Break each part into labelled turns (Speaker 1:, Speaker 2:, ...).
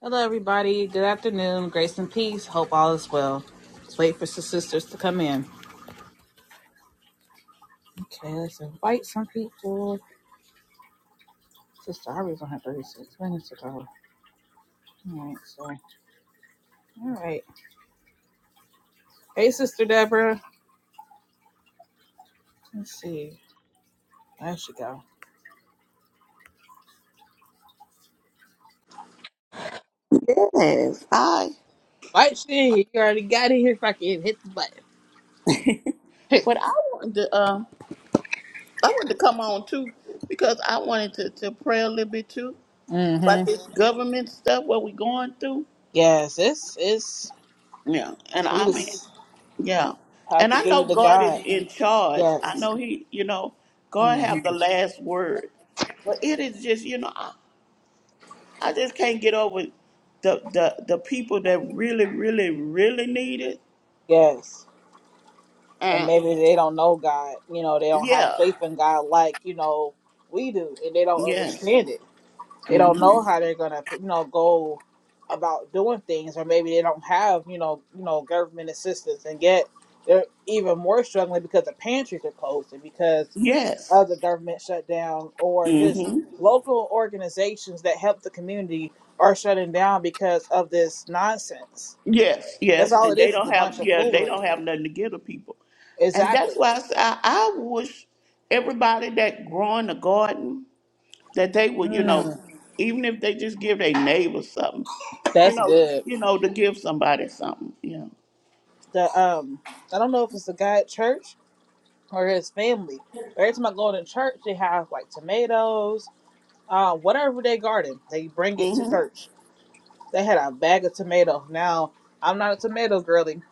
Speaker 1: Hello, everybody. Good afternoon. Grace and peace. Hope all is well. Let's wait for the sisters to come in. Okay, let's invite some people. Sister Harvey's only have 36 minutes ago. All right, so, all right. Hey, Sister Deborah. Let's see. There she go.
Speaker 2: Yes, I.
Speaker 1: Right, she in here. You already got in here. Fucking hit the button.
Speaker 2: But I wanted to. Uh, I wanted to come on too because I wanted to, to pray a little bit too about
Speaker 1: mm-hmm.
Speaker 2: this government stuff what we're going through.
Speaker 1: Yes, it's, it's,
Speaker 2: Yeah, and
Speaker 1: we
Speaker 2: I mean,
Speaker 1: just
Speaker 2: yeah,
Speaker 1: have
Speaker 2: and
Speaker 1: to
Speaker 2: I
Speaker 1: give
Speaker 2: know
Speaker 1: it to
Speaker 2: God is
Speaker 1: God.
Speaker 2: in charge. I
Speaker 1: Yes.
Speaker 2: know He, you know, God
Speaker 1: Mm-hmm.
Speaker 2: have the last word. But it is just, you know, I, I just can't get over the, the the people that really, really, really need it.
Speaker 1: Yes. and
Speaker 2: And
Speaker 1: maybe they don't know God. You know, they don't have
Speaker 2: yeah,
Speaker 1: faith in God like you know we do, and they don't
Speaker 2: yes,
Speaker 1: understand it. They don't know
Speaker 2: Mhm.
Speaker 1: how they're gonna, you know, go about doing things, or maybe they don't have you know, you know, government assistance, and yet they're even more struggling because the pantries are closed and because
Speaker 2: yes.
Speaker 1: of the government shutdown, or just
Speaker 2: Mm-hmm.
Speaker 1: local organizations that help the community are shutting down because of this nonsense.
Speaker 2: Yes,
Speaker 1: That's
Speaker 2: yes,
Speaker 1: all
Speaker 2: and
Speaker 1: it
Speaker 2: they
Speaker 1: is. It's
Speaker 2: don't
Speaker 1: a bunch
Speaker 2: have
Speaker 1: of
Speaker 2: yeah they
Speaker 1: foolery.
Speaker 2: don't have nothing to give to people, and that's
Speaker 1: Exactly.
Speaker 2: why I say, I, I wish everybody that growing a garden that they would you
Speaker 1: Hmm.
Speaker 2: know even if they just give their neighbor something you
Speaker 1: That's
Speaker 2: know
Speaker 1: good.
Speaker 2: you know to give somebody something you
Speaker 1: The um, I don't know if it's the guy at church or his family. every time I go to church, they have like tomatoes, uh, whatever they garden. They bring it to
Speaker 2: know.
Speaker 1: church. They had a bag of tomatoes. Now I'm not a tomato girly.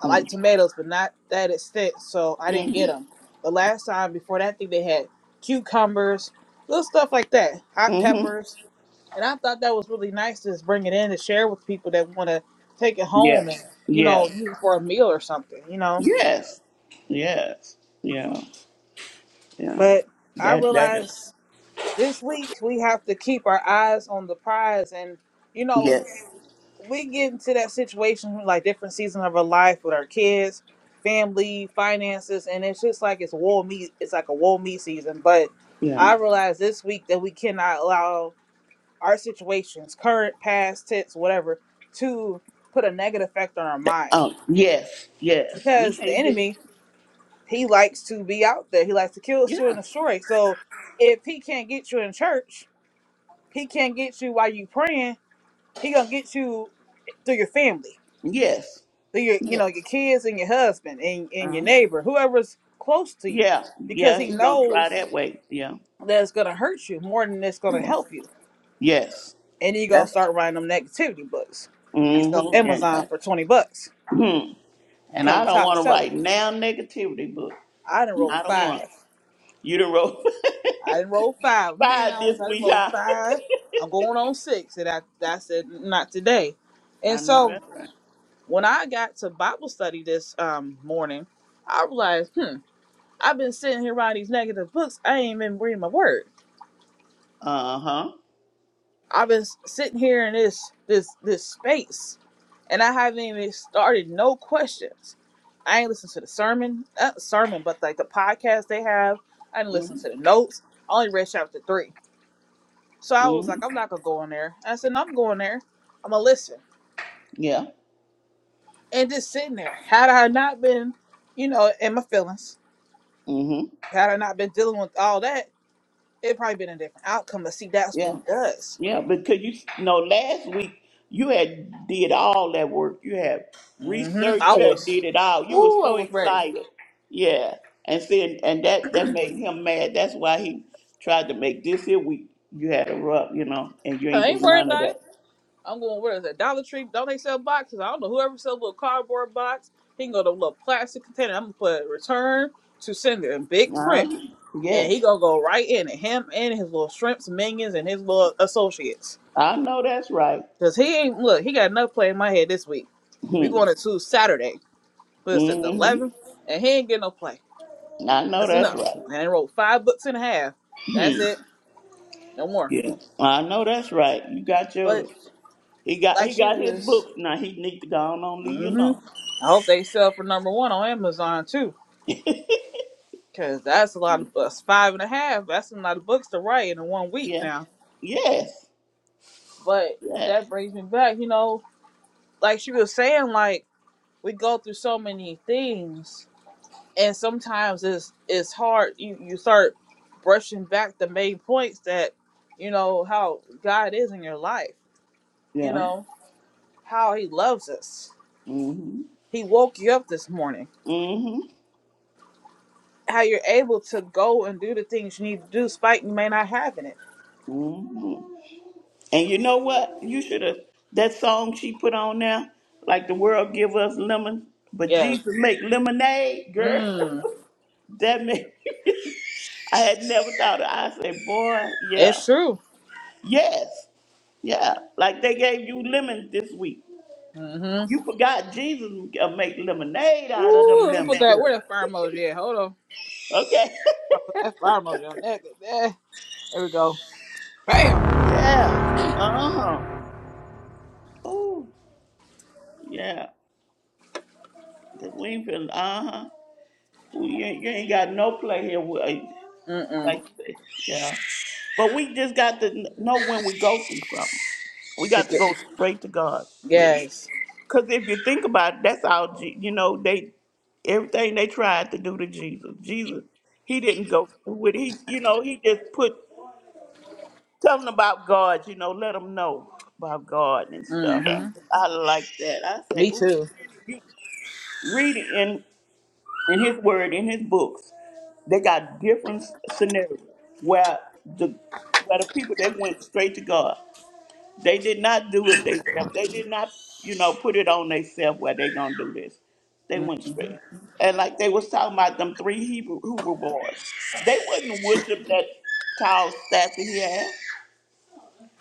Speaker 1: I
Speaker 2: mhm mm,
Speaker 1: like tomatoes, but not that extent. So I didn't get
Speaker 2: mhm
Speaker 1: them. But last time before that, I think they had cucumbers, little stuff like that, hot
Speaker 2: mhm
Speaker 1: peppers. And I thought that was really nice to just bring it in to share with people that want to take it home and,
Speaker 2: yes
Speaker 1: you know,
Speaker 2: yes
Speaker 1: use it for a meal or something, you know.
Speaker 2: yes yes yeah yeah
Speaker 1: But I
Speaker 2: that that is
Speaker 1: realized this week we have to keep our eyes on the prize. And, you know,
Speaker 2: yes
Speaker 1: we get into that situation, like different season of our life with our kids, family, finances. And it's just like it's wool meat. It's like a wool meat season. But
Speaker 2: yeah
Speaker 1: I realized this week that we cannot allow our situations, current, past, tense, whatever, to put a negative effect on our mind.
Speaker 2: um yes yes we
Speaker 1: Because the
Speaker 2: can't just
Speaker 1: enemy, he likes to be out there. He likes to kill,
Speaker 2: yeah
Speaker 1: steal, and destroy. So if he can't get you in church, he can't get you while you praying. He gonna get you through your family,
Speaker 2: yes
Speaker 1: through your you know your
Speaker 2: Yes.
Speaker 1: kids and your husband and, and your
Speaker 2: Uh-huh.
Speaker 1: neighbor, whoever's close to you,
Speaker 2: Yeah.
Speaker 1: because
Speaker 2: Yeah.
Speaker 1: he
Speaker 2: He's gonna try
Speaker 1: knows
Speaker 2: that way. Yeah.
Speaker 1: that it's gonna hurt you more than it's gonna
Speaker 2: yeah.
Speaker 1: help you.
Speaker 2: Yes.
Speaker 1: And you're gonna
Speaker 2: That's.
Speaker 1: start writing them negativity books. You can sell
Speaker 2: Mm-hmm. And uh,
Speaker 1: Amazon for twenty bucks
Speaker 2: hmm. and I
Speaker 1: become
Speaker 2: don't
Speaker 1: top
Speaker 2: want to
Speaker 1: seller.
Speaker 2: write now negativity book.
Speaker 1: I didn't roll
Speaker 2: I don't want
Speaker 1: five.
Speaker 2: you to wrote
Speaker 1: I didn't roll five. I'm being
Speaker 2: five this
Speaker 1: honest. I didn't
Speaker 2: week.
Speaker 1: roll
Speaker 2: Huh?
Speaker 1: five. I'm going on six, and I I said not today. And
Speaker 2: I know
Speaker 1: so
Speaker 2: that's right.
Speaker 1: when I got to Bible study this um, morning, I realized, hmm, I've been sitting here writing these negative books. I ain't been reading my word.
Speaker 2: Uh huh.
Speaker 1: I've been sitting here in this this this space, and I haven't even started no questions. I ain't listened to the sermon, not sermon, but like the podcast they have. I didn't listen to the
Speaker 2: Mm-hmm.
Speaker 1: notes. I only read chapter three, so I was
Speaker 2: hmm
Speaker 1: like, I'm not gonna go in there. I said, "No, I'm going there. I'm gonna listen
Speaker 2: Yeah.
Speaker 1: and just sitting there. Had I not been, you know, in my feelings,
Speaker 2: Mm-hmm.
Speaker 1: had I not been dealing with all that, it probably been a different outcome. But see, that's what he
Speaker 2: Yeah.
Speaker 1: does.
Speaker 2: Yeah, because you know last week you had did all that work. You had
Speaker 1: hmm
Speaker 2: researched.
Speaker 1: I
Speaker 2: You had
Speaker 1: was,
Speaker 2: did it all. You were
Speaker 1: ooh, I
Speaker 2: so
Speaker 1: was ready.
Speaker 2: excited. Yeah, and then and that that made him mad. That's why he tried to make this here week. You had a rub, you know, and you ain't
Speaker 1: I
Speaker 2: do
Speaker 1: ain't worried
Speaker 2: none of
Speaker 1: about it.
Speaker 2: that.
Speaker 1: I'm going, where is that? Dollar Tree? Don't they sell boxes? I don't know. Whoever sells a little cardboard box, he can go to a little plastic container. I'm going to put return to sender in big print.
Speaker 2: Huh?
Speaker 1: And
Speaker 2: Yes,
Speaker 1: he going to go right in it. Him and his little shrimps, minions, and his little associates.
Speaker 2: I know that's right.
Speaker 1: Because he ain't, look, he got enough play in my head this week. we
Speaker 2: Hmm.
Speaker 1: going into Saturday. But it's at the
Speaker 2: Mm-hmm.
Speaker 1: 11th. And he ain't getting no play.
Speaker 2: I know
Speaker 1: That's
Speaker 2: that's
Speaker 1: enough.
Speaker 2: right.
Speaker 1: And I wrote five books and a half. That's
Speaker 2: Hmm.
Speaker 1: it. No more.
Speaker 2: Yeah, I know that's right. You got
Speaker 1: But
Speaker 2: your. He got
Speaker 1: like
Speaker 2: he
Speaker 1: she
Speaker 2: got his
Speaker 1: was,
Speaker 2: books now. He need to go on, on leave you
Speaker 1: hmm
Speaker 2: alone.
Speaker 1: I hope they sell for number one on Amazon too Cause that's a lot of books. Five and a half. That's a lot of books to write in one week
Speaker 2: Yeah.
Speaker 1: now.
Speaker 2: Yes.
Speaker 1: But
Speaker 2: Yeah.
Speaker 1: that brings me back, you know, like she was saying, like we go through so many things and sometimes it's it's hard you, you start brushing back the main points that, you know, how God is in your life, you
Speaker 2: Yeah.
Speaker 1: know, how he loves us.
Speaker 2: Mhm.
Speaker 1: He woke you up this morning.
Speaker 2: Mhm.
Speaker 1: How you're able to go and do the things you need to do spite you may not having it.
Speaker 2: Mhm. And you know what? You should have that song she put on there, like the world give us lemon, but
Speaker 1: Yes.
Speaker 2: Jesus make lemonade, girl.
Speaker 1: Mm.
Speaker 2: that made I had never thought of. I said, boy, yeah,
Speaker 1: It's true.
Speaker 2: yes, yeah. Like they gave you lemons this week.
Speaker 1: Mm-hmm.
Speaker 2: You forgot Jesus uh, make lemonade out of
Speaker 1: Ooh,
Speaker 2: them
Speaker 1: let me put
Speaker 2: lemons,
Speaker 1: that.
Speaker 2: girl.
Speaker 1: Where that fire emoji at? Hold on.
Speaker 2: Okay.
Speaker 1: I put that fire emoji on that. Yeah. There we go. Bam.
Speaker 2: yeah. Uh huh. Oh. Yeah, the Wingfield. Uh huh. You, ain't- you ain't got no play here. With,
Speaker 1: Mm-mm.
Speaker 2: like, you say, yeah. But we just got to kn- know when we go through something. We got to
Speaker 1: Ticket.
Speaker 2: go straight to God with it.
Speaker 1: Yes.
Speaker 2: Cause if you think about it, that's all. Je- You know, they everything they tried to do to Jesus. Jesus, he didn't go through with it. He, you know, he just put tell them about God. You know, let them know about God and stuff.
Speaker 1: Mm-hmm.
Speaker 2: I like that. I say,
Speaker 1: Me
Speaker 2: ooh,
Speaker 1: too.
Speaker 2: you read it in his word, in his books, they got different s- scenarios where the where the people they went straight to God. They did not do it themselves. They did not, you know, put it on themselves where they gonna do this. They
Speaker 1: Mm.
Speaker 2: went straight. And like they was talking about them three Hebrew Hebrew boys. They wouldn't worship that tall statue he had.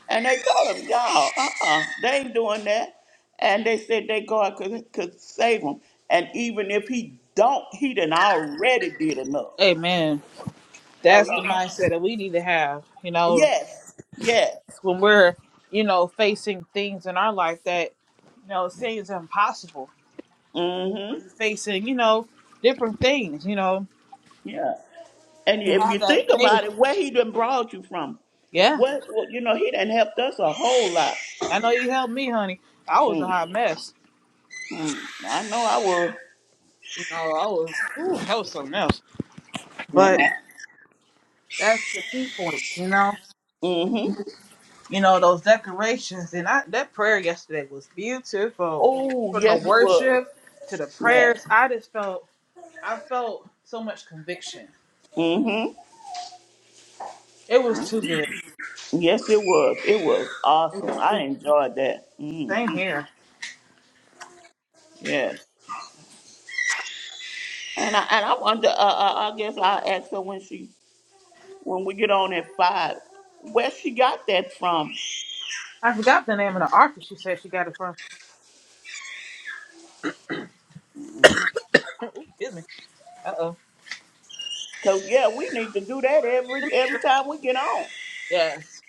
Speaker 2: And they told him, y'all, uh-uh, they ain't doing that. And they said they God could, could save him. And even if he don't, he done already did enough.
Speaker 1: Amen.
Speaker 2: So,
Speaker 1: That's
Speaker 2: you
Speaker 1: the
Speaker 2: know,
Speaker 1: mindset that we need to have. You know,
Speaker 2: yes, yes.
Speaker 1: when we're, you know, facing things in our life that, you know, seems impossible. Are
Speaker 2: Mm-hmm,
Speaker 1: you facing, you know, different things, you know,
Speaker 2: yeah. And
Speaker 1: to
Speaker 2: if you
Speaker 1: have that
Speaker 2: think
Speaker 1: faith.
Speaker 2: about it, where he done brought you from,
Speaker 1: Yeah.
Speaker 2: what, what you know, he done helped us a whole lot.
Speaker 1: I know you helped me, honey. I was a
Speaker 2: Mm,
Speaker 1: hot mess.
Speaker 2: I know I was.
Speaker 1: You know, I was, ooh, that was something else.
Speaker 2: Yeah.
Speaker 1: But that's the key point, you know.
Speaker 2: Mm-hmm.
Speaker 1: You know those decorations and I that prayer yesterday was beautiful.
Speaker 2: Oh,
Speaker 1: From the
Speaker 2: yes, it was.
Speaker 1: worship to the
Speaker 2: Yeah.
Speaker 1: prayers, I just felt I felt so much conviction.
Speaker 2: mm-hmm.
Speaker 1: It was too good.
Speaker 2: Yes, it was. It was
Speaker 1: It
Speaker 2: awesome.
Speaker 1: was too
Speaker 2: I
Speaker 1: good.
Speaker 2: enjoyed that.
Speaker 1: Same
Speaker 2: Mm-hmm.
Speaker 1: here.
Speaker 2: Yes. And I and I wonder. Uh, uh, I guess I'll ask her when she when we get on at five where she got that from.
Speaker 1: I forgot the name of the author. She said she got it from. Ooh, excuse me. Uh oh.
Speaker 2: Cause yeah, we need to do that every every time we get on.
Speaker 1: Yes.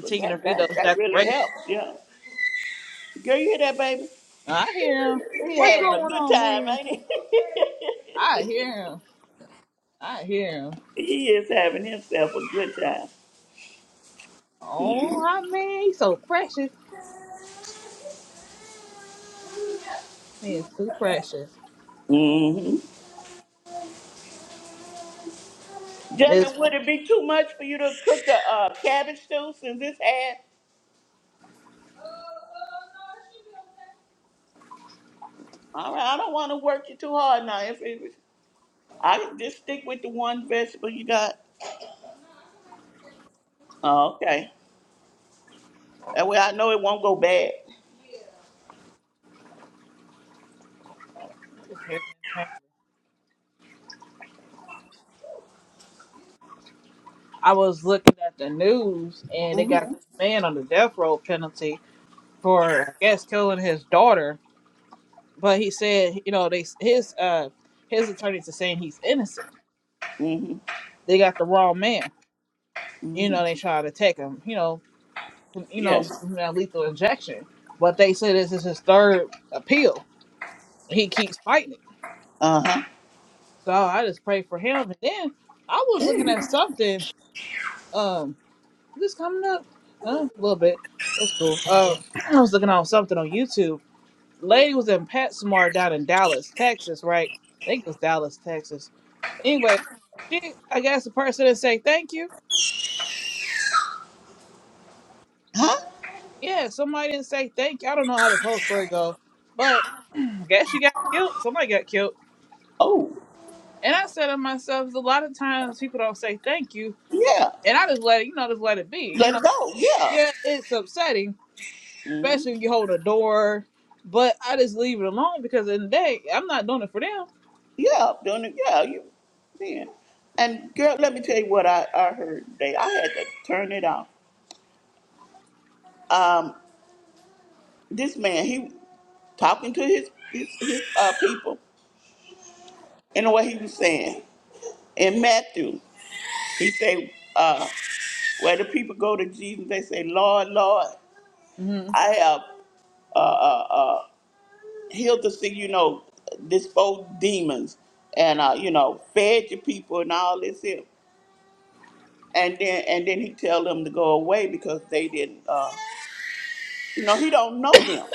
Speaker 2: Cause that
Speaker 1: to read
Speaker 2: that
Speaker 1: those
Speaker 2: that really
Speaker 1: decorations.
Speaker 2: helps. Yeah. Girl, you hear that, baby?
Speaker 1: I hear him.
Speaker 2: He
Speaker 1: What's
Speaker 2: having a
Speaker 1: going
Speaker 2: good
Speaker 1: on,
Speaker 2: time,
Speaker 1: man?
Speaker 2: ain't
Speaker 1: I hear him. I hear him.
Speaker 2: he? he is having himself a good time.
Speaker 1: Oh, I mean, he's so precious. Man, so precious.
Speaker 2: Mm-hmm.
Speaker 1: It's
Speaker 2: Jasmine, would it be too much for you to cook a uh, cabbage stew since it's had? All right, I don't want to work you too hard now. If it, I just stick with the one vegetable you got. Oh, okay. That way I know it won't go bad.
Speaker 1: I was looking at the news and they got this
Speaker 2: Mm-hmm.
Speaker 1: man on the death row penalty for I guess killing his daughter, but he said you know they his uh his attorneys are saying he's innocent.
Speaker 2: Mm-hmm.
Speaker 1: They got the wrong man. You
Speaker 2: hmm
Speaker 1: know they tried to take him. You know you know give
Speaker 2: Yes.
Speaker 1: him that lethal injection, but they said this is his third appeal. He keeps fighting it.
Speaker 2: Uh-huh.
Speaker 1: So I just pray for him. And then I was looking at something. um, This coming up uh, a little bit. That's cool. Uh, I was looking on something on YouTube. Lady was in PetSmart down in Dallas, Texas, right? I think it was Dallas, Texas. Anyway, she, I guess the person didn't say thank you.
Speaker 2: Huh?
Speaker 1: Yeah, somebody didn't say thank you. I don't know how this whole story goes, but I guess she got killed. Somebody got killed.
Speaker 2: Oh,
Speaker 1: And I said to myself, a lot of times people don't say thank you,
Speaker 2: yeah.
Speaker 1: and I just let it, you know, just let it be. You
Speaker 2: Let
Speaker 1: know,
Speaker 2: it go. Yeah.
Speaker 1: yeah, it's upsetting,
Speaker 2: Mm-hmm.
Speaker 1: especially when you hold a door. But I just leave it alone because in the day I'm not doing it for them.
Speaker 2: Yeah. Doing it. Yeah. You. Yeah. And girl, let me tell you what I, I heard today. I had to turn it off. Um, this man, he talking to his his, his uh, people. and what he was saying. In Matthew, he said, uh, where the people go to Jesus, they say, Lord, Lord,
Speaker 1: Mm-hmm.
Speaker 2: I have healed the sick, you know, disposed demons and, uh, you know, fed your people and all this here. And then, and then he tell them to go away because they didn't, uh, you know, he don't know them.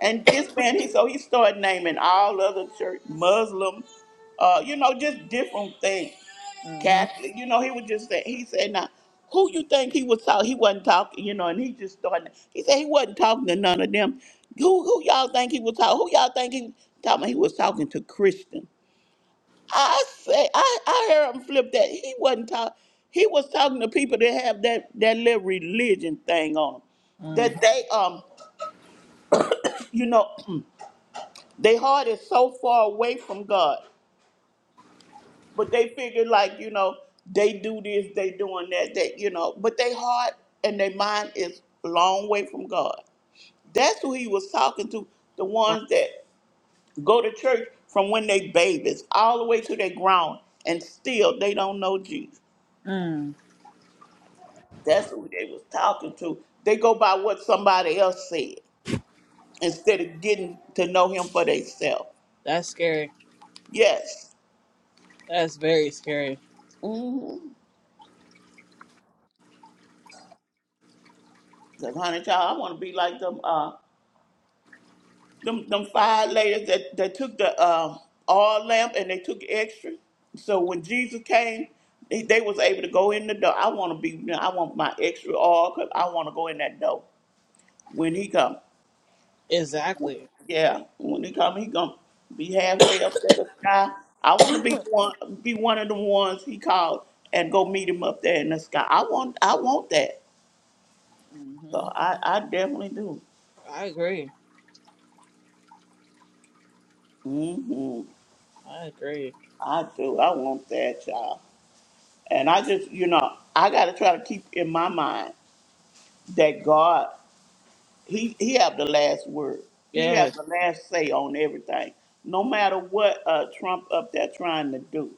Speaker 2: And this man, he so he started naming all other church, Muslim, uh, you know, just different things.
Speaker 1: Mm-hmm.
Speaker 2: Catholic. You know, he was just say he said, now, who you think he was talking? He wasn't talking, you know, and he just started. He said he wasn't talking to none of them. Who, who y'all think he was talking? Who y'all think he was talking? about? He was talking to Christian. I say, I, I heard him flip that. He wasn't talking. He was talking to people that have that that little religion thing on 'em.
Speaker 1: Mm-hmm.
Speaker 2: that they um, you know, their heart is so far away from God But they figure like, you know, they do this, they doing that, that, you know, but they heart and their mind is a long way from God. That's who he was talking to, the
Speaker 1: Right.
Speaker 2: ones that go to church from when they babies all the way to they grown and still they don't know Jesus.
Speaker 1: Mm.
Speaker 2: That's who they was talking to. They go by what somebody else said instead of getting to know him for themselves.
Speaker 1: That's scary.
Speaker 2: Yes.
Speaker 1: That's very scary.
Speaker 2: Mm-hmm. Cause honey child, I want to be like them. Uh, Them them five ladies that, that took the um, oil lamp and they took extra. So when Jesus came, they, they was able to go in the door. I want to be. I want my extra cause I want to go in that door when he come.
Speaker 1: Exactly.
Speaker 2: Yeah, when he come, he gonna be halfway up there the sky. I want to be one. Be one of the ones he called and go meet him up there in the sky. I want. I want that. So
Speaker 1: Mm-hmm.
Speaker 2: I, I definitely do.
Speaker 1: I agree.
Speaker 2: hmm
Speaker 1: I agree.
Speaker 2: I do. I want that, y'all. And I just, you know, I got to try to keep in my mind that God, he he have the last word. He
Speaker 1: Yes.
Speaker 2: have the last say on everything. No matter what uh, Trump up there trying to do,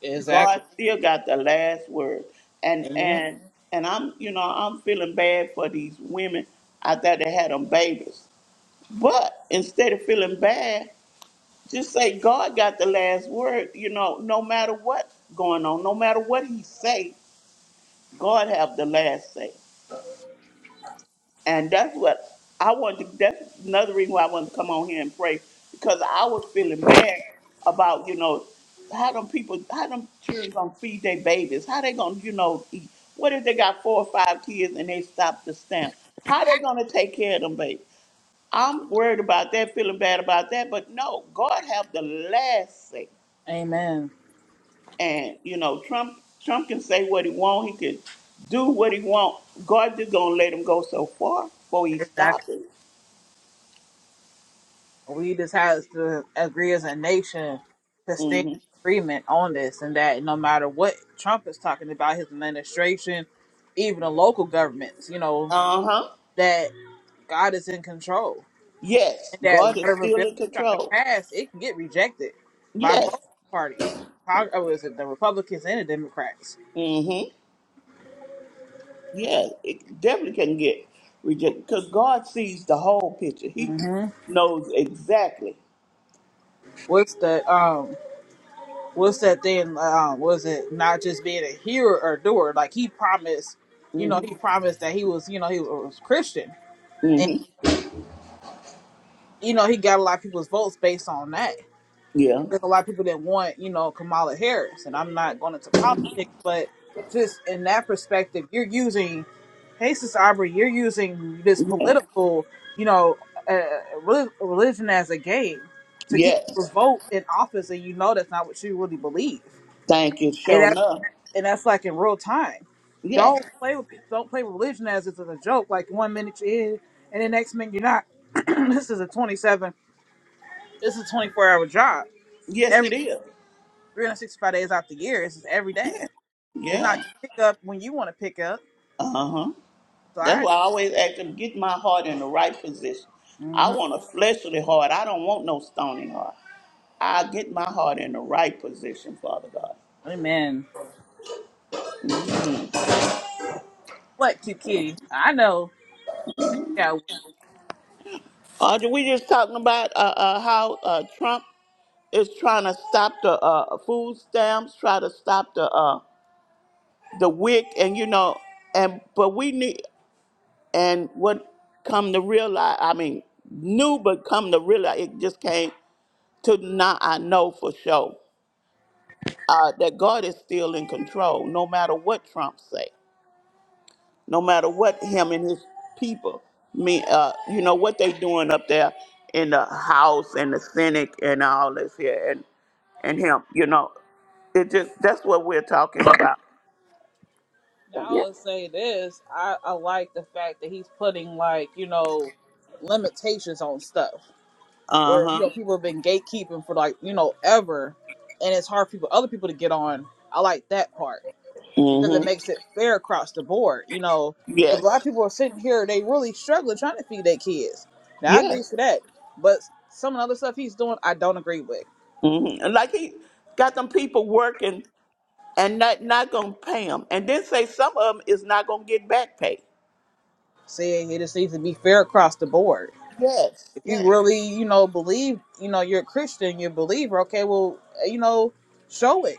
Speaker 1: Exactly.
Speaker 2: God still got the last word. And
Speaker 1: Amen.
Speaker 2: and and I'm, you know, I'm feeling bad for these women out there that had them babies. But instead of feeling bad, just say God got the last word. You know, no matter what going on, no matter what He say, God have the last say. And that's what I wanted. To, that's another reason why I wanted to come on here and pray because I was feeling bad about you know how them people, how them children gonna feed their babies, how they gonna you know eat. What if they got four or five kids and they stop the stamp? How they gonna take care of them babies? I'm worried about that, feeling bad about that. But no, God have the last say.
Speaker 1: Amen.
Speaker 2: And you know, Trump Trump can say what he want. He can do what he want. God just gonna let him go so far before he stops
Speaker 1: Exactly.
Speaker 2: it.
Speaker 1: We just have to agree as a nation to stand in
Speaker 2: hmm
Speaker 1: agreement on this and that no matter what Trump is talking about, his administration, even the local governments, you know,
Speaker 2: Uh huh.
Speaker 1: that. God is in control,
Speaker 2: Yes,
Speaker 1: and that
Speaker 2: God is
Speaker 1: whatever
Speaker 2: still
Speaker 1: bill
Speaker 2: in
Speaker 1: he's trying to
Speaker 2: control.
Speaker 1: pass, it can get rejected by
Speaker 2: Yes.
Speaker 1: both parties. Cong- Oh, is it the Republicans and the Democrats?
Speaker 2: Mm-hmm. Yeah, it definitely can get rejected because God sees the whole picture. He
Speaker 1: hmm
Speaker 2: knows exactly.
Speaker 1: What's the um? What's that thing? Um, was it not just being a hearer or doer? Like he promised, you know,
Speaker 2: Mm-hmm.
Speaker 1: he promised that he was, you know, he was Christian, and
Speaker 2: Mm-hmm.
Speaker 1: you know, he got a lot of people's votes based on that.
Speaker 2: Yeah.
Speaker 1: there's a lot of people that want, you know, Kamala Harris, and I'm not going into politics, but just in that perspective, you're using, hey, Sis Aubrey, you're using this political, you know, uh, reli- religion as a game to get people
Speaker 2: Yes.
Speaker 1: to vote in office, and you know that's not what you really believe,
Speaker 2: Thank you,
Speaker 1: and
Speaker 2: sure
Speaker 1: that's
Speaker 2: enough.
Speaker 1: and that's like in real time.
Speaker 2: Yeah.
Speaker 1: Don't play with don't play with religion as if it's a joke. Like one minute you're in, and the next minute you're not. this is a 27, this is a 24 hour job
Speaker 2: Yes, it is.
Speaker 1: 365 days out the year. It's just every day. It's not
Speaker 2: Yeah.
Speaker 1: pick up when you want to pick up.
Speaker 2: Uh-huh.
Speaker 1: So
Speaker 2: That's
Speaker 1: I,
Speaker 2: why I always ask them, get my heart in the right position. I
Speaker 1: mm-hmm.
Speaker 2: want a fleshly heart. I don't want no stony heart. I get my heart in the right position, Father God.
Speaker 1: amen. What cute kitty? I know. Yeah.
Speaker 2: Audrey, we just talking about uh, uh, how uh, Trump is trying to stop the uh, food stamps, try to stop the uh, the WIC, and you know, and but we need and what come to realize, I mean, knew but come to realize, it just came to now I know for sure uh, that God is still in control, no matter what Trump say, no matter what him and his people mean, uh, you know what they doing up there in the House and the Senate and all this here, and him. You know, it just that's what we're talking about.
Speaker 1: Now
Speaker 2: Yeah.
Speaker 1: I'll say this. I, I like the fact that he's putting like you know limitations on stuff
Speaker 2: Uh
Speaker 1: where you
Speaker 2: huh.
Speaker 1: know people have been gatekeeping for like you know ever, and it's hard for people other people to get on. I like that part. because it
Speaker 2: Mhm.
Speaker 1: makes it fair across the board. You know, the black
Speaker 2: Yes.
Speaker 1: people are sitting here, they really struggling trying to feed their kids. Now I
Speaker 2: Yes.
Speaker 1: agree to that, but some of the other stuff he's doing, I don't agree with.
Speaker 2: Mhm. And Like he got them people working and not not gonna pay them, and then say some of them is not gonna get back pay.
Speaker 1: Saying it just needs to be fair across the board.
Speaker 2: Yes.
Speaker 1: If you
Speaker 2: Yes.
Speaker 1: really, you know, believe, you know, you're a Christian, you're a believer. Okay, well, eh, you know, show it.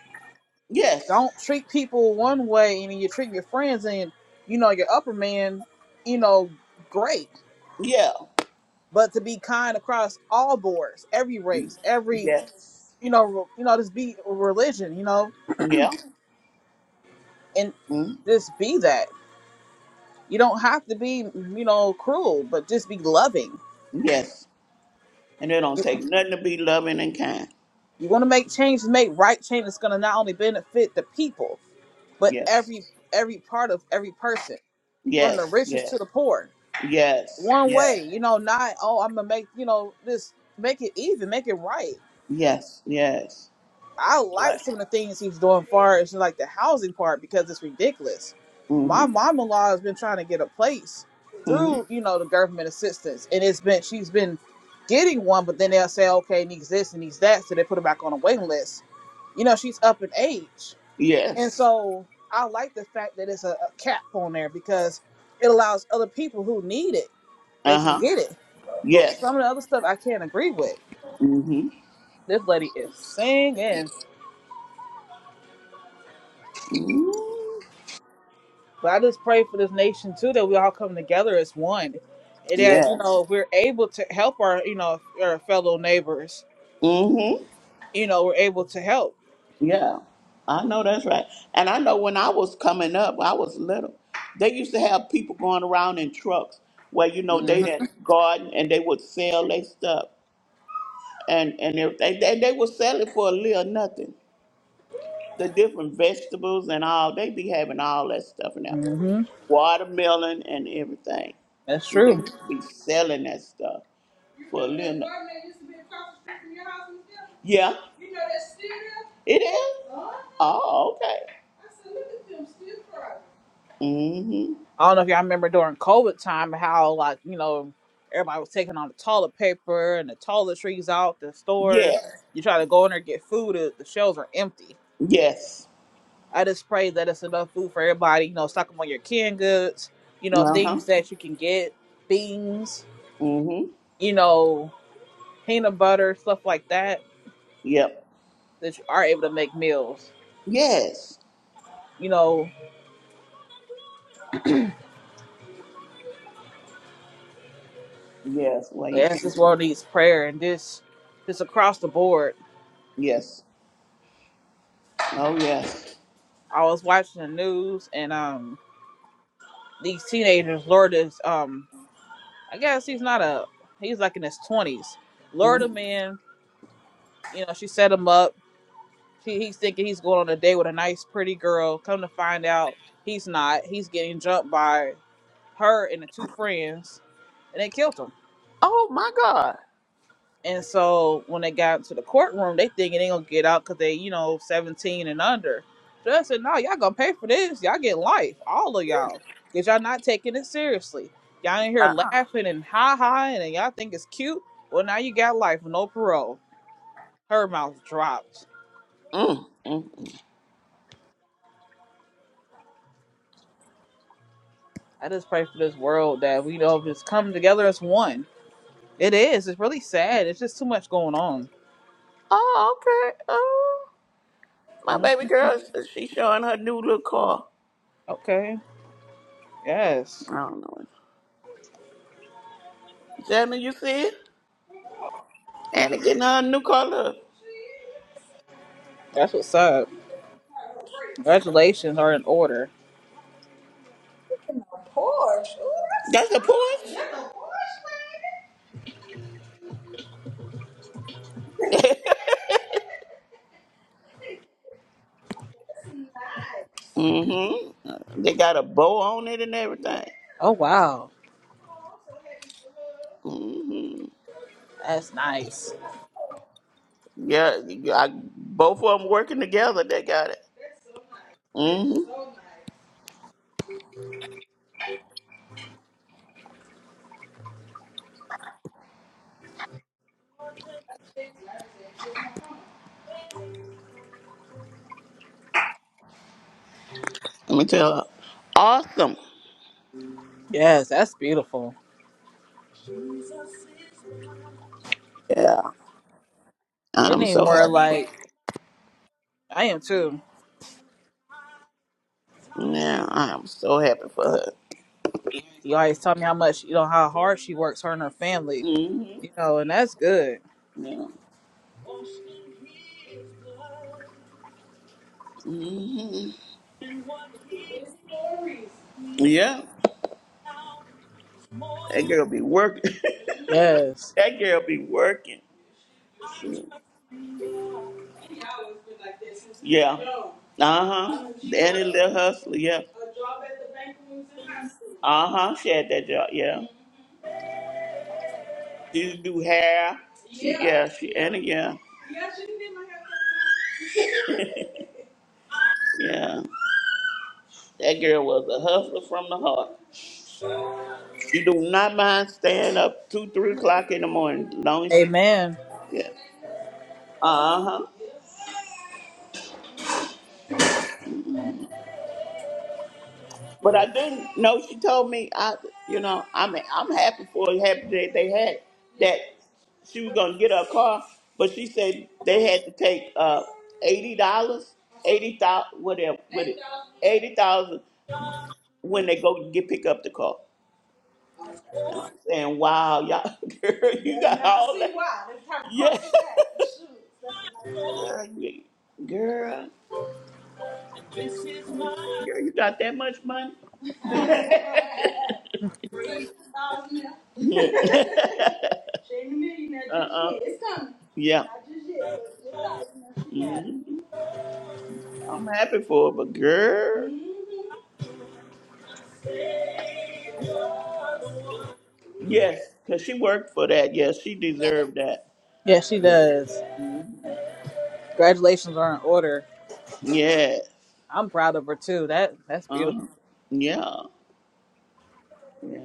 Speaker 2: Yes.
Speaker 1: Don't treat people one way, and you treat your friends and you know your upper man, you know, great.
Speaker 2: Yeah.
Speaker 1: But to be kind across all boards, every race, every
Speaker 2: Yes.
Speaker 1: you know, re- you know, just be religion, you know,
Speaker 2: Yeah.
Speaker 1: and
Speaker 2: Mhm.
Speaker 1: just be that. You don't have to be, you know, cruel, but just be loving.
Speaker 2: Yes. And it don't take nothing to be loving and kind.
Speaker 1: You want to make change, make right change that's going to not only benefit the people, but
Speaker 2: Yes.
Speaker 1: every every part of every person, from the
Speaker 2: Yes.
Speaker 1: richest
Speaker 2: Yes.
Speaker 1: to the poor.
Speaker 2: Yes.
Speaker 1: One
Speaker 2: Yes.
Speaker 1: way, you know, not oh, I'm gonna make, you know, just make it even, make it right.
Speaker 2: Yes. Yes.
Speaker 1: I like
Speaker 2: Like.
Speaker 1: some of the things he's doing far as like the housing part because it's ridiculous. My
Speaker 2: Mm-hmm.
Speaker 1: mom in law has been trying to get a place
Speaker 2: Mm-hmm.
Speaker 1: through, you know, the government assistance and it's been she's been getting one, but then they'll say, Okay, it needs this and needs that, so they put her back on a waiting list. You know, she's up in age. And
Speaker 2: Yes.
Speaker 1: so I like the fact that it's a, a cap on there because it allows other people who need it, they
Speaker 2: Uh
Speaker 1: can
Speaker 2: huh.
Speaker 1: get it. But
Speaker 2: Yes.
Speaker 1: some of the other stuff I can't agree with.
Speaker 2: Mm
Speaker 1: This lady is singing.
Speaker 2: hmm.
Speaker 1: But I just pray for this nation too that we all come together as one, and that you
Speaker 2: Yes.
Speaker 1: know we're able to help our you know our fellow neighbors.
Speaker 2: Mm hmm.
Speaker 1: You know we're able to help.
Speaker 2: Yeah. I know that's right. And I know when I was coming up, I was little. They used to have people going around in trucks where you know they
Speaker 1: hmm
Speaker 2: didn't garden and they would sell their stuff and and everything. They, they would sell it for a little nothing. The different vegetables and all they be having all that stuff now,
Speaker 1: hmm
Speaker 2: watermelon and everything.
Speaker 1: That's
Speaker 2: They
Speaker 1: true.
Speaker 2: used to be selling that stuff. for a living. Yeah. You know that's still there? It is? Uh-huh. Oh, okay. I said, look at them still private. Mm-hmm.
Speaker 1: I don't know if y'all remember during COVID time how like you know everybody was taking all the toilet paper and the toiletries out the stores.
Speaker 2: Yes.
Speaker 1: You try to go in there and get food, the the shelves are empty.
Speaker 2: Yes.
Speaker 1: I just pray that it's enough food for everybody. You know, stock up on your canned goods. You know,
Speaker 2: Uh-huh.
Speaker 1: things that you can get, beans.
Speaker 2: Mm-hmm.
Speaker 1: You know, peanut butter, stuff like that,
Speaker 2: Yep.
Speaker 1: that you are able to make meals.
Speaker 2: Yes.
Speaker 1: You know,
Speaker 2: Yes. Well, you
Speaker 1: as
Speaker 2: can.
Speaker 1: this world needs prayer and this this across the board.
Speaker 2: Yes. Oh, yes.
Speaker 1: I was watching the news and um these teenagers lured this um I guess he's not a he's like in his twenties. Lured a
Speaker 2: Mhm.
Speaker 1: man, you know, she set him up. He, he's thinking he's going on a date with a nice pretty girl. Come to find out he's not. He's getting jumped by her and the two friends and they killed him
Speaker 2: Oh, my God.
Speaker 1: And so when they got to the courtroom, they thinking they gonna get out because they, you know, 17 and under. Judge said, no, y'all gonna pay for this. Y'all get life, all of y'all, because y'all not taking it seriously. Y'all in here laughing and ha ha, and y'all think it's cute. Well, now you got life, no parole. Her mouth dropped.
Speaker 2: Uh-uh. Mm, mm.
Speaker 1: I just pray for this world that we know just come together as one. It is. It's really sad. It's just too much going on.
Speaker 2: Oh, okay. Oh, my
Speaker 1: Mm,
Speaker 2: baby girl, she's showing her new little car.
Speaker 1: Okay. Yes.
Speaker 2: I don't know. Jamie, you see it? And it getting her a new color.
Speaker 1: That's what's up. Congratulations are in order.
Speaker 2: Porsche. Ooh, That's a Porsche. nice. That's a Porsche. mm-hmm. They got a bow on it and everything.
Speaker 1: Oh wow.
Speaker 2: Oh, so Mm-hmm.
Speaker 1: That's nice.
Speaker 2: Yeah, you- I, both of them working together. They got it. so nice. Mm-hmm. So nice. Let me tell her. Awesome.
Speaker 1: Yes, that's beautiful.
Speaker 2: Yeah,
Speaker 1: They
Speaker 2: I'm
Speaker 1: need
Speaker 2: so
Speaker 1: more
Speaker 2: happy.
Speaker 1: like I am too.
Speaker 2: Yeah, I'm so happy for her.
Speaker 1: You always tell me how much you know how hard she works, her and her family.
Speaker 2: hmm
Speaker 1: You know, and that's good.
Speaker 2: Yeah. hmm Yeah. That girl be working.
Speaker 1: Yes.
Speaker 2: that girl be working. Shoot. Yeah. Uh-huh. That little hustler, yeah. Uh-huh. She had that job, yeah. She used to do hair. She, yeah, she and yeah. Yeah. That girl was a hustler from the heart. She do not mind staying up two, three o'clock in the morning, As long as she,
Speaker 1: Amen.
Speaker 2: yeah. Uh huh. But I didn't know. She told me, I, you know, I'm I'm happy for it. Happy that they had that she was gonna get her car, but she said they had to take uh eighty dollars, eighty thousand, whatever, what it, eighty thousand when they go to get pick up the car. And I'm saying, wow, y'all, girl, you got Now all see that. why. That's how yeah. Christ is. Shoot, that's a nice story. Girl, you, girl, girl, you got that much money? So she's out here. Yeah. she ain't a millionaire just uh-uh. yet. It's coming. Yeah. Not just yet, but it's out. You know, she got it. Mhm. I'm happy for her, but girl. Mhm. Yes, because she worked for that. Yes, she deserved that.
Speaker 1: Yes, she
Speaker 2: Yeah.
Speaker 1: does.
Speaker 2: Mhm.
Speaker 1: Congratulations are in order.
Speaker 2: Yeah.
Speaker 1: I'm proud of her too. That that's beautiful.
Speaker 2: Uh-huh. Yeah. Yeah.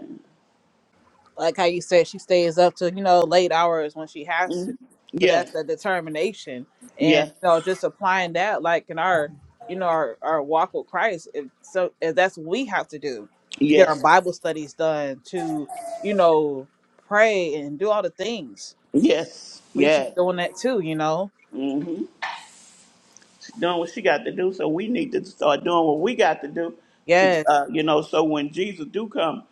Speaker 1: like how you said she stays up to you know late hours when she has to
Speaker 2: Mm.
Speaker 1: but that's
Speaker 2: Yes,
Speaker 1: the determination and
Speaker 2: yes,
Speaker 1: you know just applying that like in our you know our, our walk with christ if so if that's what we have to do to get our
Speaker 2: yes,
Speaker 1: bible studies done to you know pray and do all the things
Speaker 2: yes,
Speaker 1: we should be
Speaker 2: yes.
Speaker 1: doing that too you know
Speaker 2: Mm-hmm. She's doing what she got to do, so we need to start doing what we got to do to,
Speaker 1: yes
Speaker 2: uh, you know, so when Jesus do come,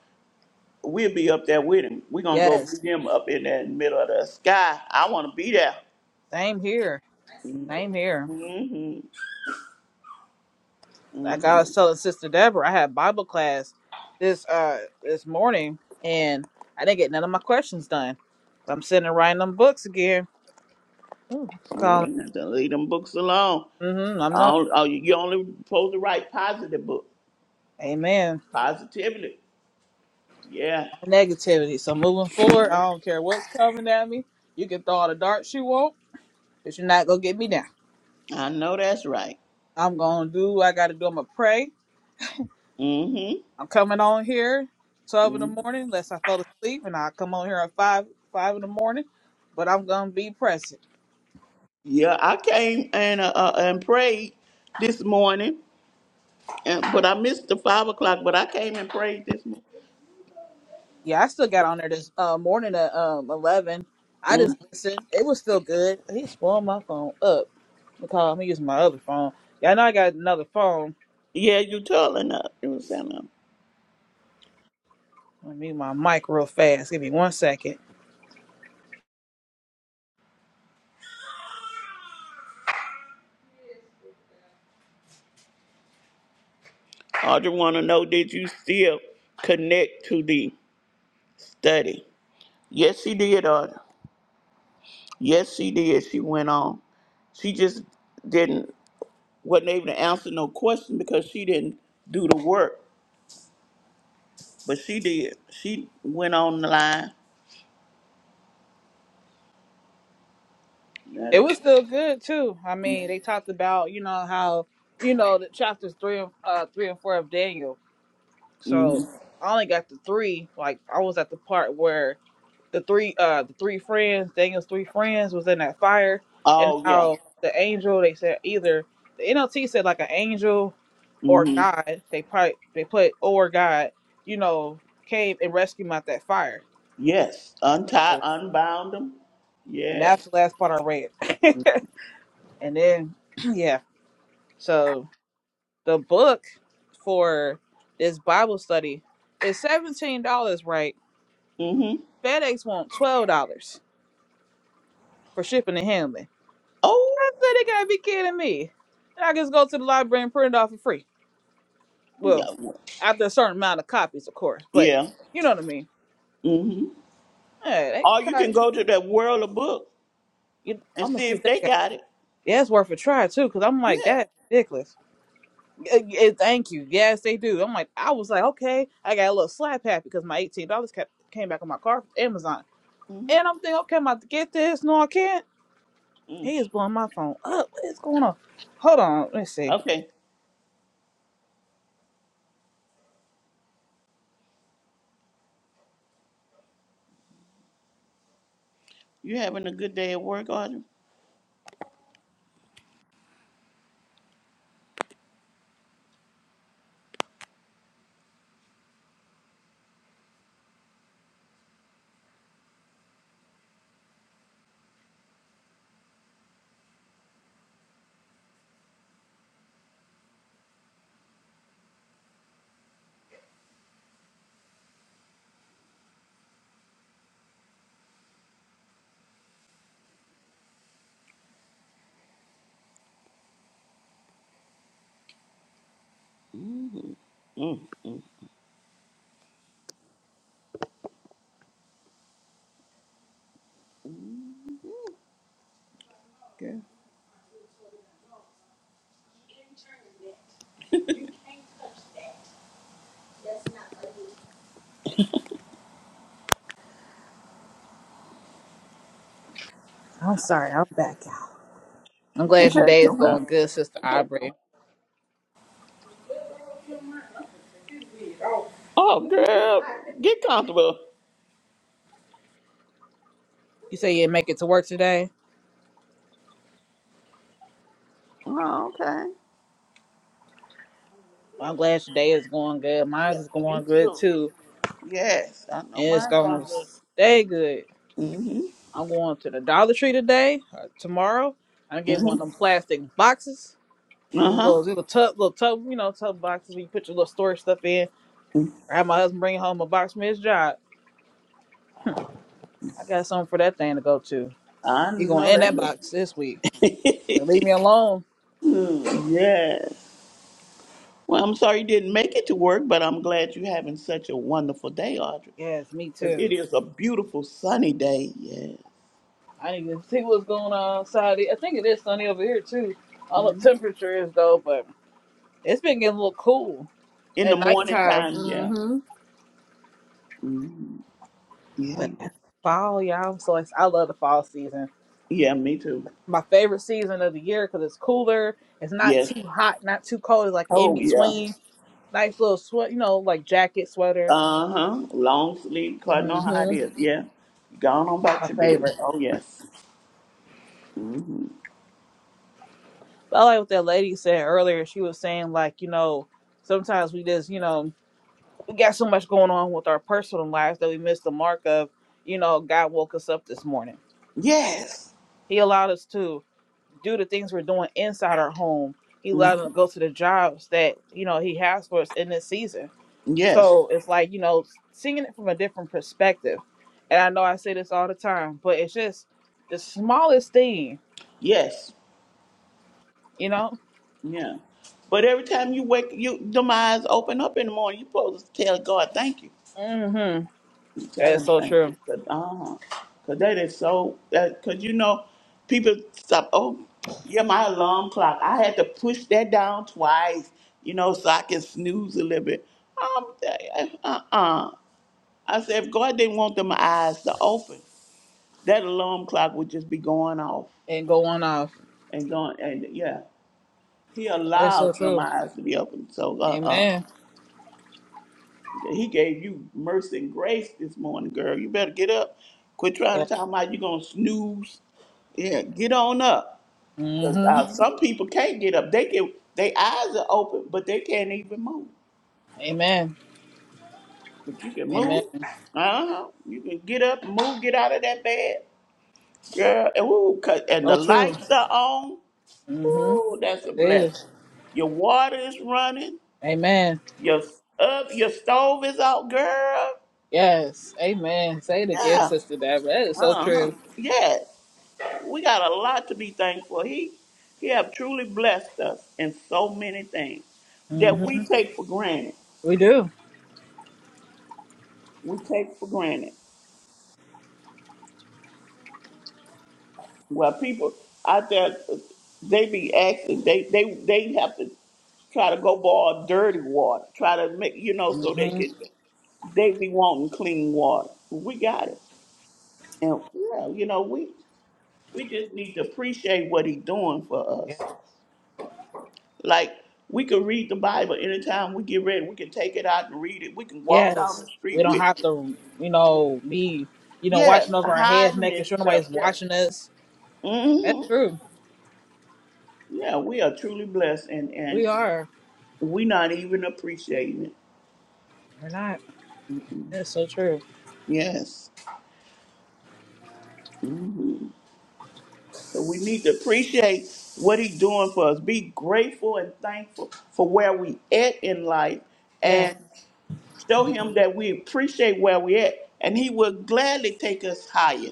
Speaker 2: we'll be up there with him. We're going to go
Speaker 1: yes
Speaker 2: meet him up in that middle of the sky. I want to be there.
Speaker 1: same here same here
Speaker 2: Mm-hmm.
Speaker 1: Like I
Speaker 2: Mm-hmm.
Speaker 1: was telling Sister Deborah, I had Bible class this uh this morning, and I didn't get none of my questions done. I'm sitting there writing them books again. Ooh,
Speaker 2: Yeah,
Speaker 1: Calling.
Speaker 2: you have to leave them books alone.
Speaker 1: Mm-hmm. I'm
Speaker 2: I
Speaker 1: not.
Speaker 2: don't, oh, you you only supposed to write positive book,
Speaker 1: Amen.
Speaker 2: positively. Yeah,
Speaker 1: Negativity. So moving
Speaker 2: Mhm.
Speaker 1: forward, I don't care what's coming at me. You can throw all the darts you want, but you're not gonna get me down.
Speaker 2: I know that's right.
Speaker 1: I'm gonna do what I gotta do. I'm gonna pray.
Speaker 2: Mm-hmm.
Speaker 1: I'm coming on here
Speaker 2: Mm-hmm.
Speaker 1: twelve in the morning, unless I fell asleep, and I come on here at five five in the morning. But I'm gonna be present.
Speaker 2: Yeah, I came and uh, uh, and prayed this morning, and, but I missed the five o'clock. But I came and prayed this morning.
Speaker 1: Yeah, I still got on there this uh, morning at um, 11. I just
Speaker 2: Mm.
Speaker 1: listened. It was still good. He spoiled my phone up because I'm using my other phone. Yeah, I know I got another phone.
Speaker 2: Yeah, you telling her. You was telling her.
Speaker 1: Let me mute my mic real fast. Give me one second.
Speaker 2: I want to know did you still connect to the study? Yes, she did. Uh, yes, she did. She went on. She just didn't wasn't able to answer no question because she didn't do the work. But she did. She went on the line. That
Speaker 1: It was still good too. I mean, they talked about you know how you know the chapters three and uh, three and four of Daniel. So
Speaker 2: Mm-hmm.
Speaker 1: I only got the three. Like I was at the part where the three uh the three friends, Daniel's three friends was in that fire and
Speaker 2: Oh yeah.
Speaker 1: how the angel they said either the NLT said like an angel or
Speaker 2: Mm-hmm.
Speaker 1: God, they probably they put or God, you know, came and rescued him out that fire.
Speaker 2: Yes. Untie,
Speaker 1: So
Speaker 2: unbound them.
Speaker 1: and
Speaker 2: Yeah.
Speaker 1: that's the last part I read. and then yeah. So the book for this Bible study is seventeen dollars, right?
Speaker 2: Mm-hmm.
Speaker 1: FedEx want twelve dollars for shipping and handling. I
Speaker 2: Oh,
Speaker 1: said they gotta be kidding me. And I just go to the library and print it off for free.
Speaker 2: yeah.
Speaker 1: Well,
Speaker 2: well,
Speaker 1: after a certain amount of copies, of course, but
Speaker 2: Yeah.
Speaker 1: you know what I mean.
Speaker 2: Mm-hmm.
Speaker 1: Yeah, they
Speaker 2: Or you
Speaker 1: copy.
Speaker 2: can go to that world of book
Speaker 1: You,
Speaker 2: and
Speaker 1: I'm gonna
Speaker 2: see
Speaker 1: see if
Speaker 2: if
Speaker 1: they
Speaker 2: they
Speaker 1: got.
Speaker 2: got it.
Speaker 1: Yeah, it's worth a try too, cause I'm like
Speaker 2: Yeah.
Speaker 1: that's ridiculous. Yeah, yeah, thank you. Yes, they do. I'm like, I was like, okay, I got a little slap happy because my eighteen dollars kept came back on my car from Amazon, and
Speaker 2: Mm-hmm.
Speaker 1: I'm thinking, okay, I'm about to get this. No, I can't.
Speaker 2: mm
Speaker 1: He is blowing my phone up. What is going on? Hold on, let's see.
Speaker 2: Okay. You having a good day at work, Audrey? Mm. Okay.
Speaker 1: I'm sorry, I'm back. I'm glad your day
Speaker 2: Okay.
Speaker 1: is
Speaker 2: Okay.
Speaker 1: going good, Sister Aubrey.
Speaker 2: Oh, girl. Get comfortable.
Speaker 1: You say you didn't make it to work today?
Speaker 2: Oh, okay.
Speaker 1: Well, I'm glad your day is going good.
Speaker 2: Yeah.
Speaker 1: Mine's is
Speaker 2: Me
Speaker 1: going good
Speaker 2: too.
Speaker 1: too.
Speaker 2: Yes, I know
Speaker 1: And it's
Speaker 2: mine going
Speaker 1: going to
Speaker 2: to.
Speaker 1: stay good.
Speaker 2: Mm-hmm.
Speaker 1: I'm going to the Dollar Tree today, or tomorrow. I'm getting one of them
Speaker 2: Mm-hmm.
Speaker 1: plastic boxes,
Speaker 2: Uh-huh.
Speaker 1: little, little tub, little tub, you know, tub boxes where you put your little storage stuff in. Or have my husband bring home a box from his job. I got something for that thing to go to.
Speaker 2: I
Speaker 1: He going to
Speaker 2: know
Speaker 1: end that box this week.
Speaker 2: that.
Speaker 1: But leave me alone.
Speaker 2: Hmm, yes. Well, I'm sorry you didn't make it to work, but I'm glad you're having such a wonderful day, Audrey.
Speaker 1: Yes, me
Speaker 2: Because
Speaker 1: too.
Speaker 2: it is a beautiful sunny day. Yeah.
Speaker 1: I didn't even see what's going on Saturday. I think it is sunny over here too. I don't know what
Speaker 2: Mhm.
Speaker 1: temperature is though, but it's been getting a little cool
Speaker 2: In the
Speaker 1: at
Speaker 2: morning
Speaker 1: nighttime.
Speaker 2: time, yeah.
Speaker 1: Mm-hmm.
Speaker 2: hmm Yeah.
Speaker 1: But it's fall, y'all. I'm so ex- I love the fall season. It's
Speaker 2: Yeah, me too.
Speaker 1: my favorite season of the year because it's cooler. It's not
Speaker 2: Yes.
Speaker 1: too hot, not too cold. It's like in
Speaker 2: Oh, yeah.
Speaker 1: between. Nice little sweat, you know, like jacket, sweater.
Speaker 2: Uh-huh. Long sleep, cause I know how it
Speaker 1: hmm
Speaker 2: is. Yeah. Gone on
Speaker 1: My
Speaker 2: about your business.
Speaker 1: favorite.
Speaker 2: Oh, yes. hmm
Speaker 1: I like what that lady said earlier. She was saying like, you know, sometimes we just, you know. we got so much going on with our personal lives that we missed the mark of, you know, God woke us up this morning.
Speaker 2: Yes.
Speaker 1: He allowed us to do the things we're doing inside our home. He allowed us
Speaker 2: Mhm.
Speaker 1: to go to the jobs that, you know, he has for us in this season.
Speaker 2: Yes.
Speaker 1: So it's like, you know, seeing it from a different perspective. And I know I say this all the time, but it's just the smallest thing,
Speaker 2: Yes.
Speaker 1: you know?
Speaker 2: Yeah. But every time you wake, you them eyes open up in the morning. You supposed to tell God thank you.
Speaker 1: Mm-hmm.
Speaker 2: You
Speaker 1: That
Speaker 2: tell
Speaker 1: is
Speaker 2: Him
Speaker 1: so
Speaker 2: thank you.
Speaker 1: true.
Speaker 2: Cause, uh-huh. 'Cause that is so. That because you know, people stop. Oh, yeah, my alarm clock. I had to push that down twice. You know, so I can snooze a little bit. Um, uh, uh. uh. I said, if God didn't want them eyes to open, that alarm clock would just be going off
Speaker 1: And go on off.
Speaker 2: and going. And yeah, He
Speaker 1: That is so
Speaker 2: allowed them
Speaker 1: true.
Speaker 2: eyes to be open. So, uh, uh
Speaker 1: Amen.
Speaker 2: He gave you mercy and grace this morning, girl. You better get up. Quit trying
Speaker 1: Yeah.
Speaker 2: to talk about you gonna snooze. Yeah, get on up. 'Cause,
Speaker 1: Mm-hmm.
Speaker 2: uh, some people can't get up. They can. Their eyes are open, but they can't even move.
Speaker 1: Amen.
Speaker 2: But you can move.
Speaker 1: Amen.
Speaker 2: Uh huh. You can get up, move, get out of that bed, girl. And, ooh, 'cause- and the
Speaker 1: So true.
Speaker 2: lights are on.
Speaker 1: Mm-hmm.
Speaker 2: Ooh, that's a
Speaker 1: It
Speaker 2: blessing.
Speaker 1: is.
Speaker 2: Your water is running.
Speaker 1: Amen.
Speaker 2: Your up. Your stove is out, girl.
Speaker 1: Yes. Amen. Say it again,
Speaker 2: Yeah.
Speaker 1: Sister Deborah. That is so
Speaker 2: Uh huh.
Speaker 1: true.
Speaker 2: Yeah. We got a lot to be thankful. He he have truly blessed us in so many things that
Speaker 1: Mm-hmm.
Speaker 2: we take for granted.
Speaker 1: We do.
Speaker 2: We take for granted. Well, people out there, they be asking, they they they have to try to go boil dirty water, try to make you know so they
Speaker 1: Mm-hmm.
Speaker 2: can they be wanting clean water. We got it, and yeah, you know we we just need to appreciate what he doing for
Speaker 1: Yes.
Speaker 2: us. Like we can read the Bible anytime we get ready. We can take it out and read it. We can walk down
Speaker 1: Yes.
Speaker 2: the street
Speaker 1: We don't
Speaker 2: with it.
Speaker 1: have to, you know, be, you know,
Speaker 2: Yes,
Speaker 1: watching over our heads,
Speaker 2: hiding
Speaker 1: making
Speaker 2: and
Speaker 1: sure
Speaker 2: stuff.
Speaker 1: nobody's
Speaker 2: Yes,
Speaker 1: watching us. That's
Speaker 2: hmm
Speaker 1: true.
Speaker 2: Yeah, we are truly blessed, and and
Speaker 1: We are.
Speaker 2: we not even appreciating it.
Speaker 1: We're not. That's so true.
Speaker 2: Yes. hmm So we need to appreciate what He's doing for us. Be grateful and thankful for where we at in life,
Speaker 1: Yes.
Speaker 2: and show Him that we appreciate where we at, and He will gladly take us higher.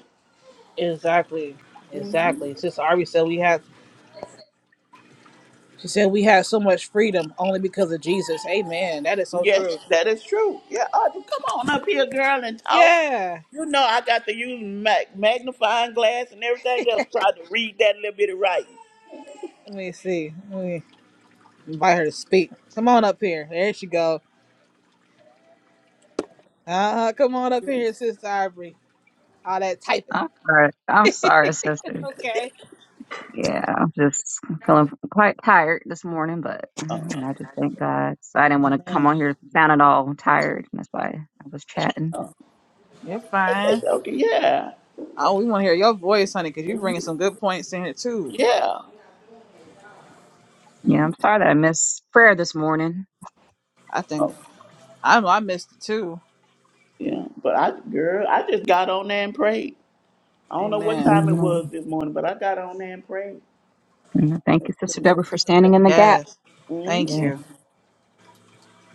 Speaker 1: Exactly. Exactly. Sister Arby said we have she said we have so much freedom only because of Jesus. Amen. That is so
Speaker 2: Yes,
Speaker 1: true.
Speaker 2: that is true. Yeah, Audrey, come on up here, girl, and talk.
Speaker 1: Yeah.
Speaker 2: You know I got to use mag- magnifying glass and everything else try to read that little bit of writing.
Speaker 1: Let me see. Let me invite her to speak. Come on up here. There she go. Uh, come on up here, Sister Ivory. All that typing.
Speaker 3: I'm sorry. I'm sorry, sister.
Speaker 1: Okay.
Speaker 3: Yeah, I'm just feeling quite tired this morning, but mm-hmm,
Speaker 2: Oh,
Speaker 3: you know, I just thank God. So I didn't want to come
Speaker 1: Man,
Speaker 3: on here sounding all tired, and that's why I was chatting.
Speaker 2: oh,
Speaker 1: you're
Speaker 2: that's, that's
Speaker 1: fine.
Speaker 2: okay. Yeah,
Speaker 1: Oh, we want to hear your voice, honey, because you're bringing some good points in here, too.
Speaker 2: yeah,
Speaker 3: Yeah, I'm sorry that I missed prayer this morning.
Speaker 1: I think
Speaker 2: oh,
Speaker 1: I know I missed it, too.
Speaker 2: yeah. But I, girl, I just got on there and prayed. I don't know what
Speaker 1: Amen.
Speaker 2: time it
Speaker 3: Amen.
Speaker 2: was this morning, but I got on there and prayed.
Speaker 3: And thank you, Sister Deborah, for standing in the gap.
Speaker 1: Yes.
Speaker 2: hmm
Speaker 1: Thank
Speaker 3: Yeah,
Speaker 1: you.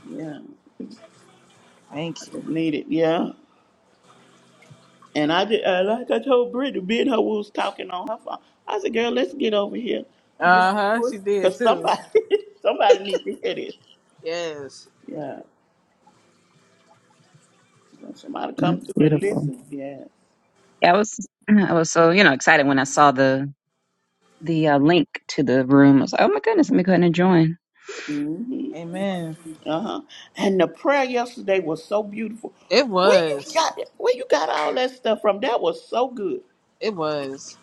Speaker 2: Yeah, I
Speaker 1: Thank you.
Speaker 2: just needed. Yeah, And I did, uh, like I told Brittany, me and her we was talking on her phone. I said, "Girl, let's get over here, get
Speaker 1: Uh
Speaker 2: on
Speaker 1: huh.
Speaker 2: push,
Speaker 1: She did,
Speaker 2: cause
Speaker 1: too.
Speaker 2: somebody, somebody need to hear this.
Speaker 1: Yes.
Speaker 2: Yeah, somebody come
Speaker 3: that's
Speaker 2: through and
Speaker 3: beautiful.
Speaker 2: listen. Yeah,
Speaker 3: Yeah, I was I was so you know excited when I saw the the uh, link to the room. I was like, oh my goodness, let me go ahead and join.
Speaker 2: hmm
Speaker 1: Amen.
Speaker 2: uh huh. And the prayer yesterday was so beautiful.
Speaker 1: It
Speaker 2: Where you
Speaker 1: was.
Speaker 2: got it? Where you got all that stuff from? That was so good.
Speaker 1: It was.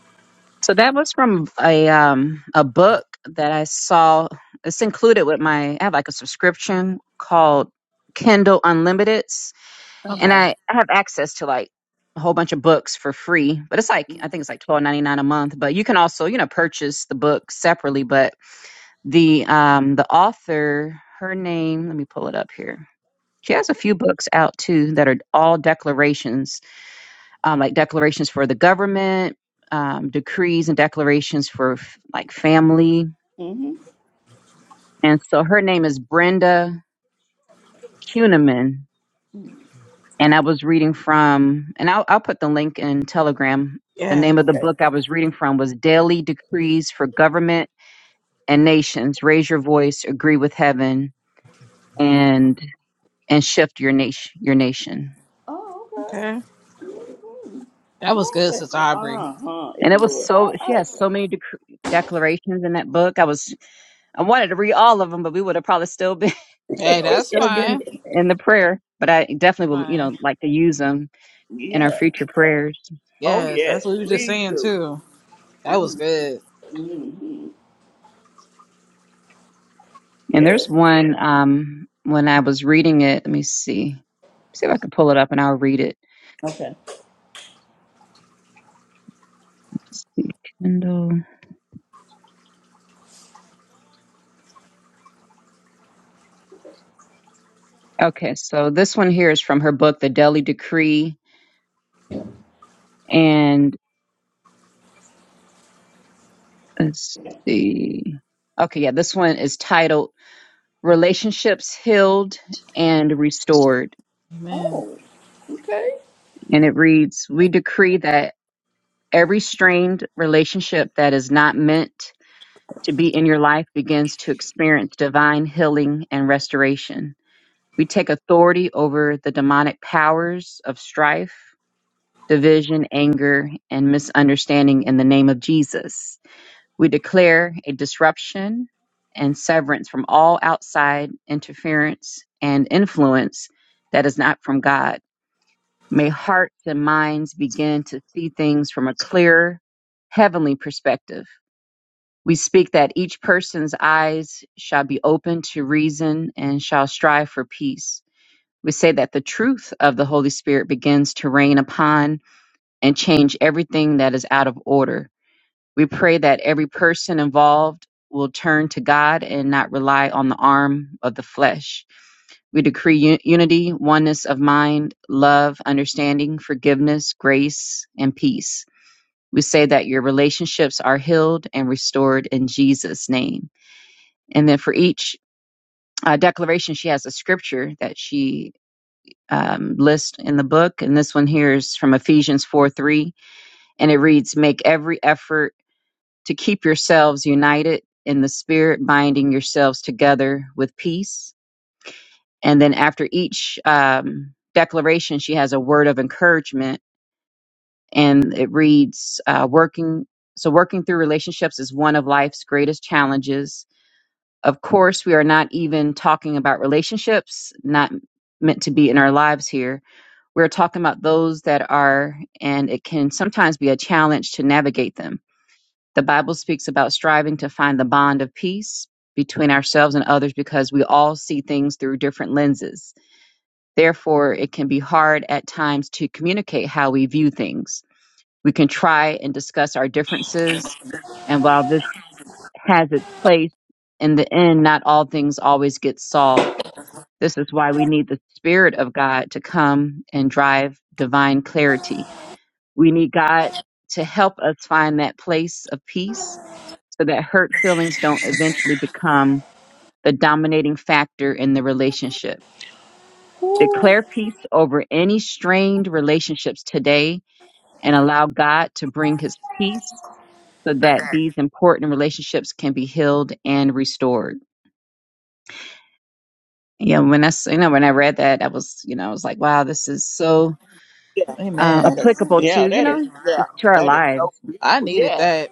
Speaker 3: So that was from a um a book that I saw. It's included with my I have like a subscription called Kindle Unlimiteds, and
Speaker 1: Okay.
Speaker 3: I I have access to like a whole bunch of books for free. But it's like I think it's like twelve ninety nine a month. But you can also you know purchase the book separately. But the um the author her name let me pull it up here. She has a few books out too that are all declarations um, like declarations for the government, um, decrees and declarations for f- like family.
Speaker 2: hmm
Speaker 3: And so her name is Brenda Kuhneman. And I was reading from, and I'll, I'll put the link in Telegram. The
Speaker 1: Yes.
Speaker 3: name of the
Speaker 2: Okay.
Speaker 3: book I was reading from was Daily Decrees for Government and Nations. Raise your voice, agree with heaven,
Speaker 2: Mm.
Speaker 3: and and shift your nation. Your nation.
Speaker 2: Oh, okay.
Speaker 1: Okay.
Speaker 2: hmm
Speaker 1: That was good,
Speaker 2: Yes,
Speaker 1: Sister Aubrey.
Speaker 2: uh huh. It
Speaker 3: And it was
Speaker 2: was.
Speaker 3: so
Speaker 2: I,
Speaker 3: she has
Speaker 2: I,
Speaker 3: so many dec- declarations in that book. I was I wanted to read all of them, but we would have probably still been
Speaker 1: Hey,
Speaker 3: I would have
Speaker 1: that's
Speaker 3: still
Speaker 1: fine.
Speaker 3: been in the prayer, but I definitely will, you
Speaker 1: Fine.
Speaker 3: know, like to use them in our
Speaker 2: yeah.
Speaker 3: future prayers.
Speaker 2: Oh
Speaker 1: Yes,
Speaker 2: yes.
Speaker 1: that's what you were just
Speaker 2: Please
Speaker 1: saying
Speaker 2: do.
Speaker 1: too. That was good.
Speaker 2: Mm-hmm.
Speaker 3: And
Speaker 2: Yeah.
Speaker 3: there's one um when I was reading it. Let me see. See if I can pull it up and I'll read it.
Speaker 2: Okay.
Speaker 3: Let's see, Kindle. Okay, so this one here is from her book, The Daily Decree, and let's see. Okay, yeah, this one is titled "Relationships Healed and Restored,"
Speaker 1: Amen.
Speaker 2: Oh, okay.
Speaker 3: and it reads, "We decree that." Every strained relationship that is not meant to be in your life begins to experience divine healing and restoration. We take authority over the demonic powers of strife, division, anger, and misunderstanding in the name of Jesus. We declare a disruption and severance from all outside interference and influence that is not from God. May hearts and minds begin to see things from a clear, heavenly perspective. We speak that each person's eyes shall be open to reason and shall strive for peace. We say that the truth of the Holy Spirit begins to reign upon and change everything that is out of order. We pray that every person involved will turn to God and not rely on the arm of the flesh. We decree unity, oneness of mind, love, understanding, forgiveness, grace, and peace. We say that your relationships are healed and restored in Jesus' name. And then for each uh, declaration, she has a scripture that she um, lists in the book. And this one here is from Ephesians 4 3. And it reads, Make every effort to keep yourselves united in the spirit, binding yourselves together with peace. and then after each um, declaration she has a word of encouragement and it reads uh, working so working through relationships is one of life's greatest challenges of course we are not even talking about relationships not meant to be in our lives here we're talking about those that are and it can sometimes be a challenge to navigate them the bible speaks about striving to find the bond of peace between ourselves and others because we all see things through different lenses Therefore, it can be hard at times to communicate how we view things. We can try and discuss our differences, and while this has its place, in the end, not all things always get solved. This is why we need the Spirit of God to come and drive divine clarity. We need God to help us find that place of peace so that hurt feelings don't eventually become the dominating factor in the relationship. Declare peace over any strained relationships today and allow God to bring his peace so that these important relationships can be healed and restored. Yeah, when I s- you know when I read that, I was you know I was like, wow, this is so
Speaker 2: Yeah.
Speaker 3: uh,
Speaker 2: That
Speaker 1: Amen.
Speaker 2: is,
Speaker 3: applicable
Speaker 2: yeah,
Speaker 3: to you
Speaker 2: that is,
Speaker 3: know
Speaker 2: yeah,
Speaker 3: just to our
Speaker 2: that is so
Speaker 3: lives.
Speaker 1: I
Speaker 2: beautiful.
Speaker 1: needed
Speaker 2: Yes,
Speaker 1: that.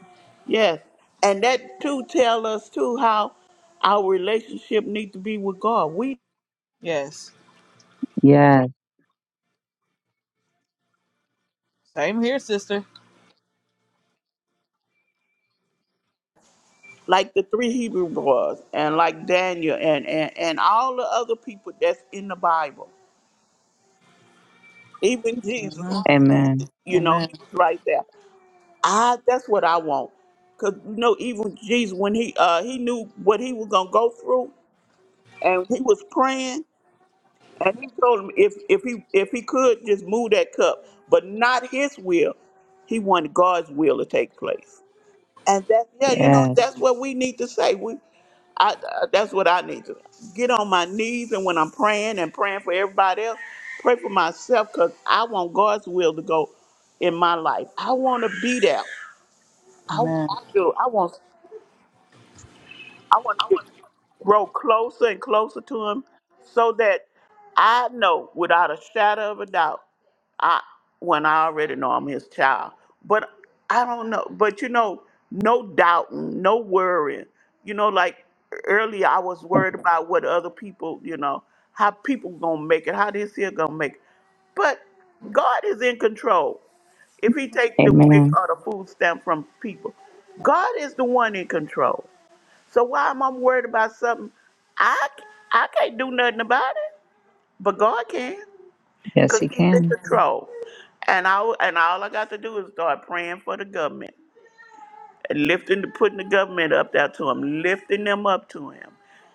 Speaker 2: yes. And that too tell us too how our relationship need to be with God. We
Speaker 1: Yes.
Speaker 3: Yes,
Speaker 1: Same here, sister.
Speaker 2: like the three Hebrew boys and like Daniel and, and, and all the other people that's in the Bible. Even Jesus,
Speaker 1: hmm
Speaker 2: how he,
Speaker 3: Amen.
Speaker 2: you know,
Speaker 1: Amen.
Speaker 2: he was right there. I that's what I want. Cause you know, even Jesus when he uh he knew what he was gonna go through and he was praying and he told him if if he if he could just move that cup, but not his will. He wanted God's will to take place. And that yeah, you know,
Speaker 3: Yes,
Speaker 2: that's what we need to say. We I, I that's what I need to get on my knees and when I'm praying and praying for everybody else, pray for myself because I want God's will to go in my life. I want to be there. I, I
Speaker 1: Amen.
Speaker 2: do. I want. I want to get grow closer and closer to him, so that I know without a shadow of a doubt, I when I already know I'm his child. But I don't know. But you know, no doubting, no worrying. You know, like earlier, I was worried about what other people. You know, how people gonna make it, how this here gonna make it. But God is in control if he take the wick
Speaker 3: Amen.
Speaker 2: or the food stamp from people. God is the one in control. So why am I worried about something? I I can't do nothing about it, but God can,
Speaker 3: Yes,
Speaker 2: cause
Speaker 3: He
Speaker 2: He's in
Speaker 3: can.
Speaker 2: control. And I and all I got to do is start praying for the government lifting, putting the government up there to him, lifting them up to him,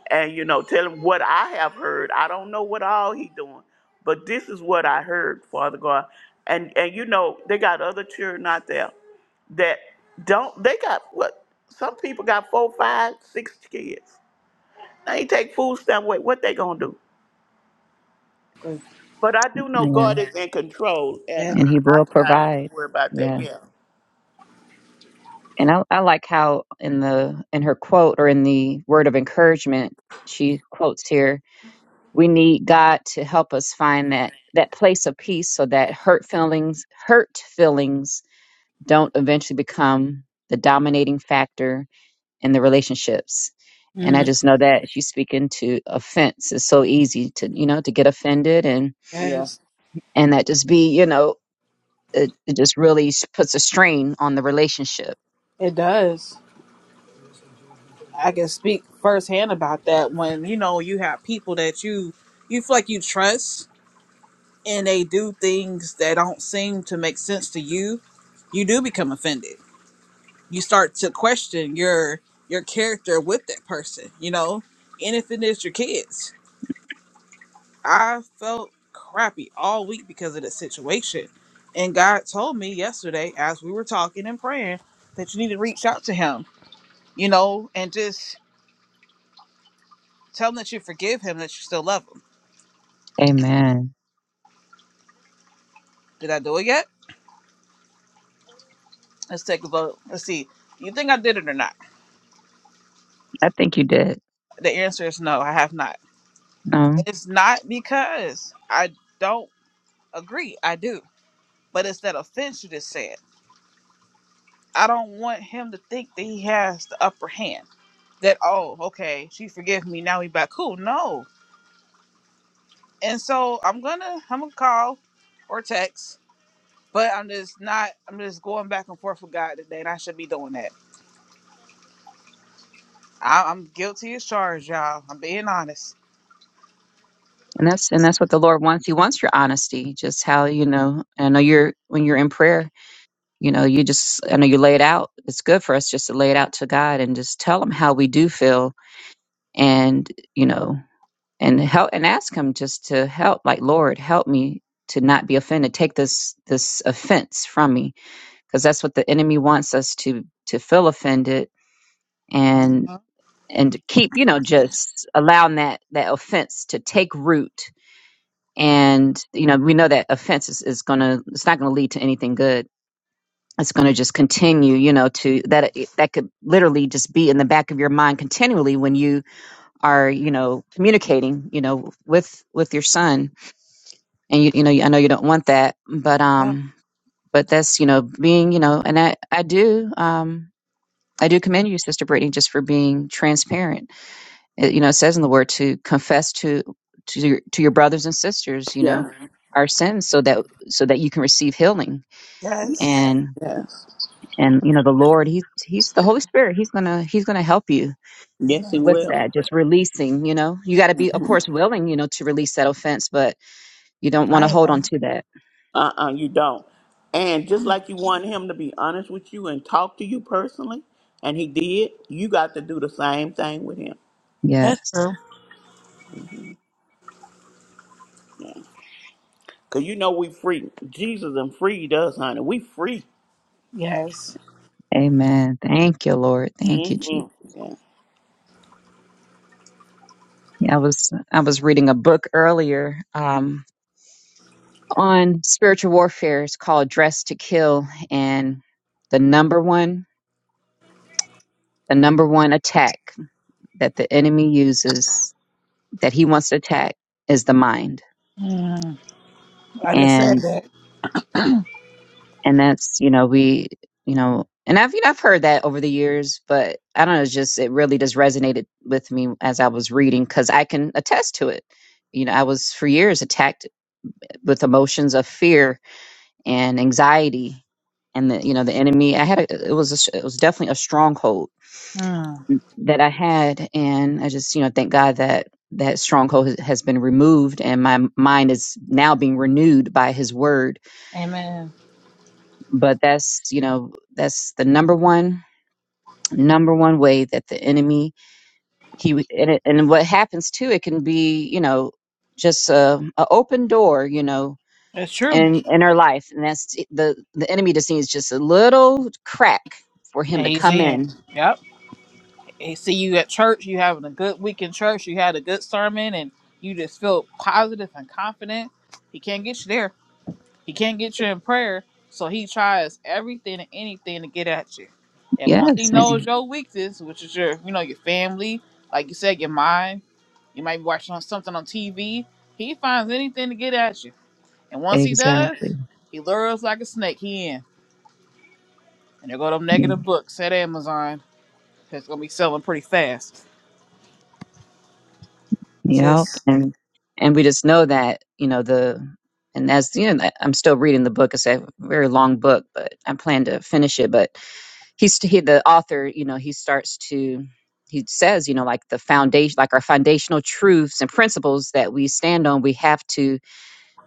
Speaker 2: and you know, tell him what I have heard. I don't know what all he doing, but this is what I heard, Father God. And and you know, they got other children out there that don't. They got what? Some people got four, five, six kids. They take food stamp away. What they gonna do?
Speaker 1: Good.
Speaker 2: But I do know
Speaker 3: Yes,
Speaker 2: God is in control, and I,
Speaker 1: Yes.
Speaker 3: and He
Speaker 2: I,
Speaker 3: will
Speaker 2: I ain't gonna
Speaker 3: provide.
Speaker 2: worry about
Speaker 3: Yes.
Speaker 2: that. Yeah,
Speaker 3: and I, I like how in the in her quote or in the word of encouragement she quotes here we need god to help us find that that place of peace so that hurt feelings hurt feelings don't eventually become the dominating factor in the relationships and i
Speaker 1: Mm,
Speaker 2: yeah,
Speaker 3: just know that she's speaking to offense it's so easy to you know to get offended and
Speaker 2: yeah,
Speaker 1: yes.
Speaker 3: and that just be you know it, it just really s- puts a strain on the relationship.
Speaker 1: It does. I can speak firsthand about that when you know you have people that you you feel like you trust and they do things that don't seem to make sense to you. You do become offended you start to question your your character with that person, you know? And if it is your kids. I felt crappy all week because of the situation. And God told me yesterday as we were talking and praying that you need to reach out to him, you know, and just tell him that you forgive him, that you still love him.
Speaker 3: Amen.
Speaker 1: Did I do it yet? Let's take a vote. Let's see. You think I did it or not?
Speaker 3: I think you did.
Speaker 1: The answer is no, I have not.
Speaker 3: No.
Speaker 1: It's not because I don't agree. I do. But it's that offense you just said I don't want him to think that he has the upper hand. That oh, okay, she forgive me. Now we back cool. No, and so I'm gonna I'm gonna call or text, but I'm just not. I'm just going back and forth with God today, and I should be doing that. I, I'm guilty as charged, y'all. I'm being honest.
Speaker 3: And that's and that's what the Lord wants. He wants your honesty, just how you know. I know you're when you're in prayer, you know you just i know you lay it out it's good for us just to lay it out to god and just tell him how we do feel and you know and help and ask him just to help like lord help me to not be offended take this this offense from me because that's what the enemy wants us to to feel offended and
Speaker 1: Mhm.
Speaker 3: and to keep you know just allowing that that offense to take root and you know we know that offense is, is gonna it's not gonna lead to anything good it's going to just continue you know to that that could literally just be in the back of your mind continually when you are you know communicating you know with with your son and you you know I know you don't want that but
Speaker 1: Oh,
Speaker 3: um but that's you know being you know and I I do um I do commend you sister Brittany just for being transparent it, you know it says in the word to confess to to your, to your brothers and sisters you know
Speaker 2: yeah.
Speaker 3: our sins so that so that you can receive healing
Speaker 1: yes,
Speaker 3: and.
Speaker 2: yes,
Speaker 3: and you know the lord he he's the holy spirit he's gonna he's gonna help you
Speaker 2: yes, He
Speaker 1: Amen.
Speaker 3: with
Speaker 2: will.
Speaker 3: that just releasing you know you got to be of course willing you know to release that offense but you don't want to
Speaker 1: I
Speaker 3: hold on
Speaker 1: am.
Speaker 3: to that
Speaker 2: Uh-uh, you don't. And just like you want him to be honest with you and talk to you personally, and he did, you got to do the same thing with him.
Speaker 1: That's
Speaker 3: yes
Speaker 1: true.
Speaker 2: Yeah. Cause you know we free. Jesus and freed us, honey. We free.
Speaker 1: Yes,
Speaker 3: amen thank you lord thank you
Speaker 2: hmm
Speaker 3: jesus
Speaker 2: Yeah.
Speaker 3: yeah, i was i was reading a book earlier um on spiritual warfare it's called dress to kill and the number one the number one attack that the enemy uses that he wants to attack is the mind
Speaker 1: Mm. I just said that.
Speaker 3: and that's you know we you know and i've you know, i've heard that over the years but i don't know it's just it really just resonated with me as i was reading because i can attest to it you know i was for years attacked with emotions of fear and anxiety and the you know the enemy i had a, it was a, it was definitely a stronghold
Speaker 1: Mm.
Speaker 3: that i had and i just you know thank god that that stronghold has has been removed and my mind is now being renewed by his word
Speaker 1: Amen.
Speaker 3: but that's you know that's the number one number one way that the enemy he w- and, it, and what happens too it can be you know just a, a open door you know
Speaker 1: That's true.
Speaker 3: in in our life and that's the the enemy just needs just a little crack for him
Speaker 1: And
Speaker 3: to
Speaker 1: he's
Speaker 3: come
Speaker 1: in.
Speaker 3: in
Speaker 1: Yep. and see you at church, you having a good week in church, you had a good sermon, and you just feel positive and confident. He can't get you there. He can't get you in prayer. So he tries everything and anything to get at you. And once
Speaker 3: yes
Speaker 1: he
Speaker 3: and
Speaker 1: knows your weakness, which is your, you know, your family, like you said, your mind, you might be watching on something on TV, he finds anything to get at you. And once he does,
Speaker 3: exactly
Speaker 1: he lures like a snake. He in. And there go them
Speaker 3: yeah
Speaker 1: negative books at Amazon. It's gonna be selling pretty fast.
Speaker 3: yep
Speaker 1: Just
Speaker 3: and and we just know that you know the and as you know i'm still reading the book it's a very long book but i plan to finish it but he's he the author you know he starts to he says you know like the foundation like our foundational truths and principles that we stand on we have to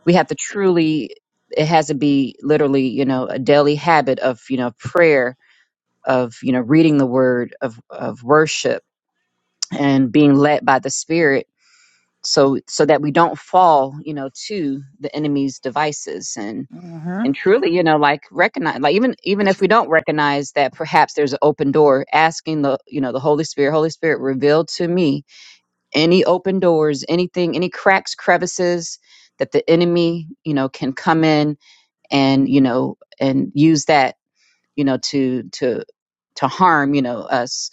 Speaker 3: we have to truly it has to be literally you know a daily habit of you know prayer of you know reading the word of of worship and being led by the spirit so so that we don't fall you know to the enemy's devices and
Speaker 1: mm-hmm.
Speaker 3: and truly you know like recognize like even even if we don't recognize that perhaps there's an open door asking the you know the holy spirit holy spirit reveal to me any open doors anything any cracks crevices that the enemy you know can come in and you know and use that you know to to to harm you know us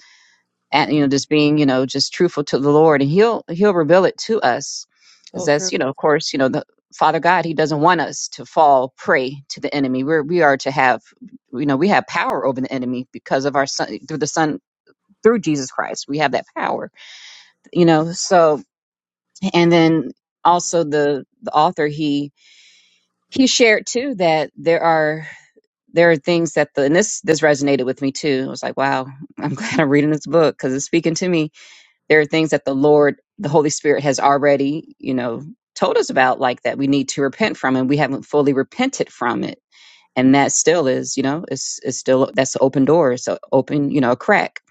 Speaker 3: and you know just being you know just truthful to the lord and he'll he'll reveal it to us because
Speaker 1: So true.
Speaker 3: that's you know of course you know the father god he doesn't want us to fall prey to the enemy we're we are to have you know we have power over the enemy because of our son through the son through jesus christ we have that power you know so and then also the the author he he shared too that there are there are things that the and this this resonated with me too i was like wow i'm glad i'm reading this book because it's speaking to me there are things that the Lord, the Holy Spirit has already, you know, told us about, like that we need to repent from, and we haven't fully repented from it. And that still is, you know, it's, it's still, that's an open door. It's an open, you know, a crack.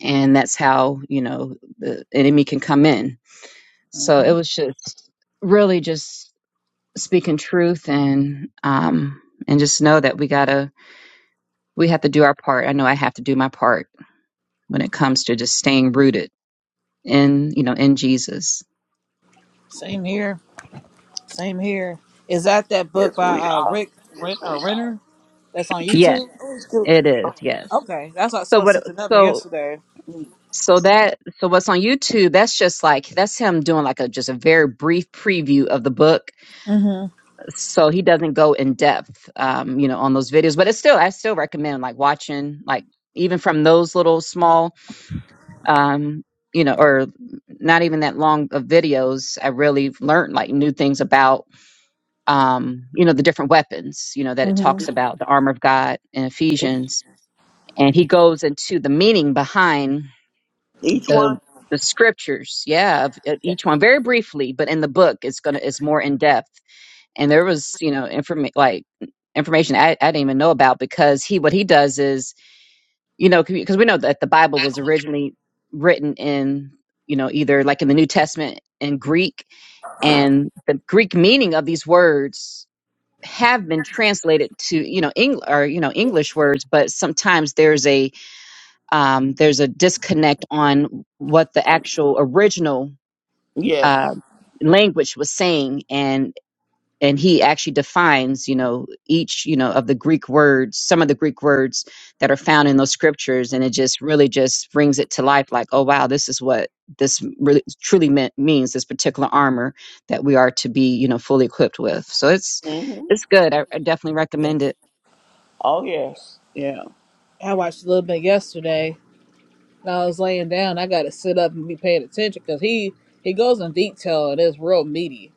Speaker 3: And that's how, you know, the enemy can come in. So it
Speaker 1: hmm
Speaker 3: was just really just speaking truth and, um, and just know that we gotta, we have to do our part. I know I have to do my part when it comes to just staying rooted in you know in jesus
Speaker 1: Same here. Same here. Is that that book
Speaker 2: Yes,
Speaker 1: by
Speaker 2: we
Speaker 1: uh
Speaker 2: are.
Speaker 1: Rick Rick uh, Renner that's on YouTube?
Speaker 2: Let's do it.
Speaker 3: It is,
Speaker 2: Okay.
Speaker 3: yes.
Speaker 1: Okay, that's what I
Speaker 3: So,
Speaker 1: saw
Speaker 3: but
Speaker 1: sent another
Speaker 3: so
Speaker 1: yesterday.
Speaker 3: so that so what's on YouTube? That's just like that's him doing like a just a very brief preview of the book.
Speaker 1: Mm-hmm.
Speaker 3: So he doesn't go in depth, um, you know, on those videos. But it's still, I still recommend like watching, like even from those little small, um, you know, or not even that long of videos. I really learned like new things about, um, you know, the different weapons, you know, that it talks
Speaker 1: Mm-hmm.
Speaker 3: about the armor of God in
Speaker 2: Mhm.
Speaker 3: Ephesians, and he goes into the meaning behind
Speaker 2: Each
Speaker 3: the
Speaker 2: one.
Speaker 3: the scriptures yeah of, of
Speaker 2: Okay.
Speaker 3: each one very briefly but in the book it's gonna it's more in depth and there was you know inform like information I, I didn't even know about because he what he does is you know because we know that the bible was originally written in you know either like in the new testament in greek and the greek meaning of these words have been translated to you know Eng- or you know
Speaker 2: Yeah.
Speaker 3: english words but sometimes there's a um, there's a disconnect on what the
Speaker 2: Um,
Speaker 3: actual original
Speaker 2: yes.
Speaker 3: uh, language was saying and and he actually defines you know each you know of the greek words some of the greek words that are found in those scriptures and it just really just brings it to life like oh wow this is what this really truly meant, means this particular armor that we are to be you know fully equipped with so it's
Speaker 2: hmm
Speaker 3: it's good i, I definitely
Speaker 2: Yeah.
Speaker 3: recommend it
Speaker 2: Oh yes. Yeah.
Speaker 1: I watched a little bit yesterday. And I was laying down. I got to sit up and be paying attention because he he goes in detail and it's real meaty.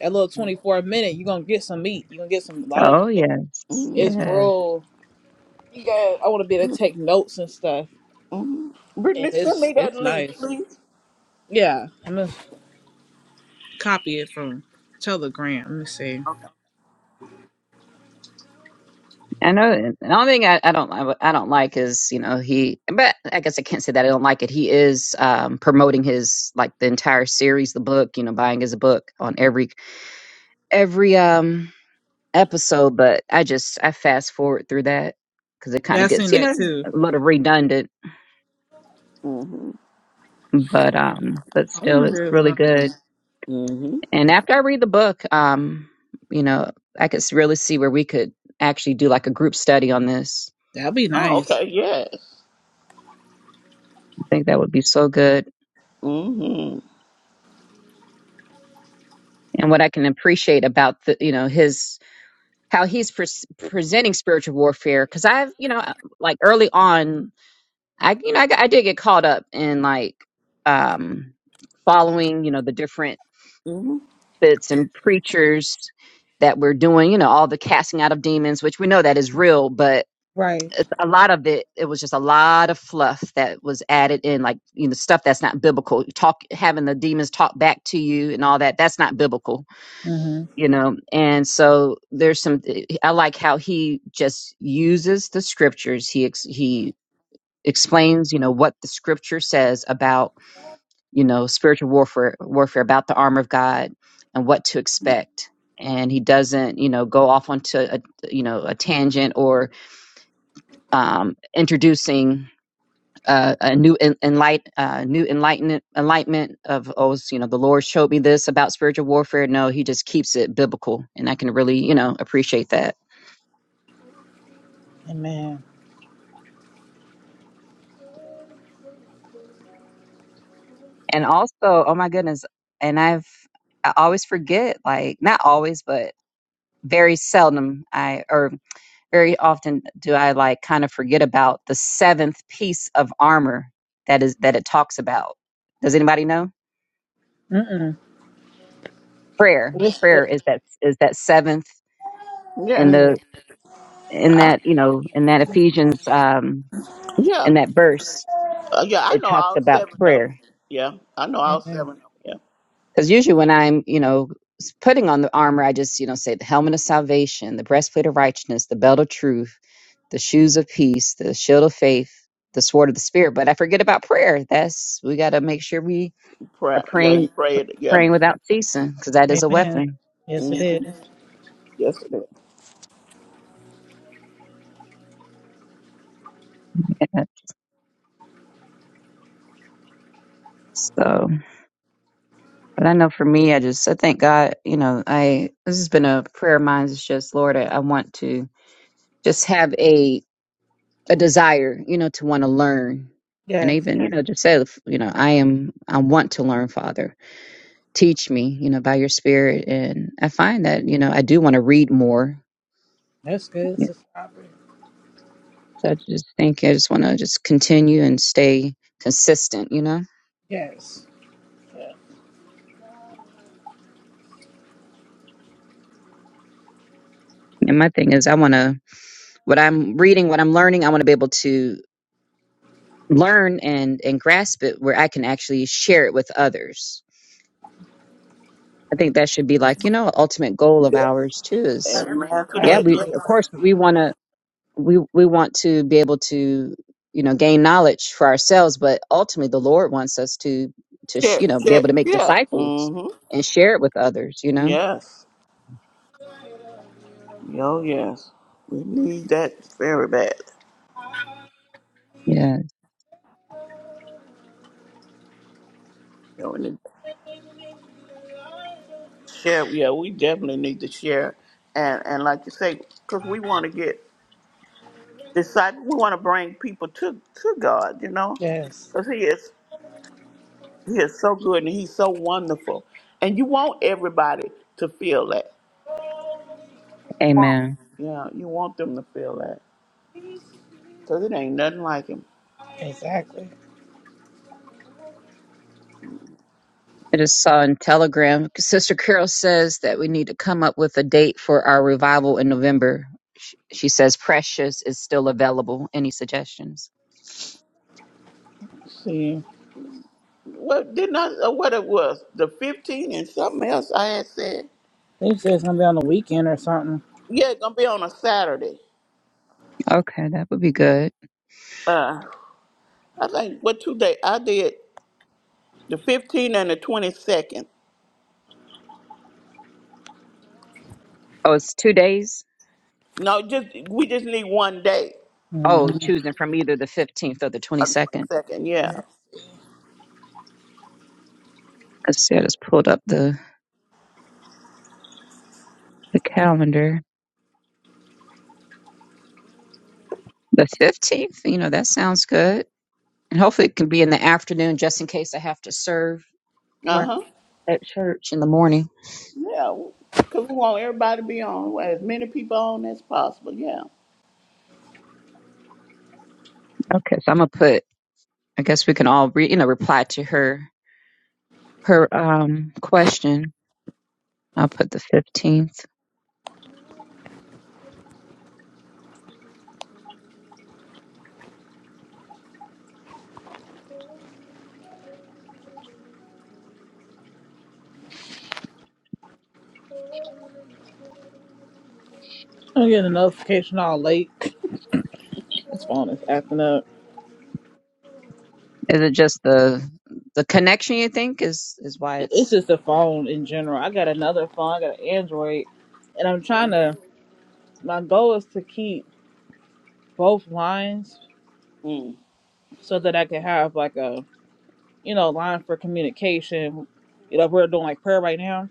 Speaker 1: That little twenty four minute, you're gonna get some meat. You're gonna get some a lot of
Speaker 3: oh
Speaker 1: information.
Speaker 3: yes
Speaker 1: It's
Speaker 3: yes
Speaker 1: real. You got. I want to be able to take notes and stuff.
Speaker 2: Mm-hmm.
Speaker 1: And
Speaker 2: Brittany, send
Speaker 1: it's
Speaker 2: me that
Speaker 1: it's
Speaker 2: link,
Speaker 1: nice.
Speaker 2: please.
Speaker 1: Yeah, Copy it from Telegram. Let me see.
Speaker 2: Okay.
Speaker 3: I know. The only thing I, I don't I, I don't like is you know he, but I guess I can't say that I don't like it. He is um, promoting his like the entire series, the book. You know, buying his book on every every um episode. But I just I fast forward through that because it kind
Speaker 1: Yeah, I
Speaker 3: of
Speaker 1: seen
Speaker 3: gets you
Speaker 1: that
Speaker 3: know
Speaker 1: too.
Speaker 3: a little redundant.
Speaker 2: hmm
Speaker 3: But um, but
Speaker 1: I
Speaker 3: still, it's
Speaker 1: wonder if
Speaker 3: really
Speaker 1: um,
Speaker 3: good.
Speaker 2: hmm
Speaker 3: And after I read the book, um, you know, I could s- really see where we could actually do like a group study on this.
Speaker 1: that'd be
Speaker 2: Oh,
Speaker 1: nice.
Speaker 2: okay. Yes.
Speaker 3: I think that would be so good
Speaker 2: hmm
Speaker 3: and what I can appreciate about the you know his how he's pres presenting spiritual warfare because I've you know uh, like early on I you know I, got- I did get caught up in like um following you know the different
Speaker 2: hmm
Speaker 3: bits and preachers that were doing you know all the casting out of demons which we know that is real but
Speaker 1: Right.
Speaker 3: a lot of it it was just a lot of fluff that was added in like you know stuff that's not biblical talk having the demons talk back to you and all that that's not biblical
Speaker 1: Mm-hmm.
Speaker 3: you know and so there's some i like how he just uses the scriptures he ex, he explains you know what the scripture says about you know spiritual warfare warfare about the armor of god and what to expect and he doesn't you know go off onto a you know a tangent or um introducing uh, a new en- enlight, uh, new enlightenment, enlightenment of oh, it's, you know, the Lord showed me this about spiritual warfare. No, He just keeps it biblical, and I can really, you know, appreciate that.
Speaker 1: Amen.
Speaker 3: And also, oh my goodness, and I've I always forget, like not always, but very seldom I or very often do I like kind of forget about the seventh piece of armor that is that it talks about. Does anybody know?
Speaker 1: Mm-mm.
Speaker 3: Prayer,
Speaker 1: What's-
Speaker 3: prayer
Speaker 1: what-
Speaker 3: is that is that seventh.
Speaker 2: Yeah.
Speaker 3: in the.
Speaker 1: Ooh.
Speaker 3: in
Speaker 2: I,
Speaker 3: that you know in that ephesians um
Speaker 2: yeah.
Speaker 3: in that verse
Speaker 2: Uh, yeah, I
Speaker 3: it
Speaker 2: know
Speaker 3: talks
Speaker 2: all
Speaker 3: about
Speaker 2: seven of
Speaker 3: prayer
Speaker 2: them. Yeah. I know all
Speaker 1: Amen.
Speaker 2: seven of them. Yeah.
Speaker 3: because usually when i'm you know s- putting on the armor i just you know say the helmet of salvation the breastplate of righteousness the belt of truth the shoes of peace the shield of faith the sword of the spirit but i forget about prayer that's we got to make sure we are
Speaker 2: Pray, yeah, you
Speaker 3: praying
Speaker 2: prayed. Yeah.
Speaker 3: praying without ceasing because that is a
Speaker 1: Amen.
Speaker 3: weapon
Speaker 1: Yes, it
Speaker 2: Mm-hmm.
Speaker 1: is.
Speaker 2: Yes, it is.
Speaker 3: so but i know for me i just i thank god you know i this has been a prayer of mine it's just lord i, I want to just have a a desire, you know, to want to learn. And
Speaker 1: Yes.
Speaker 3: even, you know, just say, you know, I am, I want to learn, Father. Teach me, you know, by your spirit. And I find that, you know, I do want to read more.
Speaker 1: That's good,
Speaker 3: So
Speaker 1: Sister Aubrey.
Speaker 3: I just think I just want to just continue and stay consistent, you know?
Speaker 1: Yes. Yeah.
Speaker 3: And my thing is, I want to, what I'm reading, what I'm learning, I want to be able to learn and, and grasp it where I can actually share it with others. I think that should be like, you know, an ultimate goal of
Speaker 2: Yes.
Speaker 3: ours too is
Speaker 2: And after
Speaker 1: I
Speaker 3: yeah
Speaker 2: that,
Speaker 3: we
Speaker 1: agree.
Speaker 3: of course we want to we we want to be able to you know gain knowledge for ourselves but ultimately the lord wants us to to sh-
Speaker 2: yes.
Speaker 3: you
Speaker 2: Check,
Speaker 3: know be
Speaker 2: check.
Speaker 3: able to make
Speaker 2: Yeah.
Speaker 3: disciples
Speaker 2: Mm-hmm.
Speaker 3: and share it with others you know
Speaker 2: Yes. Yo, yes. We need that very bad.
Speaker 3: yeah
Speaker 2: Yeah, we need to share. Yeah, we definitely need to share. And and like you say, because we want to get disciple, we want to bring people to to God. You know,
Speaker 1: Yes.
Speaker 2: because He is He is so good and he's so wonderful. And you want everybody to feel that. You want.
Speaker 3: amen
Speaker 2: Yeah, you want them to feel that. Because it ain't nothing like him.
Speaker 1: Exactly.
Speaker 3: i just saw in telegram sister carol says that we need to come up with a date for our revival in november she she says precious is still available any suggestions
Speaker 1: See,
Speaker 2: What didn't I uh, what it was? The 15th and something else I had said.
Speaker 1: I think it's gonna be on the weekend or something.
Speaker 2: Yeah, it's gonna be on a Saturday.
Speaker 3: okay that would be good
Speaker 2: Uh I think what two day I did the 15th and the twenty second.
Speaker 3: oh it's two days
Speaker 2: No, just we just need one day.
Speaker 3: oh
Speaker 1: Mm-hmm.
Speaker 3: choosing from either the 15th or the
Speaker 2: On the
Speaker 3: 22nd
Speaker 2: twenty second, yeah.
Speaker 1: Yeah.
Speaker 3: Let's see, I just pulled up the, the calendar. The 15th, you know, that sounds good. And hopefully it can be in the afternoon just in case I have to serve
Speaker 2: Uh
Speaker 1: Right.
Speaker 2: huh.
Speaker 3: at church in the morning.
Speaker 2: Yeah. Cause we want everybody to be on as many people on as possible, yeah.
Speaker 3: Okay, so I'm going to put, I guess we can all, re, you know, reply to her, her um question. I'll put the 15th.
Speaker 1: I'm getting a notification all late. This phone is acting up.
Speaker 3: Is it just the the connection you think is is why
Speaker 1: It's
Speaker 3: it's
Speaker 1: just a phone in general. I got another phone. I got an Android, and I'm trying to. My goal is to keep both lines
Speaker 2: Mm.
Speaker 1: so that I can have like a you know line for communication. You know, if we're doing like prayer right now.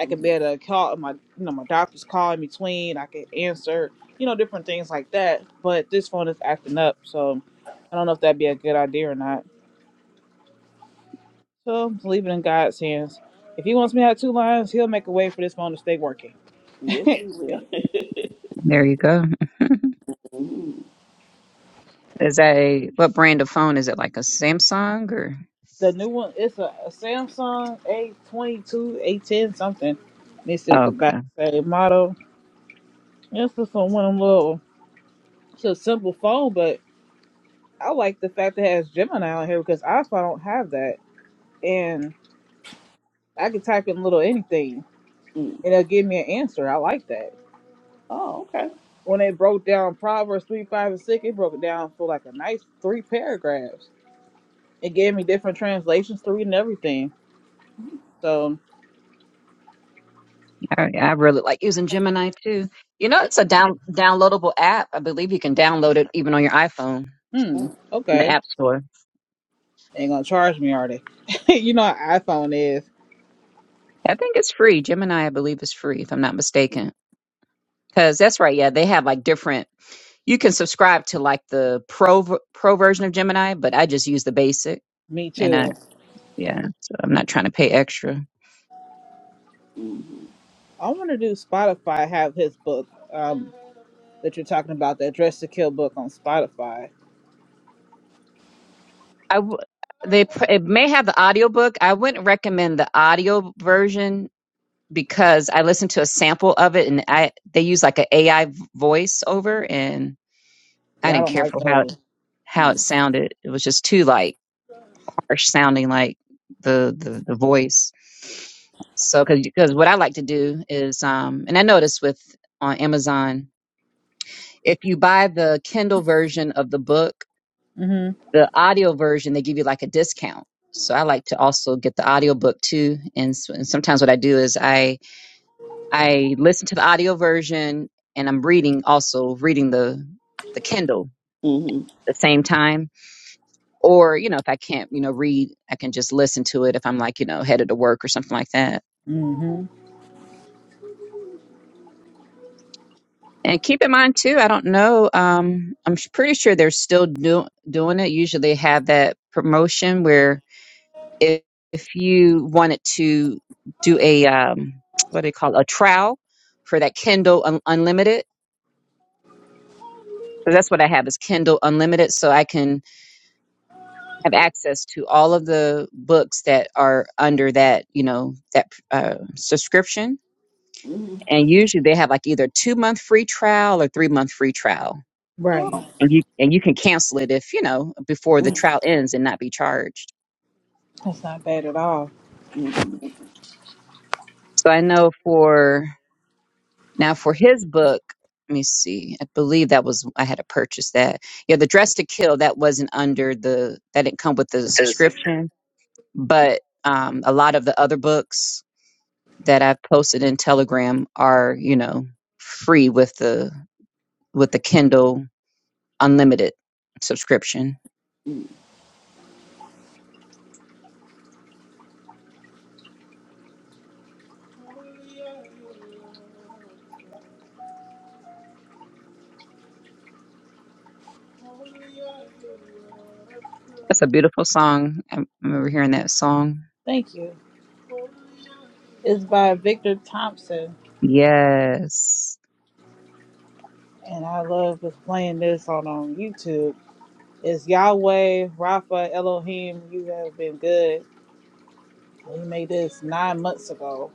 Speaker 1: I could
Speaker 2: Mm.
Speaker 1: be able to call my you know my doctor's call in between. I could answer you know different things like that. But this phone is acting up, so I don't know if that'd be a good idea or not. So just leave it in God's hands. If He wants me to have two lines, He'll make a way for this phone to stay working.
Speaker 2: Yes, you will.
Speaker 3: there you go. Is that a what brand of phone is it like a Samsung or
Speaker 1: The new one, it's a, a Samsung A22, A10 something. Let me see what the
Speaker 3: okay.
Speaker 1: back say. Model. It's just a- one of them little, it's a simple phone, but I like the fact that it has Gemini on here because I also don't have that. And I can type in little anything
Speaker 2: mm.
Speaker 1: and it'll give me an answer. I like that.
Speaker 2: Oh, okay.
Speaker 1: When they broke down Proverbs 3, 5, and 6, it broke it down for like a nice three paragraphs. It gave me different translations to read and everything. So
Speaker 3: I, I really like using Gemini too. You know,
Speaker 1: it's
Speaker 3: it's a
Speaker 1: nice.
Speaker 3: down downloadable app. I believe you can download it even on your iPhone
Speaker 1: Hmm.
Speaker 2: Mm.
Speaker 3: in the
Speaker 1: Okay.
Speaker 3: App Store.
Speaker 1: They ain't gonna charge me, are they? you know how iPhone is.
Speaker 3: I think it's free. Gemini, I believe, is free if I'm not mistaken. Because that's right. Yeah, they have like different. You can subscribe to like the pro v- pro version of Gemini, but I just use the basic.
Speaker 1: Me
Speaker 3: And I
Speaker 1: too.
Speaker 3: yeah, so I'm not trying to pay extra.
Speaker 1: I wanna do Spotify have his book, um, that you're talking about, that Dress to Kill book on Spotify.
Speaker 3: I w- they pr- it may have the audiobook. I wouldn't recommend the audio version because I listened to a sample of it and I they use like an AI v- voice over and I
Speaker 1: Yeah, I
Speaker 3: didn't
Speaker 1: don't
Speaker 3: care
Speaker 1: like
Speaker 3: for how
Speaker 1: those.
Speaker 3: how it sounded. It was just too like harsh sounding like the the, the voice. So cuz cuz what I like to do is um and I noticed with on Amazon if you buy the Kindle version of the book,
Speaker 1: Mm-hmm.
Speaker 3: the audio version they give you like a discount. So I like to also get the audio book too and, s- and sometimes what I do is I I listened to the audio version and I'm reading also reading the the Kindle
Speaker 2: Mm-hmm.
Speaker 3: at the same time. Or, you know, if I can't, you know, read, I can just listen to it if I'm like, you know, headed to work or something like that.
Speaker 1: Mm-hmm.
Speaker 3: And keep in mind too, I don't know. Um, I'm s- pretty sure they're still do- doing it. Usually they have that promotion where if, if you wanted to do a um, what do you call it, a trial for that Kindle un- Unlimited. So that's what I have is Kindle Unlimited, so I can have access to all of the books that are under that you know that uh, subscription
Speaker 2: Mm-hmm.
Speaker 3: and usually they have like either two month free trial or three month free trial
Speaker 1: Right.
Speaker 2: Oh.
Speaker 3: and you and you can cancel it if you know before the trial ends and not be charged
Speaker 1: That's not bad at all.
Speaker 2: Mm-hmm.
Speaker 3: so i know for now for his book let me see i believe that was i had to purchase that yeah the dress to kill that wasn't under the that didn't come with the subscription but um, a lot of the other books that I've posted in Telegram are, you know, free with the with the Kindle Unlimited subscription. That's a beautiful song. I remember hearing that song.
Speaker 1: Thank you. It's by Victor Thompson,
Speaker 3: Yes,
Speaker 1: and I love was playing this on on YouTube. It's Yahweh, Rapha, Elohim. You have been good. We made this nine months ago,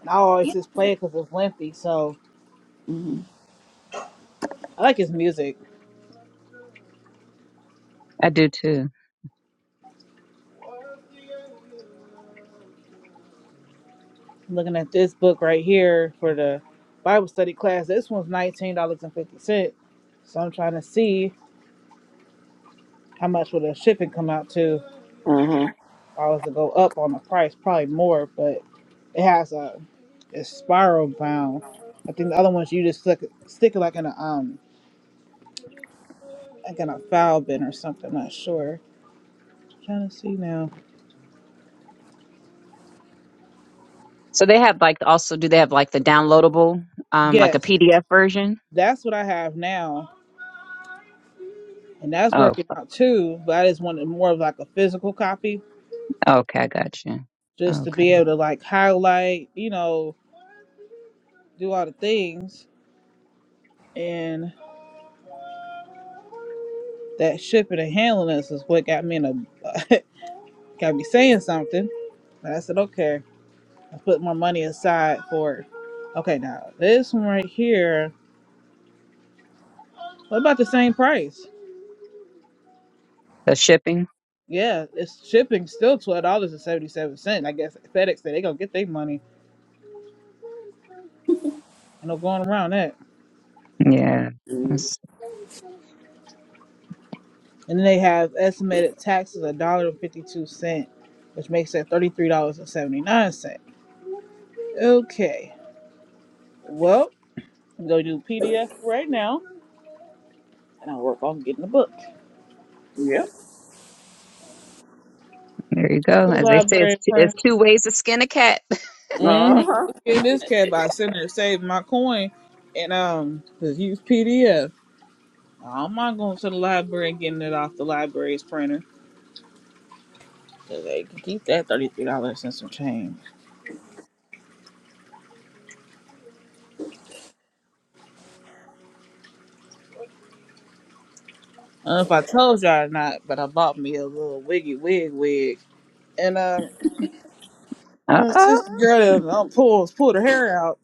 Speaker 1: and I always just play it because it's lengthy. So
Speaker 2: Mm-hmm.
Speaker 1: I like his music.
Speaker 3: I do too.
Speaker 1: I'm looking at this book right here for the Bible study class. This one's nineteen dollars and fifty cent. So I'm trying to see how much would the shipping come out to. If
Speaker 2: Mm-hmm.
Speaker 1: I was to go up on the price, probably more, but it has a it's spiral bound. I think the other ones you just stick stick it like in a um like in a foul bin or something. I'm not sure. trying to see now.
Speaker 3: So they have like also do they have like the downloadable, um, like a
Speaker 1: Yes,
Speaker 3: PDF version?
Speaker 1: that's what I have now. And that's
Speaker 3: Oh,
Speaker 1: working out too, but I just wanted more of like a physical copy
Speaker 3: okay, I got you.
Speaker 1: just to be
Speaker 3: Okay,
Speaker 1: able to like highlight, you know, do all the things. And that shipping and handling us is what got me in a got me saying something. And I said, okay, I put my money aside for it. Okay, now this one right here, what about the same price?
Speaker 3: the shipping.
Speaker 1: Yeah, it's shipping still twelve dollars and seventy seven cent. I guess FedEx said they gonna get their money and they're going around that.
Speaker 3: Yeah, That's-
Speaker 1: And then they have estimated taxes a dollar and fifty two cent, which makes that thirty three dollars and seventy nine cent. Okay. Well, I'm going to do PDF right now, and I'll work on getting the book.
Speaker 2: Yep.
Speaker 3: there you
Speaker 1: Go to
Speaker 3: go.
Speaker 1: the
Speaker 3: As they say, it's
Speaker 1: library,
Speaker 3: two, it's
Speaker 1: printer.
Speaker 3: two ways to skin a cat.
Speaker 1: Mm-hmm.
Speaker 2: Uh-huh.
Speaker 1: Let's Get this cat by sitting there saving my coin, and um, just use PDF. I'm not going to the library and getting it off the library's printer. 'cause They can keep that thirty-three dollars and some change. I don't know if I told y'all or not, but I bought me a little wiggy wig wig, and um,
Speaker 3: Uh
Speaker 1: my
Speaker 3: oh,
Speaker 1: sister girl done um, pulled pulled her hair out.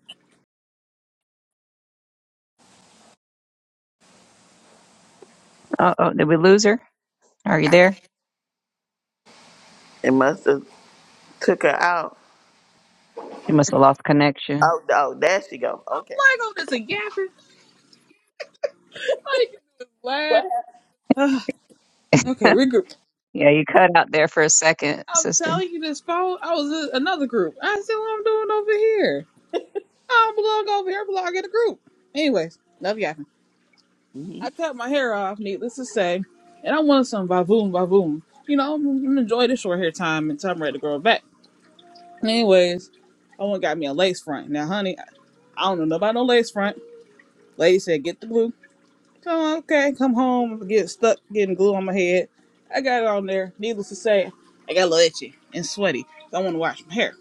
Speaker 3: uh oh, did we lose her? Are you there?
Speaker 2: It must have took her out.
Speaker 3: You must have lost connection.
Speaker 2: Oh, oh, there she go.
Speaker 1: I'm
Speaker 2: Okay.
Speaker 1: like, oh, that's a yapping. Like, just
Speaker 2: What
Speaker 1: laugh. Okay, regroup.
Speaker 3: Yeah, you cut out there for a second,
Speaker 1: I'm
Speaker 3: sister.
Speaker 1: telling you this phone. I was in another group. I see what I'm doing over here. I don't belong over here. I belong in a group. Anyways, love you I
Speaker 2: happened?
Speaker 1: cut my hair off, needless to say, and I wanted some vavoom vavoom. You know, I'm I'm enjoy this short hair time until I'm ready to grow it back. Anyways, I went and got me a lace front. Now, honey, I I don't know nobody no lace front. Lady said, get the glue. Come on, okay, come home, get stuck getting glue on my head. I got it on there. Needless to say, I got a little itchy and sweaty. So I want to wash my hair.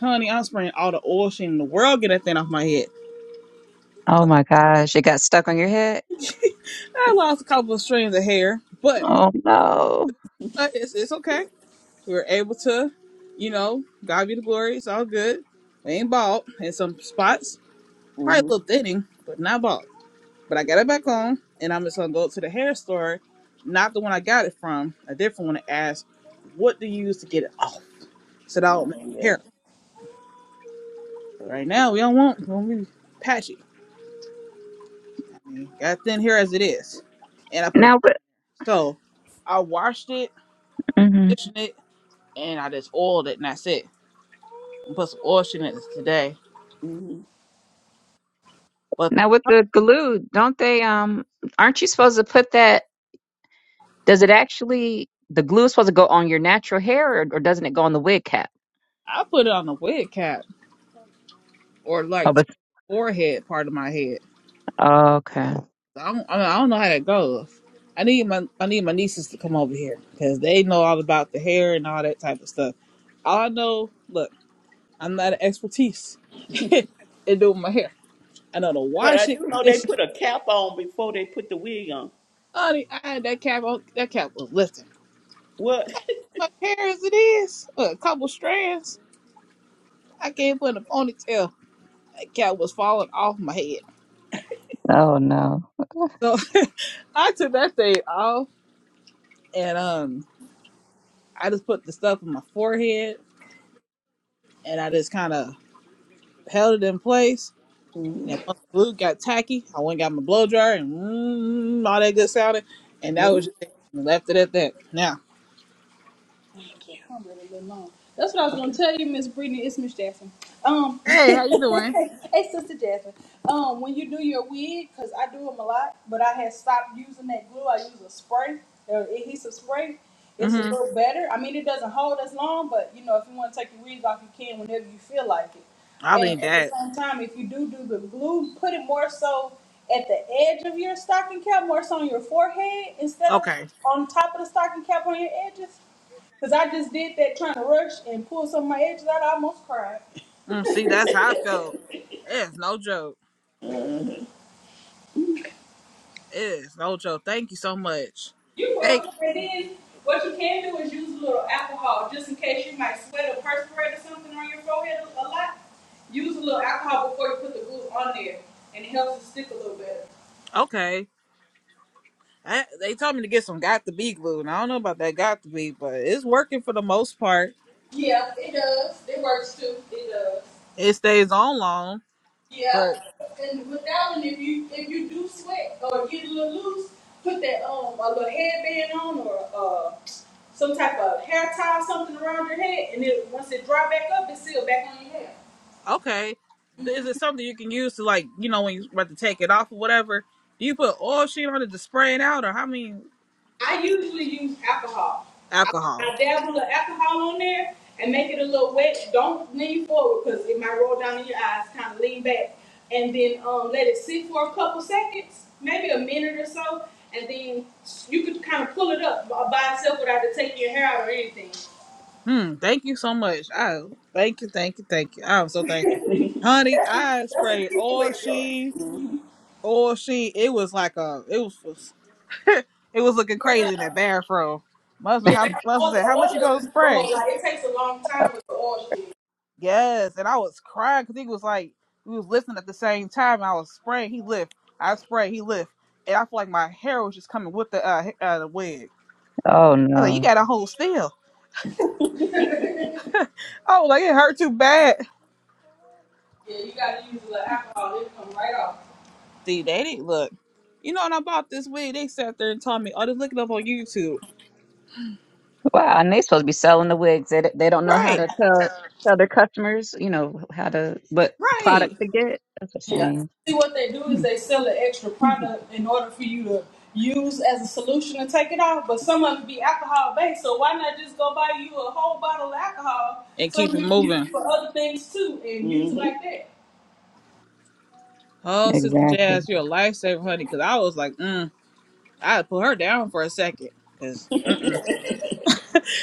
Speaker 1: Honey, I'm spraying all the oil sheen in the world, get that thing off my head.
Speaker 3: Oh my gosh, it got stuck on your head.
Speaker 1: I lost a couple of strands of hair, but,
Speaker 3: Oh no.
Speaker 1: but it's, it's okay. We were able to, you know, God be the glory. It's all good. We ain't bald in some spots.
Speaker 2: Mm-hmm.
Speaker 1: Probably a
Speaker 2: Mm-hmm.
Speaker 1: little thinning, but not bald. But I got it back on, and I'm just gonna go to the hair store, not the one I got it from, a different one, to ask, "What do you use to get it off?" So that I don't mess
Speaker 2: Oh,
Speaker 1: my
Speaker 2: yeah.
Speaker 1: hair. up. right now, we don't want we to be patchy. I mean, got thin hair as it is, and I put a
Speaker 3: Now,
Speaker 1: perm.
Speaker 3: with,
Speaker 1: in. So I washed it,
Speaker 3: hmm
Speaker 1: conditioned it, and I just oiled it, and that's it. I put some oil in it today.
Speaker 2: Mm-hmm.
Speaker 1: But the
Speaker 3: now with the glue, don't they? Um, aren't you supposed to put that? Does it actually, the glue is supposed to go on your natural hair or, or doesn't it go on the wig cap?
Speaker 1: I put it on the wig cap or
Speaker 3: Oh,
Speaker 1: like
Speaker 3: but
Speaker 1: forehead part of my head
Speaker 3: oh, okay.
Speaker 1: I don't, I do I don't know how that goes. I need my I need my nieces to come over here because they know all about the hair and all that type of stuff. All I know, look, I'm not an expertise in doing my hair. I know the
Speaker 2: But
Speaker 1: wash
Speaker 2: I do
Speaker 1: it,
Speaker 2: know they
Speaker 1: condition.
Speaker 2: put a cap on before they put the wig on.
Speaker 1: Honey, I had that cap on. That cap was lifting.
Speaker 2: What?
Speaker 1: Much hair as it is, look, a couple strands. I can't put in a ponytail. That cap was falling off my head.
Speaker 3: Oh no.
Speaker 1: So I took that thing off and um, I just put the stuff on my forehead and I just kind of held it in place. And then once the glue got tacky, I went and got my blow dryer and mm, all that good sounding. And that was just it. And left it at that. Now,
Speaker 2: Thank you. I'm really good mom. That's what I was gonna tell you, Miss Brittany. It's Miss Jasmine. Um,
Speaker 1: hey, how you doing?
Speaker 2: hey, Sister Jasmine. Um, when you do your wig, cause I do them a lot, but I had stopped using that glue. I use a spray, an adhesive spray. It's a
Speaker 1: Mm-hmm.
Speaker 2: little better. I mean, it doesn't hold as long, but you know, if you want to take your wigs off, you can whenever you feel like it.
Speaker 1: I
Speaker 2: And
Speaker 1: need
Speaker 2: at the
Speaker 1: that.
Speaker 2: same time, if you do do the glue, put it more so at the edge of your stocking cap, more so on your forehead instead of
Speaker 1: Okay.
Speaker 2: on top of the stocking cap on your edges. Cause I just did that trying to rush and pull some of my edges out. I almost cried.
Speaker 1: Mm, see, that's how I felt. It's no joke. It's no joke. Thank you so much.
Speaker 2: You are
Speaker 1: Hey,
Speaker 2: welcome. And then what you can do is use a little alcohol just in case you might sweat or perspirate or something on your forehead a lot. Use a little alcohol before you put the glue on there, and it helps it stick a little better.
Speaker 1: okay. I, they told me to get some got to be glue, and I don't know about that got to be, but it's working for the most part.
Speaker 2: Yeah, it does. It works too. It does.
Speaker 1: It stays on long,
Speaker 2: Yeah,
Speaker 1: but
Speaker 2: and with that one, if you if you do sweat or get a little loose, put that um a little headband on or uh some type of hair tie something around your head, and it once it dry back up, it's sealed back on your hair.
Speaker 1: Okay. Is it something you can use to like, you know, when you're about to take it off or whatever? Do you put oil sheet on it to spray it out or how many
Speaker 2: I usually use alcohol. I,
Speaker 1: alcohol?
Speaker 2: I dab a little alcohol on there and make it a little wet. Don't lean forward because it might roll down in your eyes. Kind of lean back and then um, let it sit for a couple seconds, maybe a minute or so, and then you could kind of pull it up by by itself without it taking your hair out or anything.
Speaker 1: Hmm, thank you so much. I thank you, thank you, thank you. I'm so thankful. Honey, I sprayed oil sheet, oil sheet. It was like a it was it was looking crazy in that bathroom. Muslim
Speaker 2: Yeah,
Speaker 1: how Muslim
Speaker 2: or the
Speaker 1: said, How
Speaker 2: oil
Speaker 1: much you gonna
Speaker 2: doesn't go
Speaker 1: spray?
Speaker 2: whole It takes a long time with the oil. shit.
Speaker 1: Yes, and I was crying because he was like, we was listening at the same time. And I was spraying. He lift. I spray. He lift. And I feel like my hair was just coming with the uh, h- uh the wig.
Speaker 3: Oh
Speaker 1: He's like, you
Speaker 3: no.
Speaker 1: got to hold still. I was like, it hurt too bad.
Speaker 2: Yeah, you gotta use a little alcohol. It'll come right off.
Speaker 1: See, they didn't look. You know, when I bought this wig, they sat there and told me, oh, just look it up on YouTube.
Speaker 3: Wow, and they supposed to be selling the wigs. They they don't know how
Speaker 1: Right,
Speaker 3: to tell tell their customers, you know, how to what
Speaker 1: right.
Speaker 3: product to get. That's a
Speaker 2: Yeah.
Speaker 3: shame.
Speaker 2: See, what they do is they sell an extra product in order for you to use as a solution to take it off. But some of it be alcohol based, so why not just go buy you a whole bottle of alcohol,
Speaker 1: And
Speaker 2: so
Speaker 1: keep it
Speaker 2: you can use it
Speaker 1: moving.
Speaker 2: for other things too, and use it hmm like that?
Speaker 1: Oh, Sister
Speaker 3: Exactly.
Speaker 1: Jazz, you're a lifesaver, honey, because I was like, mm. I put her down for a second. Because,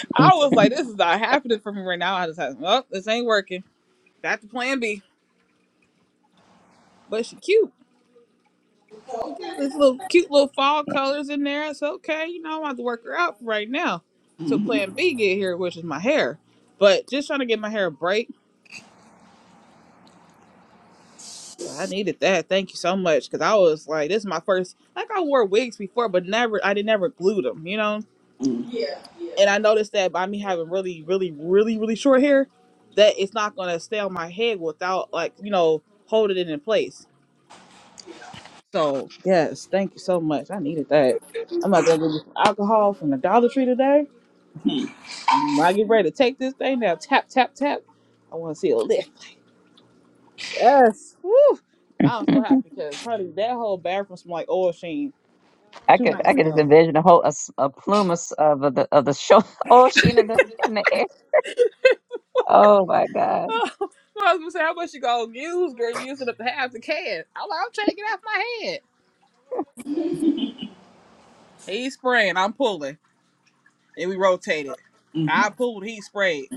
Speaker 1: I was like, this is not happening for me right now. I just had, oh, this ain't working. That's the plan B. But she cute. She got this little cute little fall colors in there. It's okay. You know, I'm about to work her out right now. So plan B get here, which is my hair. But just trying to get my hair a break. But I needed that. Thank you so much. Cause I was like, this is my first like I wore wigs before, but never I did never glue them, you know?
Speaker 2: Yeah,
Speaker 1: And
Speaker 2: yeah.
Speaker 1: I noticed that by me having really, really, really, really short hair, that it's not gonna stay on my head without like, you know, holding it in place. So yes, thank you so much. I needed that. I'm about to go get some alcohol from the Dollar Tree today, and when I get ready to take this thing now, tap tap tap. I want to see a lift. Yes, woo! I'm so happy because honey, that whole bathroom smelled like oil sheen
Speaker 3: I
Speaker 1: two
Speaker 3: could I
Speaker 1: nights
Speaker 3: could just
Speaker 1: ago.
Speaker 3: envision a whole a, s- a plume of, s- of the of the show. Oh, sheen in the in the air. Oh my God.
Speaker 1: Oh, I was gonna say how much you gonna use, girl? You using up the half the can. I'm like, I'm trying to get off my head. He's spraying, I'm pulling, and we rotated. I pulled, he sprayed.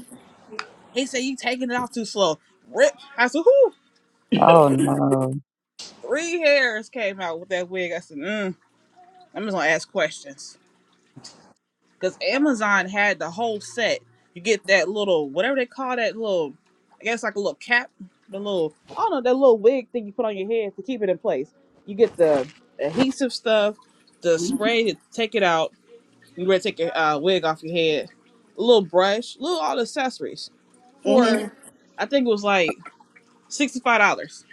Speaker 1: He said, "You taking it off too slow." Rip. I said, "Who?"
Speaker 3: Oh no.
Speaker 1: three hairs came out with that wig. I said, mm, I'm just gonna ask questions because Amazon had the whole set. You get that little whatever they call that little, I guess like a little cap, the little I don't know that little wig thing you put on your head to keep it in place. You get the adhesive stuff, the spray to take it out. You ready to take your uh, wig off your head? A little brush, little all the accessories
Speaker 2: hmm
Speaker 1: for I think it was like sixty five dollars,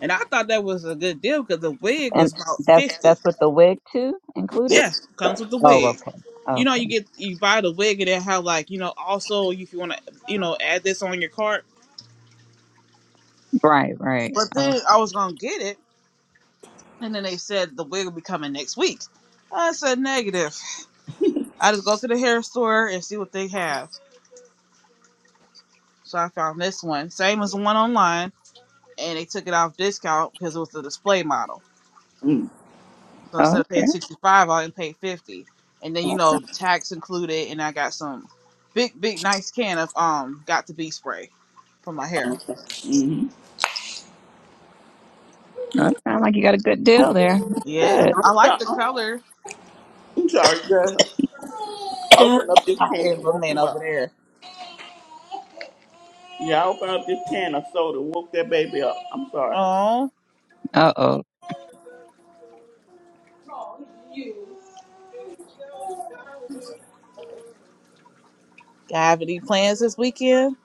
Speaker 1: and I thought that was a good deal because the wig
Speaker 3: And
Speaker 1: was about
Speaker 3: that's
Speaker 1: 50
Speaker 3: that's with the wig too included?
Speaker 1: Yeah, comes with the
Speaker 3: Oh,
Speaker 1: wig.
Speaker 3: okay.
Speaker 1: You know,
Speaker 3: Okay.
Speaker 1: you get you buy the wig and they have like you know also if you want to you know add this on your cart.
Speaker 3: Right, right.
Speaker 1: But
Speaker 3: Oh,
Speaker 1: then I was gonna get it, and then they said the wig will be coming next week. I said negative. I just go to the hair store and see what they have. So I found this one, same as the one online, and they took it off discount because it was the display model. So instead of
Speaker 3: okay.
Speaker 1: paying sixty five, I only paid fifty, and then you know the tax included, and I got some big big nice can of um got to be spray for my hair.
Speaker 3: That sounds like you got a good deal there. That's
Speaker 1: Yeah,
Speaker 3: good.
Speaker 1: I like the color.
Speaker 2: I'm sorry, girl. Open up this can and
Speaker 1: Ever
Speaker 2: woke
Speaker 1: man
Speaker 2: him up.
Speaker 1: over there.
Speaker 2: Yeah, I opened up this can of soda, woke that baby up. I'm sorry.
Speaker 1: Oh,
Speaker 3: Uh oh.
Speaker 2: Oh, you.
Speaker 1: have any plans this weekend?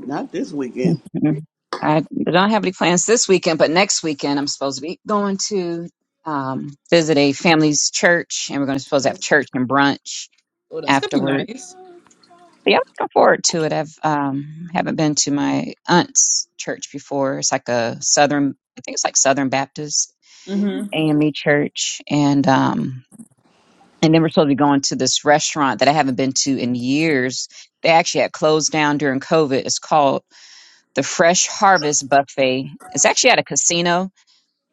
Speaker 2: Not this weekend.
Speaker 3: Mhm. I don't have any plans this weekend, but next weekend I'm supposed to be going to um, visit a family's church, and we're going to supposed to have
Speaker 1: Oh,
Speaker 3: church and brunch
Speaker 1: that's gonna be
Speaker 3: afterward.
Speaker 1: nice.
Speaker 3: But yeah, I'm looking forward to it. I've um, haven't been to my aunt's church before. It's like a southern, I think it's like Southern Baptist
Speaker 1: Mhm.
Speaker 3: AME church, and um, and then we're supposed to be going to this restaurant that I haven't been to in years. They actually had closed down during COVID. It's called The Fresh Harvest Buffet. It's actually at a casino.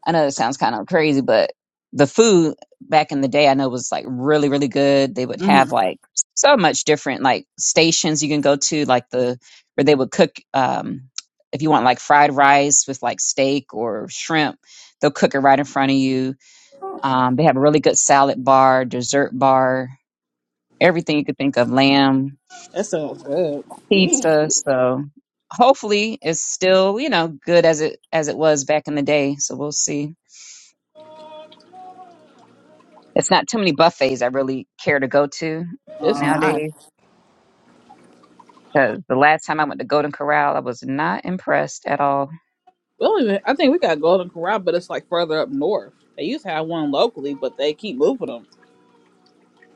Speaker 3: I know that sounds kind of crazy, but the food back in the day I know was like really, really good. They would have
Speaker 1: Mhm.
Speaker 3: like so much different like stations you can go to, like the where they would cook um if you want like fried rice with like steak or shrimp, they'll cook it right in front of you. Um, they have a really good salad bar, dessert bar, everything you could think of, lamb,
Speaker 1: That sounds good.
Speaker 2: Mm,
Speaker 3: pizza. So hopefully it's still, you know, good as it as it was back in the day. So we'll see. It's not too many buffets I really care to go to
Speaker 1: It's not.
Speaker 3: nowadays. Cause the last time I went to Golden Corral, I was not impressed at all.
Speaker 1: We don't even. I think we got Golden Corral, but it's like further up north. They used to have one locally, but they keep moving them.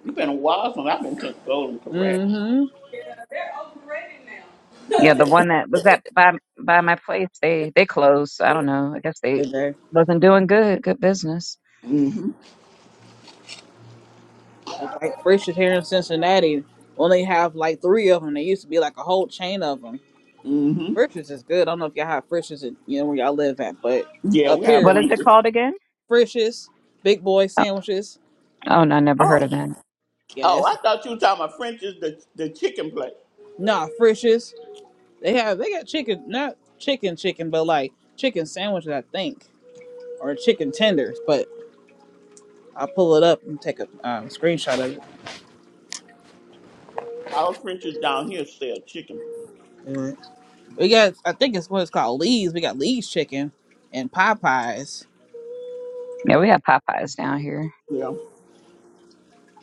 Speaker 2: you been a while since I've been to golden corral.
Speaker 1: Mhm.
Speaker 2: Yeah, they're overrated now.
Speaker 3: Yeah, the one that was at by by my place, they they closed. So I don't know. I guess they
Speaker 1: Did they?
Speaker 3: wasn't doing good, good business.
Speaker 2: Mm-hmm.
Speaker 1: It's like Frisch's here in Cincinnati. Only have like three of them. They used to be like a whole chain of them.
Speaker 2: Mm-hmm.
Speaker 1: Frisch's is good. I don't know if y'all have Frisch's, in, you know, where y'all live at, but
Speaker 2: Yeah,
Speaker 1: up
Speaker 2: we have
Speaker 3: What
Speaker 1: here
Speaker 3: is it
Speaker 2: French's.
Speaker 3: called again?
Speaker 1: Frisch's, Big Boy
Speaker 3: Oh,
Speaker 1: sandwiches.
Speaker 3: oh no, I never heard
Speaker 2: Oh.
Speaker 3: of that.
Speaker 2: Oh,
Speaker 1: Yes.
Speaker 2: I thought you were talking about French's the the chicken place.
Speaker 1: Nah, Frisch's. They have they got chicken, not chicken chicken, but like chicken sandwiches, I think, or chicken tenders. But I'll pull it up and take a um, screenshot of it.
Speaker 2: Our French's down here sell chicken.
Speaker 1: Mhm. We got, I think it's what it's called, Lee's. We got Lee's chicken and Popeyes.
Speaker 3: Yeah, we have Popeyes down here,
Speaker 2: Yeah.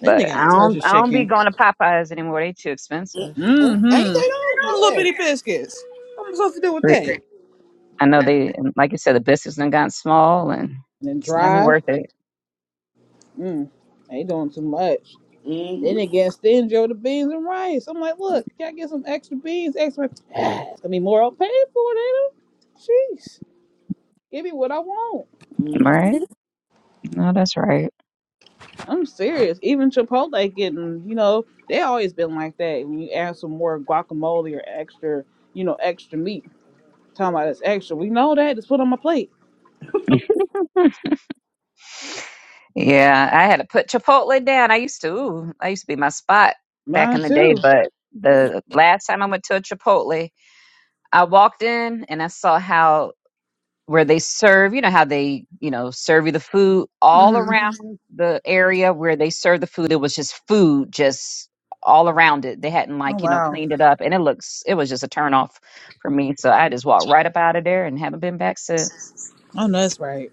Speaker 1: Then they
Speaker 3: but
Speaker 1: got
Speaker 3: I
Speaker 1: a
Speaker 3: don't
Speaker 1: Turkish
Speaker 3: I don't be
Speaker 1: chicken.
Speaker 3: going to Popeyes anymore. They too expensive.
Speaker 2: Mm, Ain't they
Speaker 1: Mm-hmm.
Speaker 2: though?
Speaker 1: Little
Speaker 2: Yes.
Speaker 1: bitty biscuits. What am I supposed to do with that? And
Speaker 3: I know they, like you said, the business done gotten small and
Speaker 1: then
Speaker 3: it's not even
Speaker 1: dry.
Speaker 3: worth it.
Speaker 1: Mm. They doing too much. Then they
Speaker 2: Mm-hmm.
Speaker 1: get stingy over the beans and rice. I'm like, look, can I get some extra beans? Extra it's gonna be more I'll pay for it, ain't it? Jeez. Give me what I want.
Speaker 2: mm-hmm.
Speaker 3: Right? No, that's right.
Speaker 1: I'm serious. Even Chipotle getting, you know, they always been like that. When you add some more guacamole or extra, you know, extra meat. Talking about it's extra. We know that. Just put it on my plate.
Speaker 3: Hmm. yeah, I had to put Chipotle down. I used to, ooh, I used to be my spot back
Speaker 1: Mine
Speaker 3: in the day,
Speaker 1: too.
Speaker 3: but the last time I went to a Chipotle, I walked in and I saw how where they serve, you know, how they, you know, serve you the food all
Speaker 1: hmm
Speaker 3: around the area where they serve the food. It was just food just all around it. They hadn't
Speaker 1: Oh
Speaker 3: like, you know,
Speaker 1: wow.
Speaker 3: cleaned it up and it looks it was just a turn off for me. So I just walked right up out of there and haven't been back since.
Speaker 1: Oh no, that's right.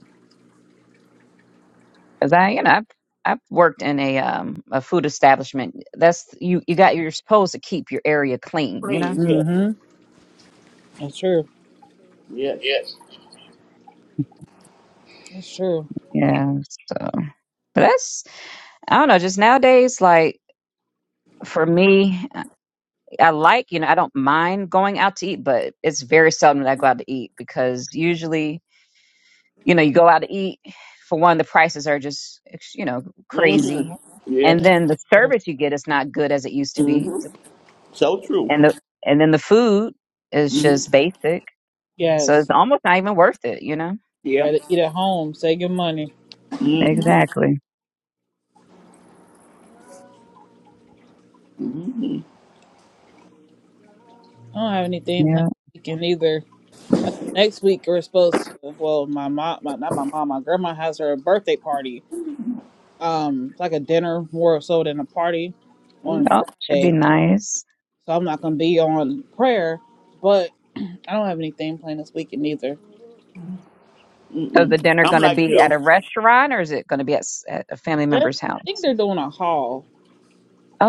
Speaker 3: Cause I, you know, I've I've worked in a um a food establishment. That's you you got you're supposed to keep your area clean, you know?
Speaker 2: Please, yes.
Speaker 1: hmm That's true.
Speaker 2: Yes.
Speaker 1: Yes. That's true.
Speaker 3: Yeah. So but that's I don't know, just nowadays like for me, I like, you know, I don't mind going out to eat, but it's very seldom that I go out to eat because usually, you know, you go out to eat, for one, the prices are just, ex- you know, crazy.
Speaker 2: Mm-hmm.
Speaker 3: And
Speaker 2: Yes.
Speaker 1: That's
Speaker 3: then the
Speaker 1: so true.
Speaker 3: service you get is not good as it used to be.
Speaker 2: Mm-hmm. So true.
Speaker 3: And the, and then the food is just basic. So
Speaker 1: Yes.
Speaker 3: it's almost not even worth it, you know?
Speaker 2: Yeah.
Speaker 1: Rather eat at home, save your money.
Speaker 3: Exactly.
Speaker 1: I don't have anything planned
Speaker 3: Yeah.
Speaker 1: this weekend either. I know next week we're supposed to. Well, my mom, my, not my mom, my grandma has her birthday party. Um, it's like a dinner more so than a party on
Speaker 3: Oh, should be
Speaker 1: Friday.
Speaker 3: nice.
Speaker 1: So I'm not gonna be on prayer, but I don't have anything planned this weekend either.
Speaker 3: So is
Speaker 2: Mm-hmm.
Speaker 3: the dinner
Speaker 2: I'm
Speaker 3: going to
Speaker 2: like
Speaker 3: be at
Speaker 2: you.
Speaker 3: a restaurant or is it going to be at, s- at a family
Speaker 1: They're,
Speaker 3: member's
Speaker 1: I think
Speaker 3: house?
Speaker 1: they're doing a haul.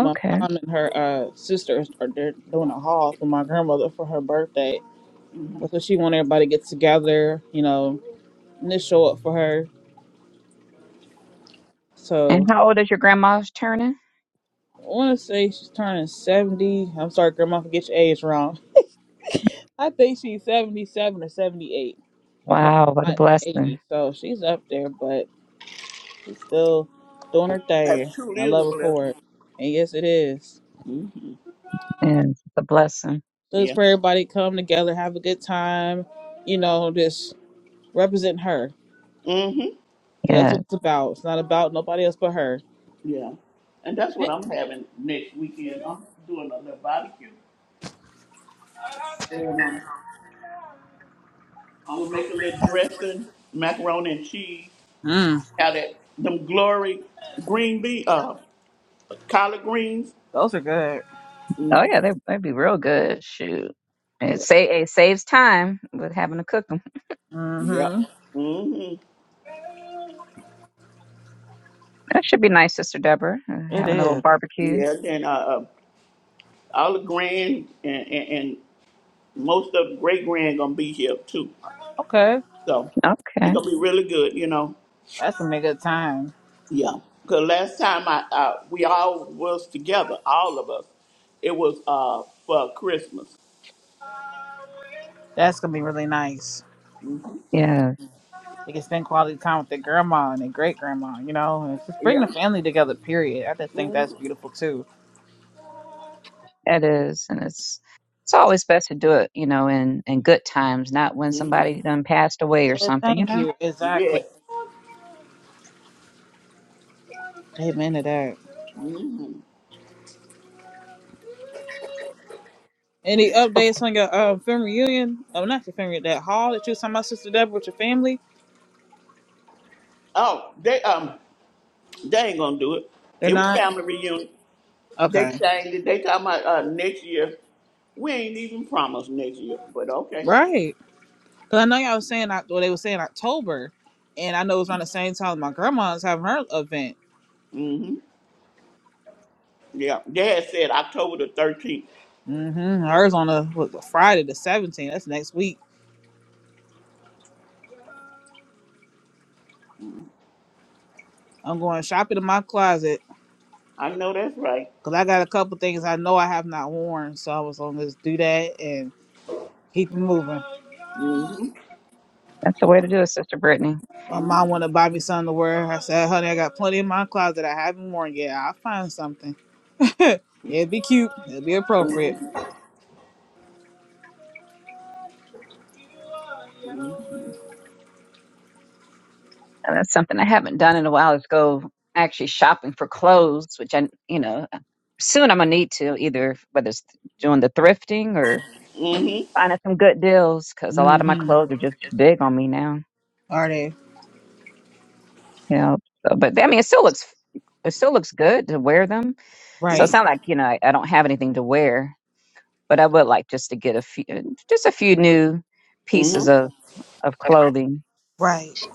Speaker 1: My mom and her uh sisters are they're doing a haul for my grandmother for her birthday. So she want everybody to get together, you know, and just show up for her. So
Speaker 3: And how old is your grandma turning?
Speaker 1: I want to say she's turning 70. I'm sorry, Grandma, if I get your age wrong. I think she's 77 or 78. I know
Speaker 3: Wow, what
Speaker 1: my
Speaker 3: a
Speaker 1: aunt's
Speaker 3: blessing.
Speaker 1: 80, so she's up there, but she's still doing her
Speaker 2: That
Speaker 1: thing. And
Speaker 2: truly
Speaker 1: I
Speaker 2: is a
Speaker 1: love her for
Speaker 2: blessing.
Speaker 1: it. And yes, it is.
Speaker 2: Mm-hmm.
Speaker 3: And it's a blessing.
Speaker 1: So it's
Speaker 2: Yeah.
Speaker 1: for everybody to come together, have a good time, you know, just represent her.
Speaker 2: Mm-hmm.
Speaker 1: 'Cause that's
Speaker 3: Yeah.
Speaker 1: what it's about. It's not about nobody else but her.
Speaker 2: Yeah. And that's what
Speaker 1: Hey.
Speaker 2: I'm having next weekend. I'm doing a little barbecue. I'm gonna make a little dressing, macaroni and cheese.
Speaker 1: Mm,
Speaker 2: Have that them glory green bean, uh, collard greens.
Speaker 1: those are good.
Speaker 3: Oh yeah, they they'd be real good. Shoot. It
Speaker 2: Yeah.
Speaker 3: sa- it saves time with having to cook them.
Speaker 1: Mm-hmm.
Speaker 2: Yep. hmm
Speaker 3: That should be nice, Sister Deborah, uh,
Speaker 1: It
Speaker 3: having a little
Speaker 1: is.
Speaker 3: barbecue.
Speaker 2: Yeah. Then uh, uh, all the grand and, and, and most of the great grand gonna be here too.
Speaker 1: Okay.
Speaker 2: So it's
Speaker 3: Okay.
Speaker 2: gonna be really good, you know.
Speaker 1: That's going to be a good time.
Speaker 2: Yeah. Cause last time I uh, we all was together, all of us. It was uh for Christmas.
Speaker 1: That's going to be really nice.
Speaker 3: Yeah,
Speaker 1: They can spend quality time with their grandma and their great grandma, you know, and it's just bring the
Speaker 2: Yeah.
Speaker 1: family together, period. I just think that's
Speaker 2: hmm
Speaker 1: beautiful too.
Speaker 3: that is. And it's it's always best to do it, you know, in in good times, not when
Speaker 2: hmm
Speaker 3: somebody done passed away or
Speaker 1: Yeah,
Speaker 3: something, you
Speaker 1: thank
Speaker 3: know.
Speaker 1: you.
Speaker 2: Yes.
Speaker 1: Exactly. Amen to that.
Speaker 2: hmm
Speaker 1: Any updates on your uh, family reunion? Oh, not your family, that hall that you was talking about, Sister Deborah, with your family?
Speaker 2: Oh, they um They ain't gonna do it.
Speaker 1: They're
Speaker 2: It was
Speaker 1: not?
Speaker 2: family reunion. They
Speaker 1: Okay.
Speaker 2: changed it. They talking about uh, next year. We ain't even promised next year, but okay.
Speaker 1: Right. Because I know y'all was saying, Oc- well, they were saying October, and I know it was around the same time my grandma's having her event.
Speaker 2: hmm Yeah, they had said October the thirteenth.
Speaker 1: mm hmm Hers on a, what, Friday the 17th. That's next week. I'm going shopping in my closet
Speaker 2: I know that's right.
Speaker 1: Cause I got a couple things I know I have not worn, so I was gonna just do that and keep it moving.
Speaker 2: hmm
Speaker 3: That's the way to do it, Sister Brittany.
Speaker 1: My
Speaker 2: hmm
Speaker 1: mom wanted to buy me something to wear. I said, "Honey, I got plenty in my closet I haven't worn yet. I'll find something. it would be cute. it would be appropriate."
Speaker 3: And that's something I haven't done in a while is go actually shopping for clothes, which I, you know, soon I'm gonna need to either whether it's doing the thrifting or
Speaker 2: hmm
Speaker 3: finding some good deals because a lot of my
Speaker 1: Mm-hmm.
Speaker 3: clothes are just big on me now.
Speaker 1: Are they
Speaker 3: You know, so, but I mean, it still looks it still looks good to wear them. So
Speaker 1: right?
Speaker 3: it's not like you know I, I don't have anything to wear, but I would like just to get a few just a few new
Speaker 2: hmm
Speaker 3: pieces of of clothing.
Speaker 1: Right.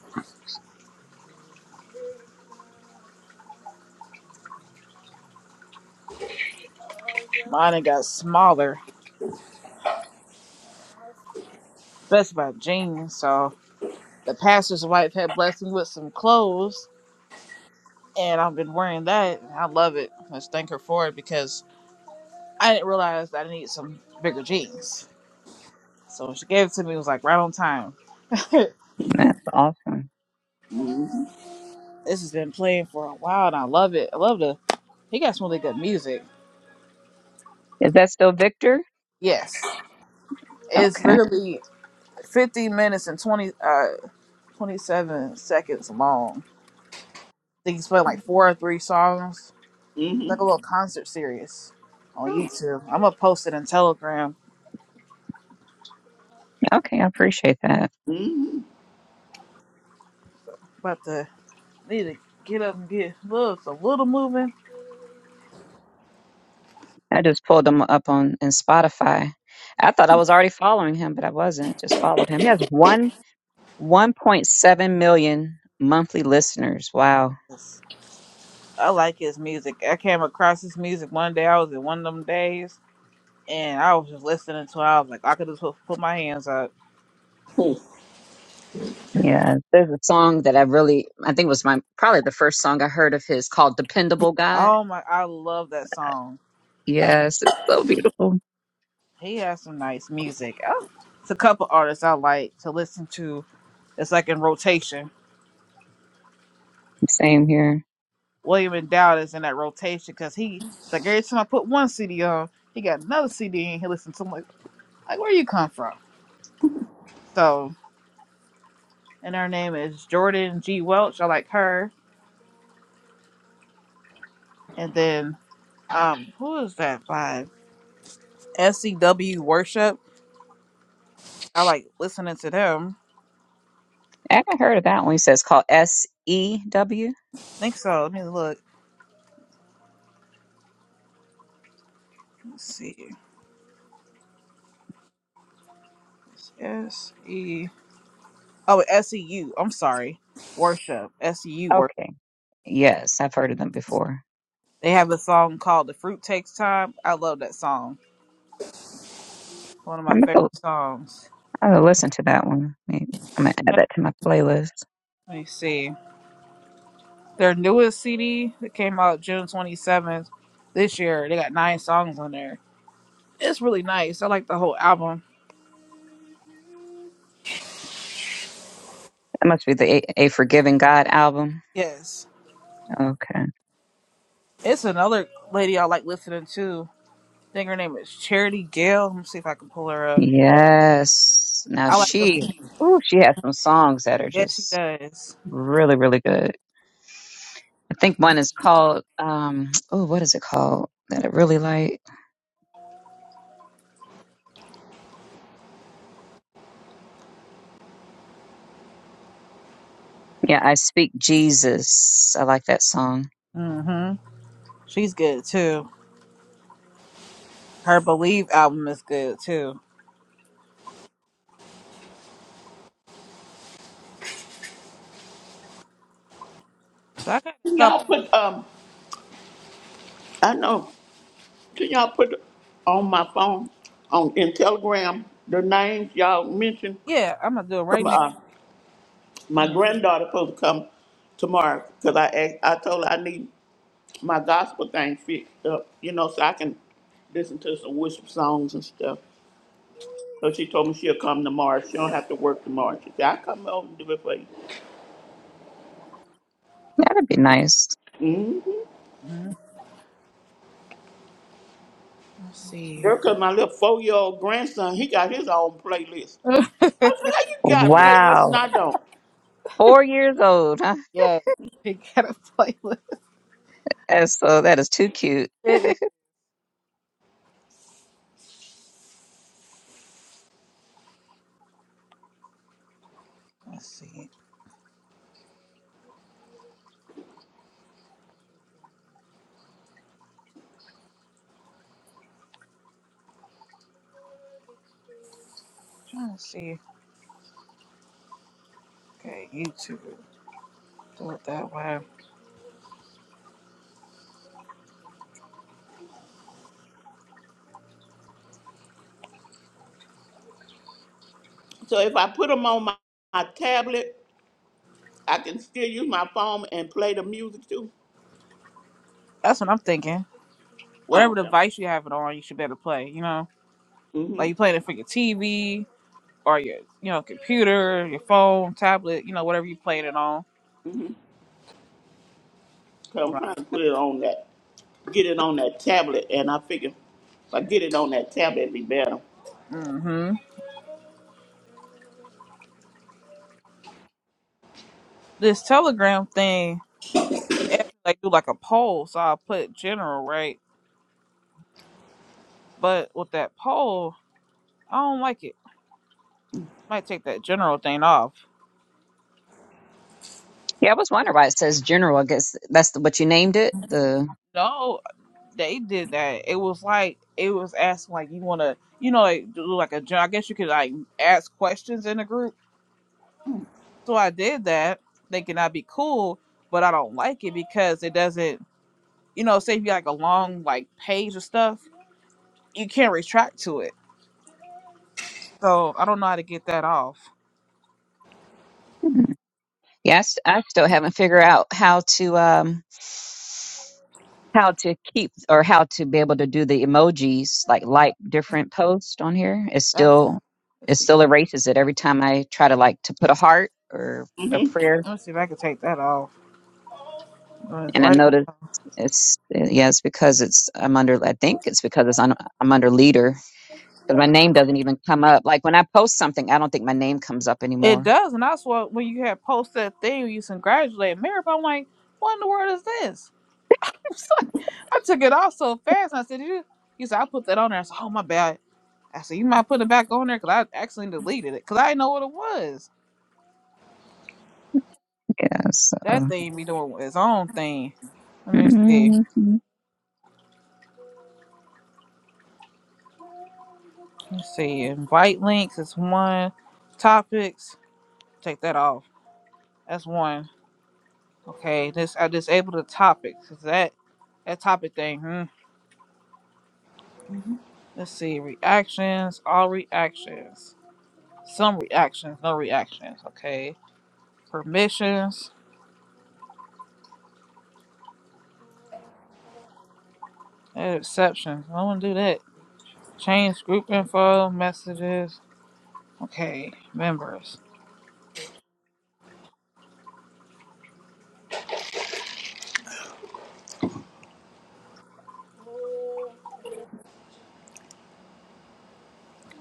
Speaker 1: Mine got smaller. That's about jeans. So the pastor's wife had blessed me with some clothes, and I've been wearing that. and I love it. Let's thank her for it because I didn't realize I need some bigger jeans. So she gave it to me. It was like right on time. this
Speaker 3: That's awesome.
Speaker 2: hmm
Speaker 1: has been playing for a while, and I love it. I love the. He got some really good music.
Speaker 3: Is that still Victor?
Speaker 1: Yes, it's
Speaker 3: Okay,
Speaker 1: really 50 minutes and 20 uh 27 seconds long. I think he's playing like four or three songs.
Speaker 2: hmm
Speaker 1: like a little concert series on YouTube. I'm gonna post it in Telegram.
Speaker 3: okay, I appreciate that.
Speaker 2: hmm
Speaker 1: About to need to get up and get loves a little moving.
Speaker 3: I just pulled him up on in Spotify. I thought I was already following him, but I wasn't. Just followed him. He has one. 1.7 million monthly listeners. Wow.
Speaker 1: Yes. I like his music. I came across his music one day. I was in one of them days and I was just listening to it. I was like, I could just put, put my hands up.
Speaker 3: Yeah. There's a song that I really, I think was my, probably the first song I heard of his called Dependable God.
Speaker 1: Oh my, I love that song.
Speaker 3: Yes. It's so beautiful.
Speaker 1: He has some nice music. Oh, it's a couple artists I like to listen to. It's like in rotation.
Speaker 3: Same here.
Speaker 1: William and Dowd is in that rotation because he, it's like every time I put one CD on, he got another CD and he listens to. i like, like, where you come from? So, and her name is Jordan G. Welch. I like her. And then, um, who is that by SCW Worship? I like listening to them.
Speaker 3: I haven't heard of that one. He says called S E W.
Speaker 1: I think so. Let me look. Let's see. S E. Oh, S E am sorry. Worship. SEU worship.
Speaker 3: Okay. Yes. I've heard of them before.
Speaker 1: They have a song called "The Fruit Takes Time." I love that song. One of my
Speaker 3: I'm
Speaker 1: favorite
Speaker 3: going to
Speaker 1: songs.
Speaker 3: I'm gonna listen to that one. Maybe- I'm going to add that to my playlist.
Speaker 1: Let me see. Their newest CD that came out June 27th this year. They got nine songs on there. It's really nice. I like the whole album.
Speaker 3: That must be the A, A Forgiving God album.
Speaker 1: Yes.
Speaker 3: Okay.
Speaker 1: It's another lady I like listening to. I think her name is Charity Gale. Let me see if I can pull her up.
Speaker 3: Yes. Now
Speaker 1: I like listening.
Speaker 3: she, ooh, she has some songs that are
Speaker 1: Yeah, she
Speaker 3: just
Speaker 1: does.
Speaker 3: really, really good. I think one is called, um, oh, what is it called that I really like? Yeah, I Speak Jesus. I like that song.
Speaker 1: hmm She's good too. Her Believe album is good too. So I got
Speaker 2: Can
Speaker 1: a
Speaker 2: y'all
Speaker 1: couple.
Speaker 2: put um? I know. Can y'all put on my phone on in Telegram the names y'all mentioned?
Speaker 1: Yeah, I'm gonna do it right now.
Speaker 2: My
Speaker 1: Let me see.
Speaker 2: granddaughter supposed to come tomorrow because I asked, I told her I need my gospel thing fixed up, you know, so I can listen to some worship songs and stuff. So she told me she'll come tomorrow. She don't have to work tomorrow. She said, I come over and do it for you.
Speaker 3: That'd be nice.
Speaker 1: Mhm. Let's see.
Speaker 2: Girl, cause my little four year old grandson, he got his own playlist. I said, How you got playlists and
Speaker 3: Wow.
Speaker 2: I don't?
Speaker 3: Four years old, huh?
Speaker 1: yes, she got a playlist.
Speaker 3: And so that is too cute.
Speaker 1: It is. Let's see. trying to see. Okay, YouTube. Do it that way.
Speaker 2: So if I put them on my, my tablet, I can still use my phone and play the music too.
Speaker 1: That's what I'm thinking.
Speaker 2: Oh,
Speaker 1: Whatever
Speaker 2: okay.
Speaker 1: device you have it on, you should be able to play. You know,
Speaker 2: Mm-hmm.
Speaker 1: like you playing it for your TV or your, you know, computer, your phone, tablet. You know, whatever you playing it on.
Speaker 2: 'Cause I'm trying to put it on that, get it on that tablet, and I figure if I get it on that tablet, it'd be better.
Speaker 1: Mm-hmm. This Telegram thing. after they do like a poll, so I will put general right. But with that poll, I don't like it. Might take that general thing off.
Speaker 3: Yeah, I was wondering why it says general. I guess that's the, what you named it. The,
Speaker 1: No, they did that. It was like it was asking like you want to, you know, like do like a gen- I guess you could like ask questions in the group. So I did that, thinking I'd be cool, but I don't like it because it doesn't, you know, say if you like a long like page of stuff, you can't retract to it. So I don't know how to get that off.
Speaker 3: yes, I, s- I still haven't figured out how to, um, how to keep or how to be able to do the emojis like like different posts on here it
Speaker 1: That's
Speaker 3: still it
Speaker 1: let's see,
Speaker 3: still erases it every time i try to like to put a heart or a
Speaker 2: hmm
Speaker 3: prayer
Speaker 1: let's see if I can take that off. That's
Speaker 3: and i
Speaker 1: right.
Speaker 3: notice it's yeah it's because it's i'm under i think it's because it's on, i'm under leader because my name doesn't even come up like when i post something i don't think my name comes up
Speaker 1: It
Speaker 3: anymore
Speaker 1: does, and that's what when you had post that thing, you congratulate Mary. But I'm like, what in the world is this? I took it off so fast. And I said, you, you said I put that on there. I said, oh my bad. I said, you might put it back on there because I actually deleted it because I didn't know what it was.
Speaker 3: yeah so
Speaker 1: That thing be doing its own thing. Let me see.
Speaker 3: mm, let
Speaker 1: Let's see. Invite links is one. Topics. Take that off. That's one. Okay. This I disabled the topics. Is that that topic thing? hmm? Let's see. Reactions. All reactions. Some reactions. No reactions. Okay. Permissions. And exceptions. I want to do that. Change group info. Messages. Okay. Members.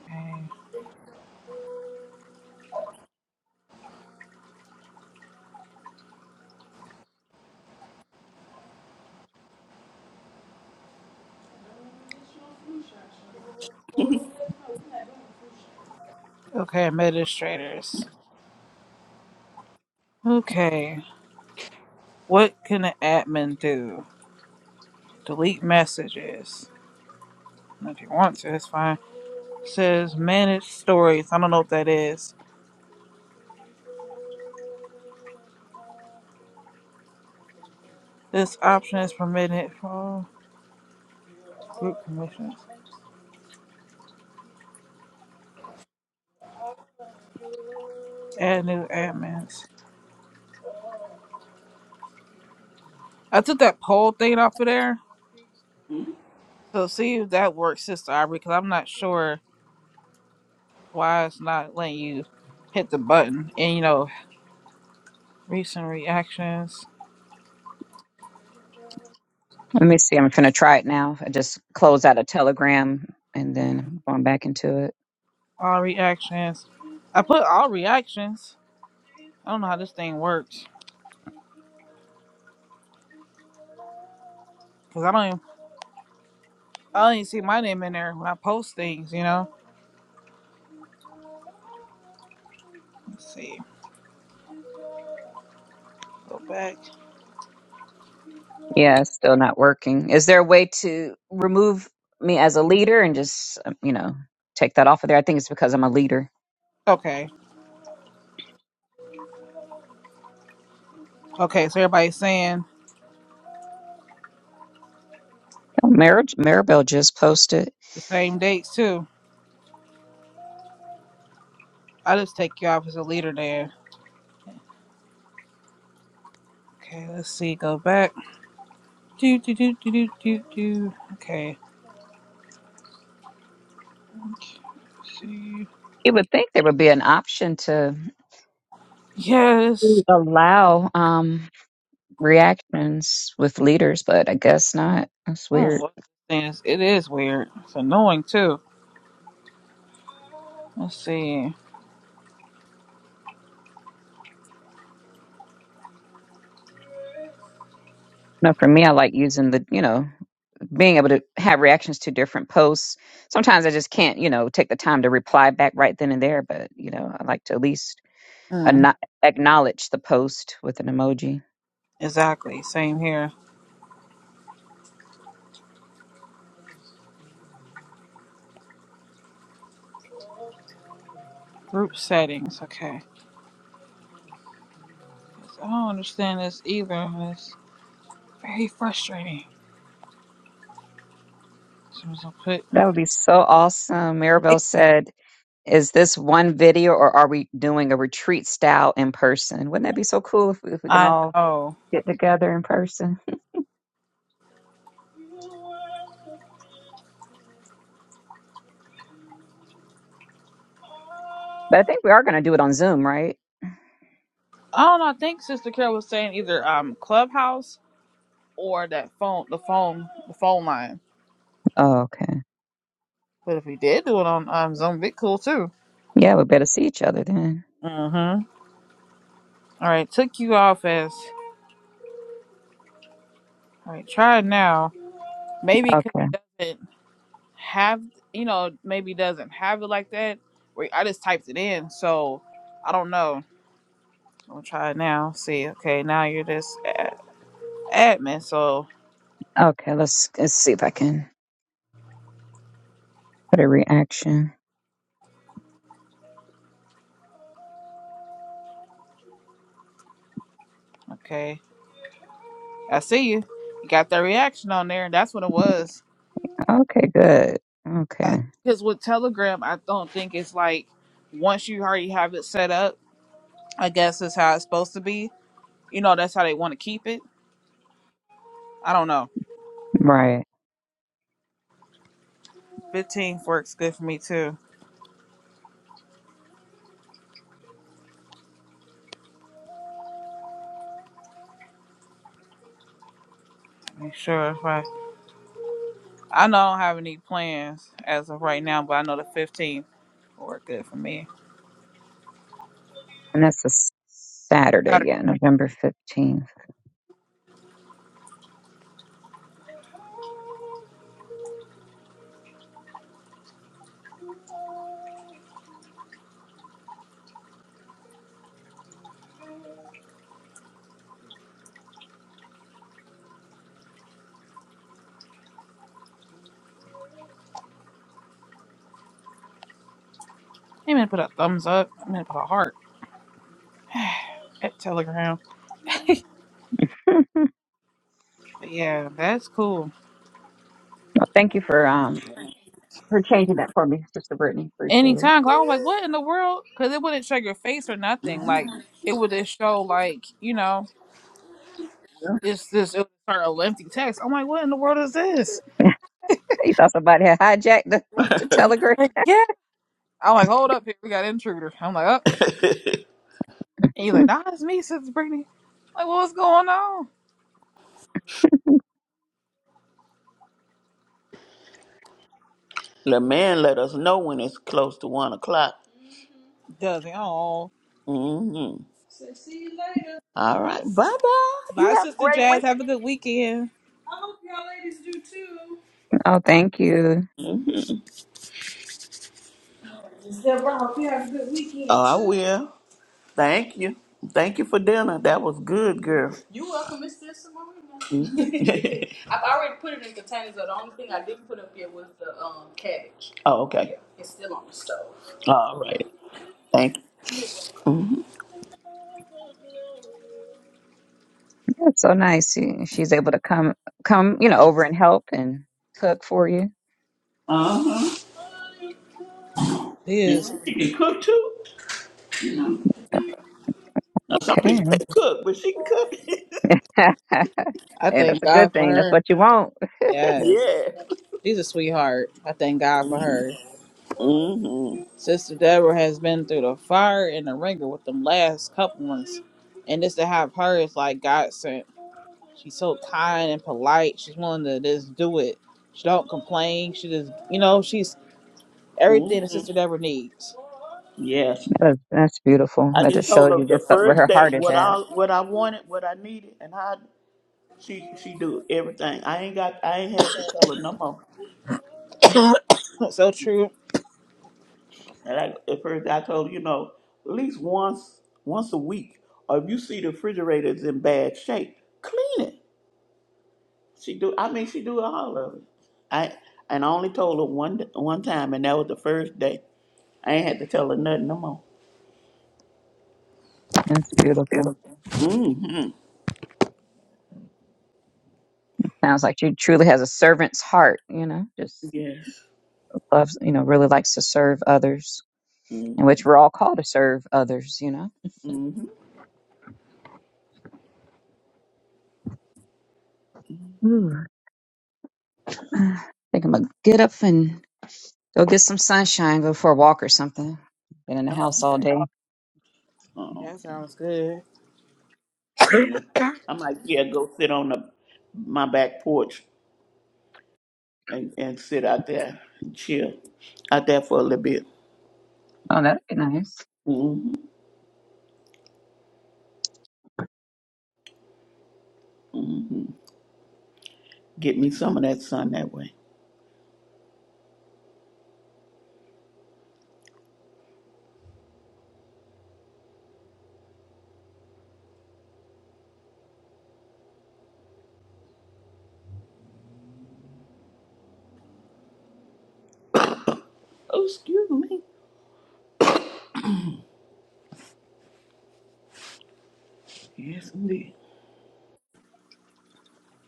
Speaker 1: Okay. Okay. Administrators. Okay. What can an admin do? Delete messages. If you want to, it's fine. It says manage stories. I don't know what that is. This option is permitted for group permissions. Add new admins. I took that poll thing off of there. So see if that works, Sister Aubrey, because I'm not sure why it's not letting you hit the button. And you know, recent reactions.
Speaker 3: me see i'm gonna try it now i just closed out a telegram and then
Speaker 1: Okay.
Speaker 3: I'm going back into it
Speaker 1: All reactions. I put all reactions. I don't know how this thing works. Cause I don't even I don't even see my name in there when I post things, you know? Let's see. Go back.
Speaker 3: Yeah, it's still not working. Is there a way to remove me as a leader and just, um, you know, take that off of there? I think it's because I'm a leader.
Speaker 1: Okay. Okay, so everybody's saying
Speaker 3: Oh, Mar- Maribel just posted.
Speaker 1: the same dates too. I just take you off as a leader there. Okay, let's see. Go back. Do do do do do do do. Okay. See.
Speaker 3: You would think there would be an option to
Speaker 1: Yes.
Speaker 3: allow um, reactions with leaders, but I guess not. That's
Speaker 1: Oh,
Speaker 3: weird.
Speaker 1: what this thing is. It is weird. It's annoying too. Let's see.
Speaker 3: No, for me, I like using the, you know, being able to have reactions to different posts. Sometimes I just can't, you know, take the time to reply back right then and there, but, you know, I like to at least
Speaker 1: Mm,
Speaker 3: Ano- acknowledge the post with an emoji.
Speaker 1: exactly. Same here. Group settings. Okay. I don't understand this either. It's very frustrating. So I'm gonna put.
Speaker 3: That would be so awesome. Maribel
Speaker 1: Maybe.
Speaker 3: said, "Is this one video, or are we doing a retreat style in person? Wouldn't that be so cool if, we, if we can
Speaker 1: I
Speaker 3: all
Speaker 1: know.
Speaker 3: get together in person?" But I think we are going to do it on Zoom, right?
Speaker 1: I don't know. I think Sister Carol was saying either um Clubhouse or that phone, the phone, the phone line.
Speaker 3: Oh, okay.
Speaker 1: But if we did do it on um Zoom, it'd be cool too.
Speaker 3: Yeah, we better see each other then.
Speaker 1: Mm. Hmm. All right, took you off as. All right, try it now. Maybe because
Speaker 3: Okay.
Speaker 1: it doesn't have, you know, maybe it doesn't have it like that. Wait, I just typed it in, so I don't know. I'm gonna try it now. See, okay, now you're this ad- admin, so
Speaker 3: Okay. Let's let's see if I can put a reaction.
Speaker 1: okay, I see you. You got that reaction on there, and that's what it was.
Speaker 3: Okay. Good. Okay.
Speaker 1: Because with Telegram, I don't think it's like once you already have it set up. I guess is how it's supposed to be. You know, that's how they want to keep it. I don't know.
Speaker 3: Right.
Speaker 1: 15 works good for me too. Make sure if I, I know I don't have any plans as of right now, but I know the 15th will work good for me.
Speaker 3: And that's a s- Saturday.
Speaker 1: Saturday.
Speaker 3: Yeah, November fifteenth.
Speaker 1: I'm gonna put a thumbs up. I'm gonna put a heart at Telegram.
Speaker 3: Hmm.
Speaker 1: But yeah, that's cool.
Speaker 3: Well, thank you for um for changing that for me, Sister Brittany. Appreciate it.
Speaker 1: Anytime, 'cause I was like, what in the world? Because it wouldn't show your face or nothing. Like it would just show like you know, it's this it would start a lengthy text. I'm like, what in the world is this?
Speaker 3: You thought somebody had hijacked the, the telegram.
Speaker 1: Like, yeah. I'm like, hold up, here we got intruder. I'm like, up. And you're like, nah, it's me, Sister Brittany. Like, what's going on?
Speaker 2: The man let us know when it's close to one o'clock.
Speaker 1: Doesn't. Oh.
Speaker 2: Mm-hmm. see you later. All right, bye bye. You
Speaker 1: Bye,
Speaker 2: have a
Speaker 1: Sister
Speaker 2: great
Speaker 1: Jazz. Have a
Speaker 2: weekend.
Speaker 1: good weekend.
Speaker 2: I hope y'all ladies do too.
Speaker 3: oh, thank you.
Speaker 2: Mhm. Deborah, hope you have a good weekend. Oh, I will. Thank you. Thank you for dinner. That was good, girl. You welcome, Mr. Simone. Marina. I've already put it in containers, though. The only thing I didn't put up here was the um, cabbage. oh, okay. Yeah, it's still on the stove. All right. Thank you.
Speaker 3: That's so nice. She- She's able to come come, you know, over
Speaker 1: Yes.
Speaker 3: and help and cook for you.
Speaker 2: Uh-huh.
Speaker 1: She is.
Speaker 2: And she can cook too. You know. Now, some
Speaker 3: Okay.
Speaker 2: people say cook, but she can cook.
Speaker 3: hey,
Speaker 1: I
Speaker 3: that's
Speaker 1: thank
Speaker 3: a good
Speaker 1: God for
Speaker 3: thing. That's
Speaker 1: her.
Speaker 3: what you want.
Speaker 1: Yes.
Speaker 2: yeah.
Speaker 1: She's a sweetheart. I thank God for her.
Speaker 2: Mm-hmm.
Speaker 1: Sister Deborah has been through the fire and the ringer with them last couple ones. And just to have her is like God sent. She's so kind and polite. She's willing to just do it. She don't complain. She just, you know, she's everything a
Speaker 2: Mm-hmm.
Speaker 1: sister Deborah needs.
Speaker 2: Yes.
Speaker 3: That's, that's beautiful.
Speaker 2: I
Speaker 3: That
Speaker 2: just
Speaker 3: just shows
Speaker 2: told
Speaker 3: you
Speaker 2: her
Speaker 3: just
Speaker 2: the
Speaker 3: where
Speaker 2: first
Speaker 3: her
Speaker 2: day
Speaker 3: heart is
Speaker 2: what
Speaker 3: at.
Speaker 2: I what I wanted, what I needed, and how. She she do everything. I ain't got I ain't had to tell her no more.
Speaker 1: so true.
Speaker 2: And I, at first I told her, you know, at least once once a week, or if you see the refrigerator is in bad shape, clean it. She do. I mean, she do all of it. I and I only told her one d- one time, and that was the first day. I ain't had to tell her nothing no more.
Speaker 3: It's beautiful. Sounds like she truly has a servant's heart, you know, just
Speaker 2: Yes.
Speaker 3: loves, you know, really likes to serve others, in which we're all called to serve others, you
Speaker 2: Mm-hmm.
Speaker 3: know. I think I'm gonna get up and go get some sunshine, go for a walk or something. Been in the
Speaker 2: Oh,
Speaker 3: house all
Speaker 2: okay.
Speaker 3: day.
Speaker 2: Oh,
Speaker 1: That
Speaker 2: okay.
Speaker 1: sounds good.
Speaker 2: Yeah. I might yeah go sit on the my back porch and, and sit out there and chill out there for a little bit.
Speaker 3: Oh, that'd be nice.
Speaker 2: hmm Get me some of that sun that way. Oh, excuse me. Yes, indeed.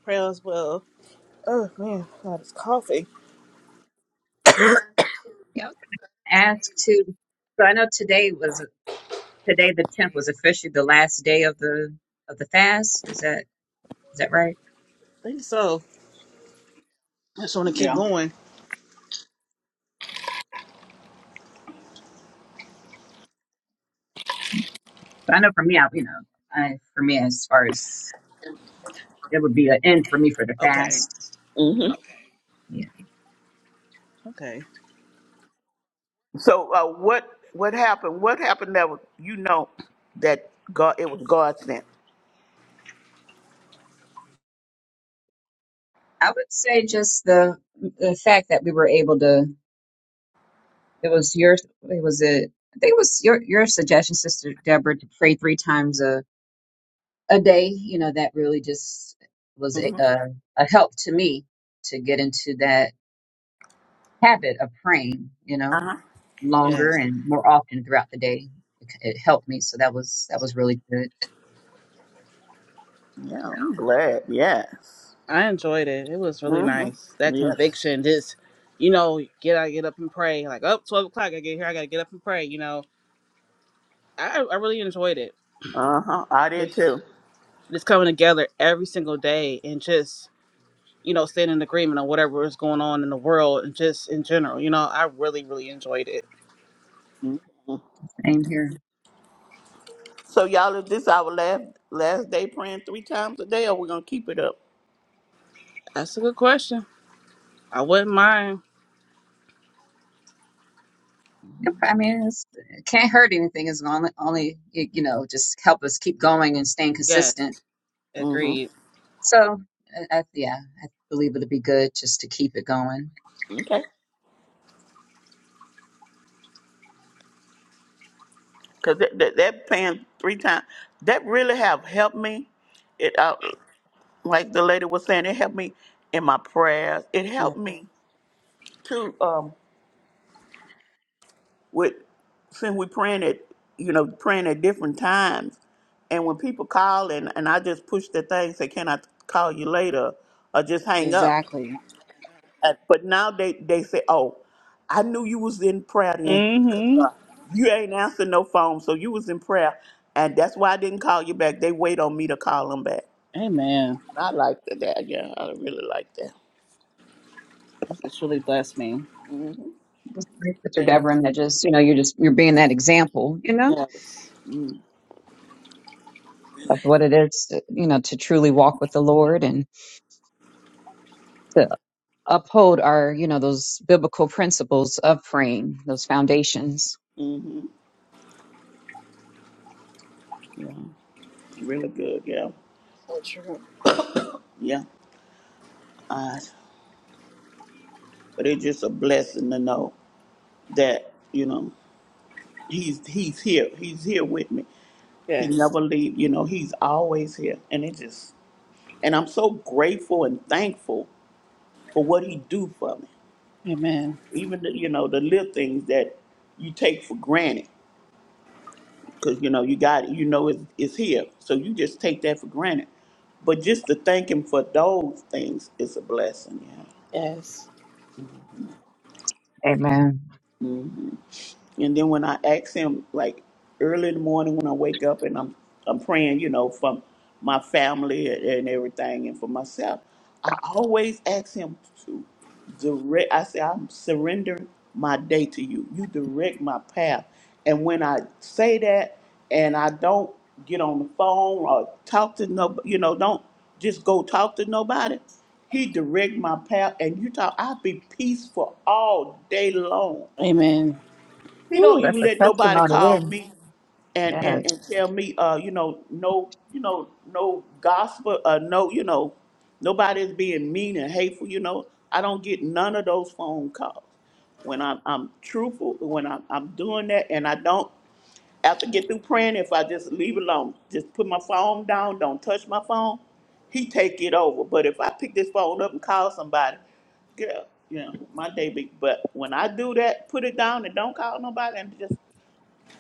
Speaker 1: Pray as well. Oh man, God, it's coughing.
Speaker 3: Yep. Ask to So I know today was today the tenth was officially the last day of the of the fast. Is that is that right?
Speaker 1: I think so. I just want to keep
Speaker 2: Yeah.
Speaker 1: going.
Speaker 3: But I know for me, I you know, I for me as far as it would be an end for me for the
Speaker 1: Okay.
Speaker 3: fast.
Speaker 2: hmm
Speaker 3: Yeah,
Speaker 1: Okay.
Speaker 2: So, uh, what what happened? What happened that was, you know that God it was God sent?
Speaker 3: I would say just the the fact that we were able to. It was your it was a I think it was your your suggestion, Sister Deborah, to pray three times a day, you know, that really just was a,
Speaker 2: hmm
Speaker 3: a, a help to me to get into that habit of praying, you
Speaker 2: Uh
Speaker 3: know,
Speaker 2: huh.
Speaker 3: longer
Speaker 1: Yes.
Speaker 3: and more often throughout the day. It, it helped me, so that was that was really good.
Speaker 2: Yeah, I'm glad. Yes.
Speaker 1: I enjoyed it. It was really
Speaker 2: hmm
Speaker 1: nice. That
Speaker 2: Yes.
Speaker 1: conviction, just, you know, get I get up and pray. Like, oh, 12 o'clock, I get here, I got to get up and pray. You know, I, I really enjoyed it.
Speaker 2: Uh huh. I did
Speaker 1: Just
Speaker 2: too.
Speaker 1: just coming together every single day and just, you know, staying in agreement on whatever is going on in the world and just in general. You know, I really, really enjoyed it.
Speaker 2: Mhm.
Speaker 3: Same here.
Speaker 2: So, y'all, is this our last last day praying three times a day, or we're gonna keep it up?
Speaker 1: That's a good question. I wouldn't mind.
Speaker 3: Yep, I mean, it's, it can't hurt anything. It's only only it, you know just help us keep going and staying
Speaker 1: Yes.
Speaker 3: consistent.
Speaker 2: hmm
Speaker 1: Agreed.
Speaker 3: So, I, I, yeah, I believe it'll be good just to keep it going.
Speaker 2: Okay. Cause that, that, that paying three times, that really have helped me. It uh, like the lady was saying, it helped me in my prayers. It
Speaker 1: Yeah.
Speaker 2: helped me too um, with since we praying at you know praying at different times, and when people call and and I just push the thing, say, "Can I call you later?" or just hang up.
Speaker 1: Exactly.
Speaker 2: Uh, but now they, they say, oh, I knew you was in prayer then 'cause
Speaker 1: Mm
Speaker 2: uh, you ain't answering no phone, so you was in prayer, and that's why I didn't call you back. They wait on me to call them back.
Speaker 1: hmm. Amen.
Speaker 2: And I like that. that, Yeah, I really like that.
Speaker 1: This has really blessed me.
Speaker 3: Sister Deborah, and that just you know you're just you're being that example, you know
Speaker 1: Yes.
Speaker 3: of what it is, to, you know, to truly walk with the Lord and to uphold our, you know, those biblical principles of praying, those foundations.
Speaker 2: hmm Yeah, really good. Yeah, yeah. Uh, but it's just a blessing to know that you know he's he's here. He's here with me. He
Speaker 1: Yes.
Speaker 2: never leave. You know, he's always here, and it just and I'm so grateful and thankful for what he do for me.
Speaker 1: Amen.
Speaker 2: even the, you know the little things that you take for granted because you know you got it, you know it's, it's here so you just take that for granted but just to thank him for those things is a blessing
Speaker 1: Yes.
Speaker 3: Amen.
Speaker 2: yeah And then when I ask him, like early in the morning when I wake up and I'm I'm praying, you know, for my family and everything and for myself, I always ask him to direct. I say, I'm surrendering my day to you. You direct my path. And when I say that, and I don't get on the phone or talk to no, you know, don't just go talk to nobody. He direct my path, and you talk. I be peaceful all day long
Speaker 1: Amen.
Speaker 2: he don't
Speaker 3: Ooh, that's
Speaker 2: even
Speaker 3: a
Speaker 2: let nobody
Speaker 3: testimony there.
Speaker 2: call me and
Speaker 3: Yes.
Speaker 2: and and tell me, uh, you know, no, you know, no gospel, uh, no, you know, nobody's being mean and hateful. You know, I don't get none of those phone calls. When I'm I'm truthful, when I'm I'm doing that, and I don't. After get through praying, if I just leave it alone, just put my phone down, don't touch my phone, he take it over. But if I pick this phone up and call somebody, girl, yeah, my day be. But when I do that, put it down and don't call nobody and just,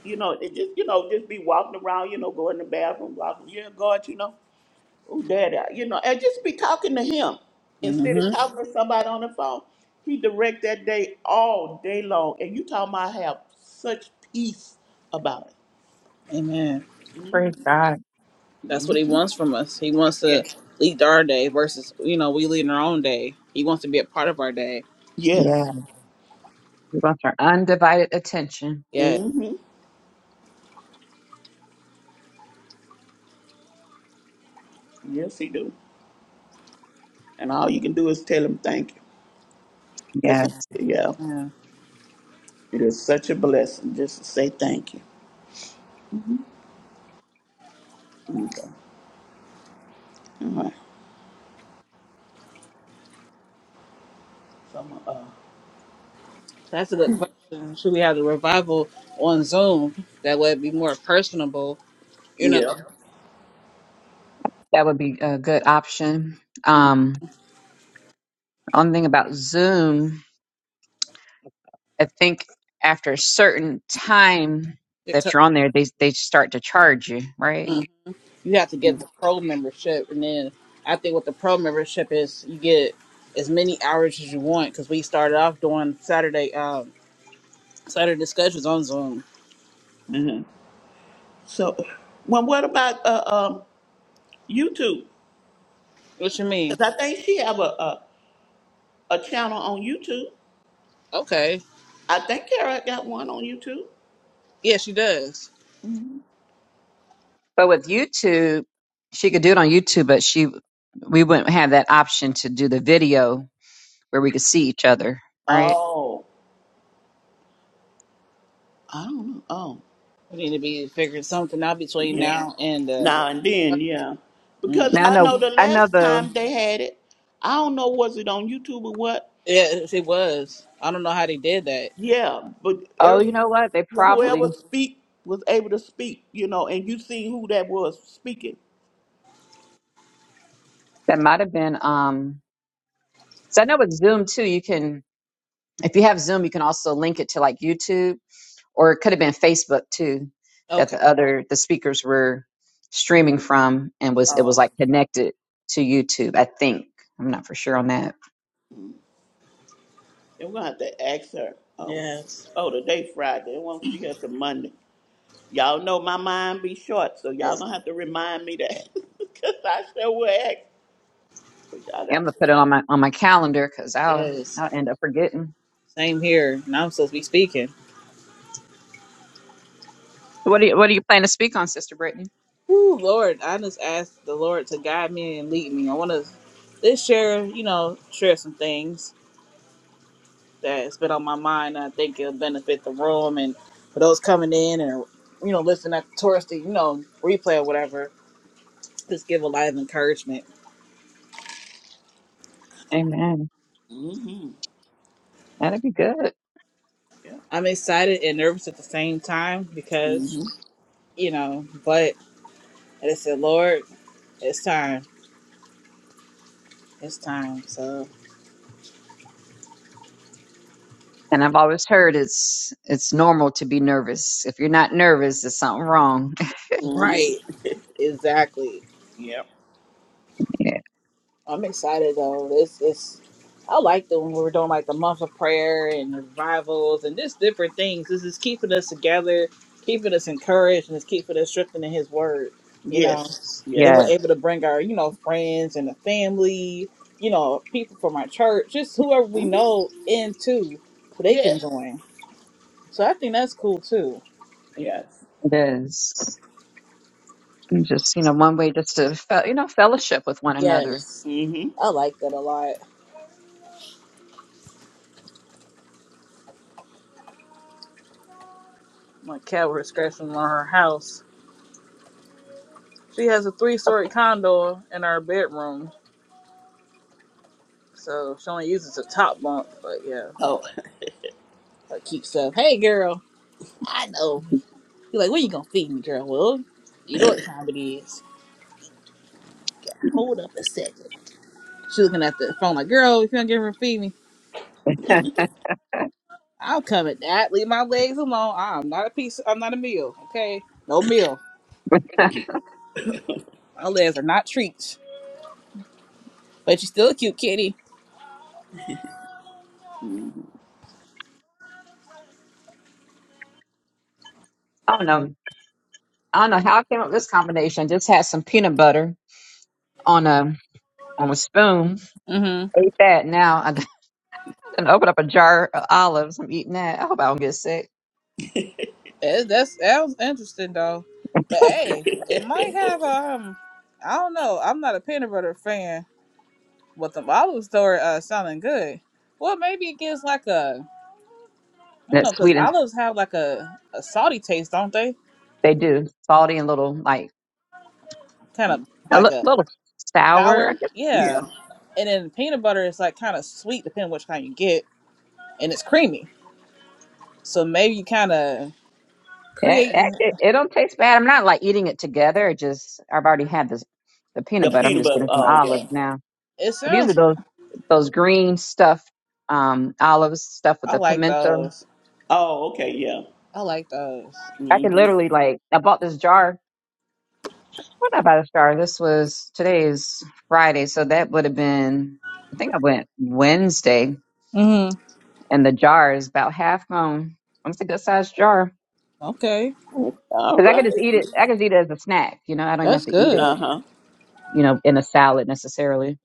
Speaker 2: you know, it just, you know, just be walking around, you know, go in the bathroom, walking, yeah, God, you know, oh, daddy, I-" you know, and just be talking to him instead of
Speaker 1: hmm
Speaker 2: talking to somebody on the phone. He direct that day all day long, and you talking about I have such peace about it.
Speaker 1: Amen.
Speaker 3: Praise God.
Speaker 1: That's what he wants from us. He wants to
Speaker 2: Yeah.
Speaker 1: lead our day versus, you know, we lead our own day. He wants to be a part of our day.
Speaker 3: Yeah.
Speaker 2: Yes.
Speaker 3: We want our undivided attention.
Speaker 1: Yes.
Speaker 2: hmm Yes, he do. And all you can do is tell him thank you. Because,
Speaker 3: Yes.
Speaker 2: yeah,
Speaker 1: Yeah.
Speaker 2: it is such a blessing just to say thank you. Okay. All right. So, I'm, uh,
Speaker 1: That's a good question. Should we have the revival on Zoom? That way it'd be more personable, you know.
Speaker 2: yeah.
Speaker 3: That would be a good option.
Speaker 1: Mm.
Speaker 3: Um, One thing about Zoom, I think after a certain time that
Speaker 1: Because
Speaker 3: you're on there, they they start to charge you, right?
Speaker 1: mm, you have to get the pro membership. And then I think what the pro membership is, you get as many hours as you want because we started off doing Saturday. um, So the discussion's on Zoom.
Speaker 2: hmm So, well, what about uh, um, YouTube?
Speaker 1: What you mean?
Speaker 2: Because I think she have a, a, a channel on YouTube.
Speaker 1: Okay.
Speaker 2: I think Kara got one on YouTube.
Speaker 1: Yeah, she does.
Speaker 2: Mhm.
Speaker 3: But with YouTube, she could do it on YouTube, but she we wouldn't have that option to do the video where we could see each other,
Speaker 1: Mm.
Speaker 3: right?
Speaker 2: Oh, I don't know. Oh,
Speaker 1: We need to be figuring something out between
Speaker 2: yeah.
Speaker 1: now and uh
Speaker 2: Now and then, yeah.
Speaker 1: mm.
Speaker 2: Because
Speaker 3: Now I
Speaker 2: I
Speaker 3: know
Speaker 2: know the
Speaker 3: I know
Speaker 2: last
Speaker 3: the
Speaker 2: time they had it, I don't know was it on YouTube or what.
Speaker 1: Yeah, if it was. I don't know how they did that.
Speaker 2: Yeah, but
Speaker 3: oh,
Speaker 2: every,
Speaker 3: you know what? They probably
Speaker 2: whoever speak was able to speak, you know, and you seen who that was speaking.
Speaker 3: that might have been um so I know with Zoom too, you can if you have Zoom, you can also link it to like YouTube. or it could have been Facebook too, that
Speaker 1: Okay.
Speaker 3: the other the speakers were streaming from and was it
Speaker 2: Uh,
Speaker 3: was like connected to YouTube. I think I'm not for sure on that.
Speaker 2: and we're gonna have to ask her. Oh,
Speaker 1: Yes.
Speaker 2: oh, today Friday. I won't see her till Monday. Y'all know my mind be short, so y'all
Speaker 1: Yes.
Speaker 2: gonna have to remind me that because I sure will ask. But y'all
Speaker 3: Yeah, I'm
Speaker 2: got.
Speaker 3: gonna put it on my on my calendar because I'll
Speaker 1: Yes.
Speaker 3: I'll end up forgetting.
Speaker 1: Same here. And I'm supposed to be speaking.
Speaker 3: So what do you what do you plan to speak on, Sister Brittany?
Speaker 1: Ooh, Lord, I just ask the Lord to guide me and lead me. I wanna let's share, you know, share some things. that's been on my mind. and I think it'll benefit the room and for those coming in and you know listening at the tourist, you know replay or whatever. Just give a lot of encouragement.
Speaker 3: Amen.
Speaker 2: Mm-hmm.
Speaker 3: That'd be good.
Speaker 2: Yeah.
Speaker 1: I'm excited and nervous at the same time because
Speaker 2: Mm-hmm.
Speaker 1: you know, but I just said, Lord, it's time, it's time. So
Speaker 3: And I've always heard it's it's normal to be nervous. If you're not nervous, there's something wrong.
Speaker 2: Mm-hmm.
Speaker 1: right, exactly.
Speaker 2: Yeah.
Speaker 3: Yeah,
Speaker 1: I'm excited though. This is I liked it when we were doing like the month of prayer and revivals and just different things. This is keeping us together, keeping us encouraged, and it's keeping us strengthened in His Word. You know,
Speaker 2: Yes.
Speaker 1: then
Speaker 2: Yes.
Speaker 3: yeah
Speaker 1: we're able to bring our you know friends and the family, you know, people from our church, just whoever we
Speaker 2: hmm
Speaker 1: know into, so they can
Speaker 2: Yes.
Speaker 1: join. So I think that's cool too.
Speaker 2: Yes.
Speaker 3: it is. And just you know, one way just to fe- you know fellowship with one another.
Speaker 1: Yes,
Speaker 2: Mm-hmm.
Speaker 1: I like that a lot. My cat was scratching on her house She has a three story condo in our bedroom, so she only uses the top bunk. But yeah,
Speaker 2: Oh.
Speaker 1: like keep stuff. Hey, girl, I know. You are like, when you gonna feed me, girl? Well, you know what time it is. Hold up a second. She looking at the phone like, girl, if you don't give her feed me,
Speaker 3: I
Speaker 1: I'll come at that. Leave my legs alone. I'm not a piece. I'm not a meal. Okay, no meal. My legs are not treats. But you still a cute kitty.
Speaker 2: mhm.
Speaker 3: don't know. I don't know how I came up with this combination. Just had some peanut butter on a on a spoon.
Speaker 1: Mm-hmm.
Speaker 3: Ate that. Now I done open up a jar of olives. I'm eating that. I hope I don't get sick.
Speaker 1: It, that's that was interesting though, but hey, it might have um, I don't know. I'm not a peanut butter fan, but the olives though are uh, sounding good. Well, maybe it gives like a I
Speaker 3: And
Speaker 1: don't know
Speaker 3: it's
Speaker 1: because
Speaker 3: sweet and
Speaker 1: olives have like a a salty taste, don't they?
Speaker 3: they do salty and little like
Speaker 1: Kind of
Speaker 3: a
Speaker 1: like
Speaker 3: li-
Speaker 1: a
Speaker 3: little sour. I
Speaker 1: sour,
Speaker 3: guess
Speaker 2: yeah.
Speaker 1: yeah. And then peanut butter is like kind of sweet, depending which kind you get, and it's creamy. So maybe you kind of
Speaker 3: it,
Speaker 1: create.
Speaker 3: it, it it don't taste bad. I'm not like eating it together. It just I've already had this the peanut
Speaker 2: Your
Speaker 3: butter. I'm
Speaker 2: peanut
Speaker 3: just
Speaker 2: butter.
Speaker 3: getting some
Speaker 2: Oh,
Speaker 3: olives
Speaker 2: yeah.
Speaker 3: now.
Speaker 1: It
Speaker 3: But these are
Speaker 1: sounds.
Speaker 3: those those green stuffed um olives stuffed with
Speaker 1: I
Speaker 3: the
Speaker 1: like
Speaker 3: pimento.
Speaker 1: those.
Speaker 2: Oh, okay. Yeah.
Speaker 1: I like those.
Speaker 3: I can
Speaker 2: Mm-hmm.
Speaker 3: literally like I bought this jar What about a star? This was today's Friday, so that would have been I think I went Wednesday,
Speaker 1: Mm.
Speaker 3: and the jar is about half gone. It's a good sized jar
Speaker 1: Okay.
Speaker 2: All
Speaker 3: because I could just
Speaker 2: right.
Speaker 3: eat it. I could just eat it as a snack. You know, I don't even have
Speaker 1: That's
Speaker 3: to eat it.
Speaker 1: good.
Speaker 2: Uh huh.
Speaker 3: You know, in a salad necessarily.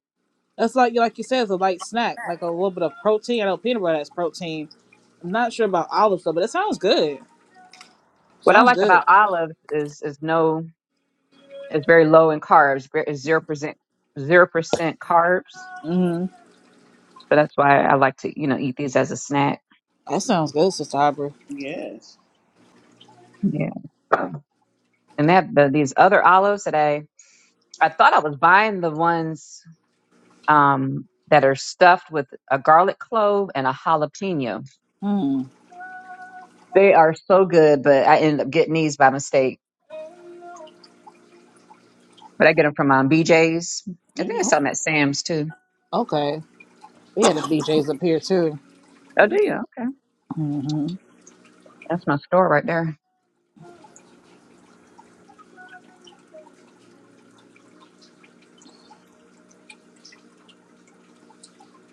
Speaker 1: That's like like you said, it's a light snack, like a little bit of protein. I know peanut butter has protein. I'm not sure about olives though, but it sounds good.
Speaker 3: What I
Speaker 1: Sounds
Speaker 3: like
Speaker 1: good.
Speaker 3: about olives is is no, it's very low in carbs. ve- It's zero percent zero percent carbs,
Speaker 1: Mm-hmm.
Speaker 3: so that's why I like to you know eat these as a snack.
Speaker 1: That sounds good, Sister Aubrey.
Speaker 2: Yes.
Speaker 3: Yeah, and they have the, these other olives that I I thought I was buying the ones. um, that are stuffed with a garlic clove and a jalapeno.
Speaker 1: Mm.
Speaker 3: They are so good, but I ended up getting these by mistake. But I get them from um, BJ's. I think I
Speaker 2: Mm-hmm.
Speaker 1: Oh,
Speaker 3: saw them at Sam's too.
Speaker 1: okay. We had a BJ's up here too.
Speaker 3: Oh, do you? Okay,
Speaker 1: hmm
Speaker 3: that's my store right there.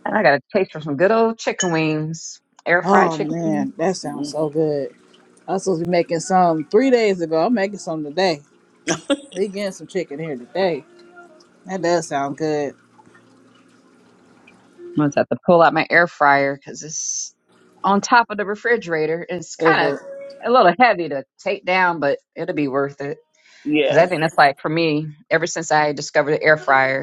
Speaker 3: And I got a taste for some good old chicken wings, air fried
Speaker 1: Oh
Speaker 3: chicken. wings.
Speaker 1: man, that
Speaker 2: hmm
Speaker 1: sounds so good. I was supposed to be making some three days ago. I'm making some today. We getting some chicken here today. That does sound good.
Speaker 3: I'm gonna have to pull out my air fryer because it's on top of the refrigerator. It's
Speaker 1: Is
Speaker 3: kind
Speaker 1: it?
Speaker 3: of a little heavy to take down, but it'll be worth it. Because I
Speaker 2: Yes.
Speaker 3: think that's like for me, ever since I discovered the air fryer.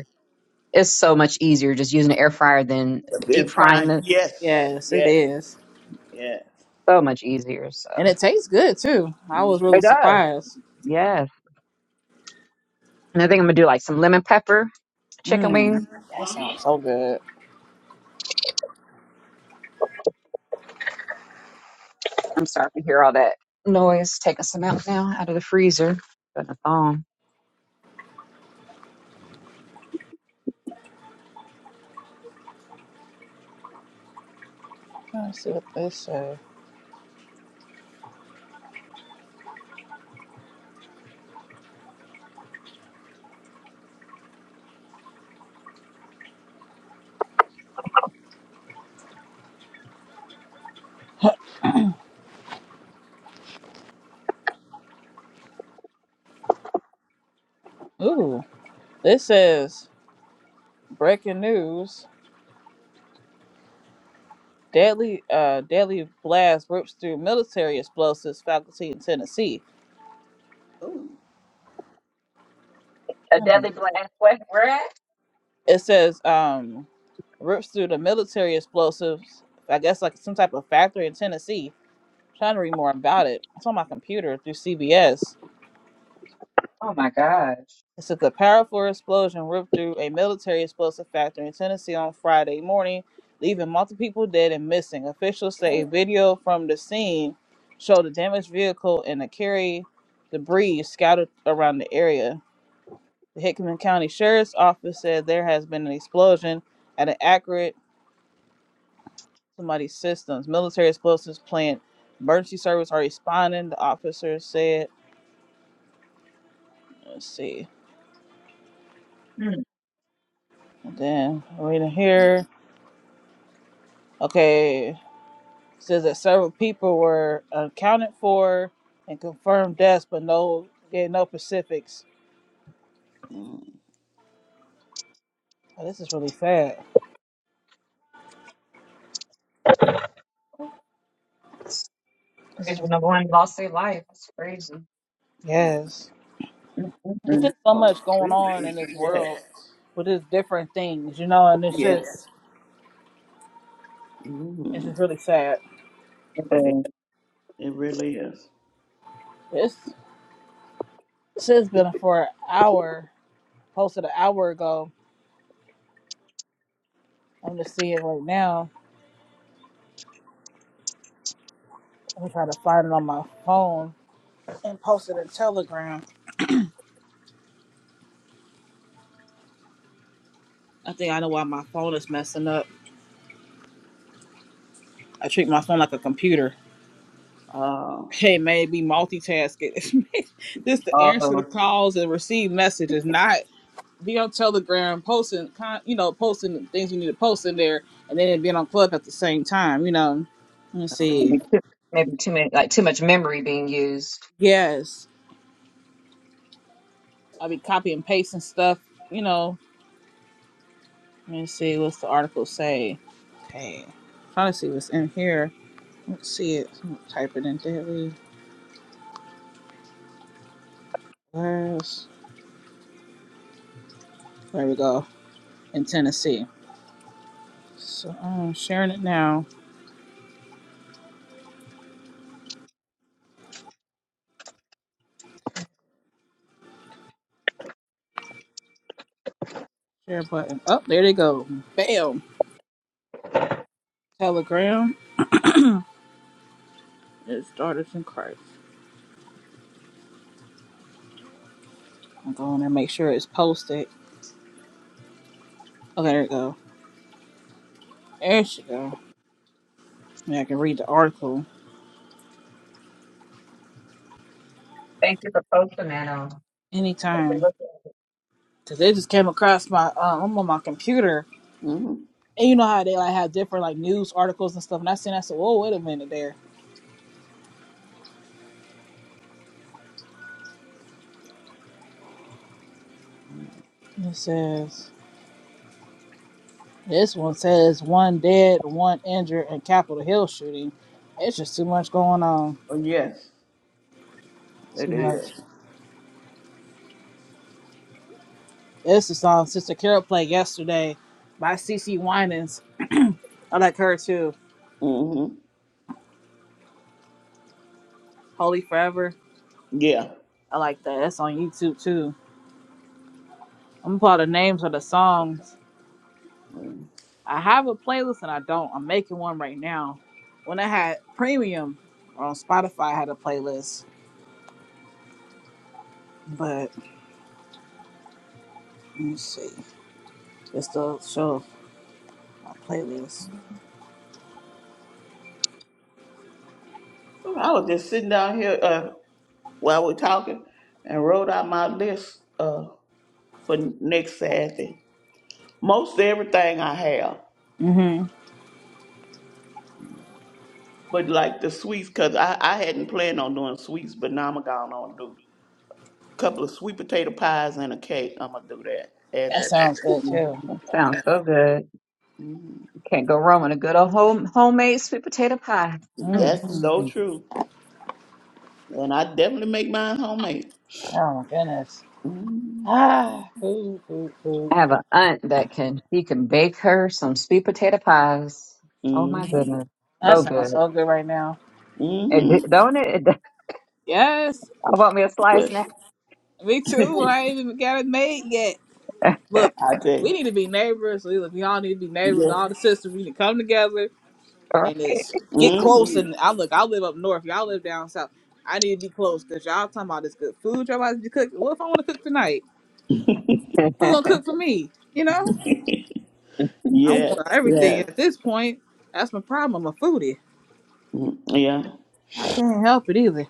Speaker 3: It's so much easier just using an air fryer than deep
Speaker 2: And
Speaker 3: frying
Speaker 2: frying.
Speaker 3: them.
Speaker 2: Yes.
Speaker 1: Yes, it
Speaker 2: Yes.
Speaker 1: is.
Speaker 2: Yes.
Speaker 3: So much easier. So
Speaker 1: And it tastes good too. I was
Speaker 2: Mm-hmm.
Speaker 1: really
Speaker 3: it does.
Speaker 1: surprised.
Speaker 3: Yes. And I think I'm gonna do like some lemon pepper chicken
Speaker 1: Mm,
Speaker 3: wing.
Speaker 1: that
Speaker 2: Uh-huh.
Speaker 1: sounds so good.
Speaker 3: I'm sorry to hear all that noise. Taking some out now out of the freezer. Putting a thong.
Speaker 1: Let's see what this says. Ooh, this says breaking news: deadly, uh, deadly blast rips through military explosives faculty in Tennessee.
Speaker 3: A
Speaker 1: Hmm.
Speaker 3: deadly blast. What? Where at?
Speaker 1: It says um, rips through the military explosives. I guess like some type of factory in Tennessee. I'm trying to read more about it. It's on my computer through CBS.
Speaker 3: Oh my gosh.
Speaker 1: It took a powerful explosion ripped through a military explosive factory in Tennessee on Friday morning, leaving multiple people dead and missing. Officials say a video from the scene showed a damaged vehicle and a carry debris scattered around the area. The Hickman County Sheriff's Office said there has been an explosion at an accurate somebody systems. Military explosives plant emergency service are responding, the officer said. Let's see.
Speaker 3: Mm.
Speaker 1: And then reading here. Okay. says that several people were accounted for and confirmed deaths, but no gave no specifics. Oh, this is really sad.
Speaker 3: It's
Speaker 1: This is
Speaker 3: crazy.
Speaker 1: really,
Speaker 3: Number one lost their life. That's crazy.
Speaker 1: yes. It's
Speaker 3: Mm-mm-mm.
Speaker 1: just so
Speaker 2: Oh,
Speaker 1: much going
Speaker 2: really?
Speaker 1: on in this
Speaker 2: yes.
Speaker 1: world with just different things, you know, and it's
Speaker 2: Yes.
Speaker 1: just it's
Speaker 2: Mm-hmm.
Speaker 1: just really sad.
Speaker 2: It is.
Speaker 3: And,
Speaker 2: It really is.
Speaker 1: This this has been for an hour, posted an hour ago. I'm just seeing it right now. I'm trying to find it on my phone and post it in Telegram. I think I know why my phone is messing up. I treat my phone like a computer.
Speaker 2: Oh.
Speaker 1: Hey, maybe multitasking. this to
Speaker 3: uh,
Speaker 1: answer the calls and receive messages, not be on Telegram posting, con- you know, posting the things we need to post in there, and then being on Club at the same time. You know, let me
Speaker 2: Uh-huh.
Speaker 1: see.
Speaker 3: maybe, maybe too many, like too much memory being used.
Speaker 1: Yes, I'll be copy and pasting stuff. You know, let me see. What's the article say? Okay, trying to see what's in here. Let's see it. I'm gonna type it in daily. Last. There we go. In Tennessee. So I'm sharing it now. Share button. Oh, there they go. Bam. Telegram is daughters in Christ. I'm going to make sure it's posted. Oh, there it go. There she go. Yeah, I can read the article
Speaker 3: Thank you for posting that. I'll take a
Speaker 1: anytime.
Speaker 3: look at
Speaker 1: Cause it just came across my um I'm on my computer.
Speaker 2: Mm-hmm.
Speaker 1: And you know how they like have different like news articles and stuff. And I seen I said, Whoa, wait a minute there. It says this one says one dead, one injured in Capitol Hill shooting. It's just too much going on.
Speaker 2: Oh, yes.
Speaker 1: Too
Speaker 2: It
Speaker 1: much.
Speaker 2: is.
Speaker 1: It's the song Sister Carol played yesterday by CC Winans. I like her too.
Speaker 2: Mm-hmm.
Speaker 1: Holy Forever.
Speaker 2: Yeah.
Speaker 1: I like that. That's on YouTube too. I'm gonna pull out the names of the songs.
Speaker 2: Well,
Speaker 1: I have a playlist and I don't. I'm making one right now. When I had premium on Spotify, I had a playlist. But let me see. It's the show my playlist.
Speaker 2: I was just sitting down here uh, while we're talking and wrote out my list uh, for next Saturday. Most everything I have,
Speaker 1: hmm
Speaker 2: but like the sweets, because I, I hadn't planned on doing sweets, but now I'm going to do a couple of sweet potato pies and a cake. I'm going to do that. Add
Speaker 1: That
Speaker 2: that to
Speaker 1: sounds
Speaker 2: it.
Speaker 1: good
Speaker 3: Mm,
Speaker 1: too.
Speaker 3: That sounds
Speaker 2: Yeah.
Speaker 3: so good.
Speaker 2: Mhm.
Speaker 3: You can't go wrong with a good old home, homemade sweet potato pie. Mm,
Speaker 2: That's
Speaker 3: mm,
Speaker 1: hmm
Speaker 2: so
Speaker 3: mm.
Speaker 2: true. And I definitely make mine homemade.
Speaker 1: Oh my goodness.
Speaker 2: Mm-hmm.
Speaker 1: Ah, cool, cool, cool.
Speaker 3: I have an aunt that can she can bake her some sweet potato pies. Oh my
Speaker 2: Mm-hmm.
Speaker 3: goodness,
Speaker 1: That
Speaker 3: so
Speaker 2: Yeah.
Speaker 1: sounds
Speaker 3: good!
Speaker 1: so good right now.
Speaker 3: It,
Speaker 2: Mm-hmm.
Speaker 3: don't it?
Speaker 1: Yes.
Speaker 3: I want me a
Speaker 2: Well,
Speaker 3: slice now.
Speaker 1: Me too.
Speaker 2: I
Speaker 1: I ain't even got it made yet. Look,
Speaker 2: tell
Speaker 1: we
Speaker 2: you.
Speaker 1: need to be neighbors. We, look, we all need to be neighbors.
Speaker 2: Yeah.
Speaker 1: All the sisters, we need to come together
Speaker 3: All
Speaker 1: and just get close.
Speaker 2: hmm
Speaker 1: And I look, I live up north. Y'all live down south. I need to be close because y'all talking about this good food. Y'all about to be cooking. What if I want to cook tonight?
Speaker 3: right.
Speaker 1: Who's gonna cook for me? You know, I
Speaker 2: Yes,
Speaker 1: want everything
Speaker 2: yes.
Speaker 1: at this point. That's my problem. I'm a foodie.
Speaker 2: Mm, Yeah.
Speaker 1: I can't help it either.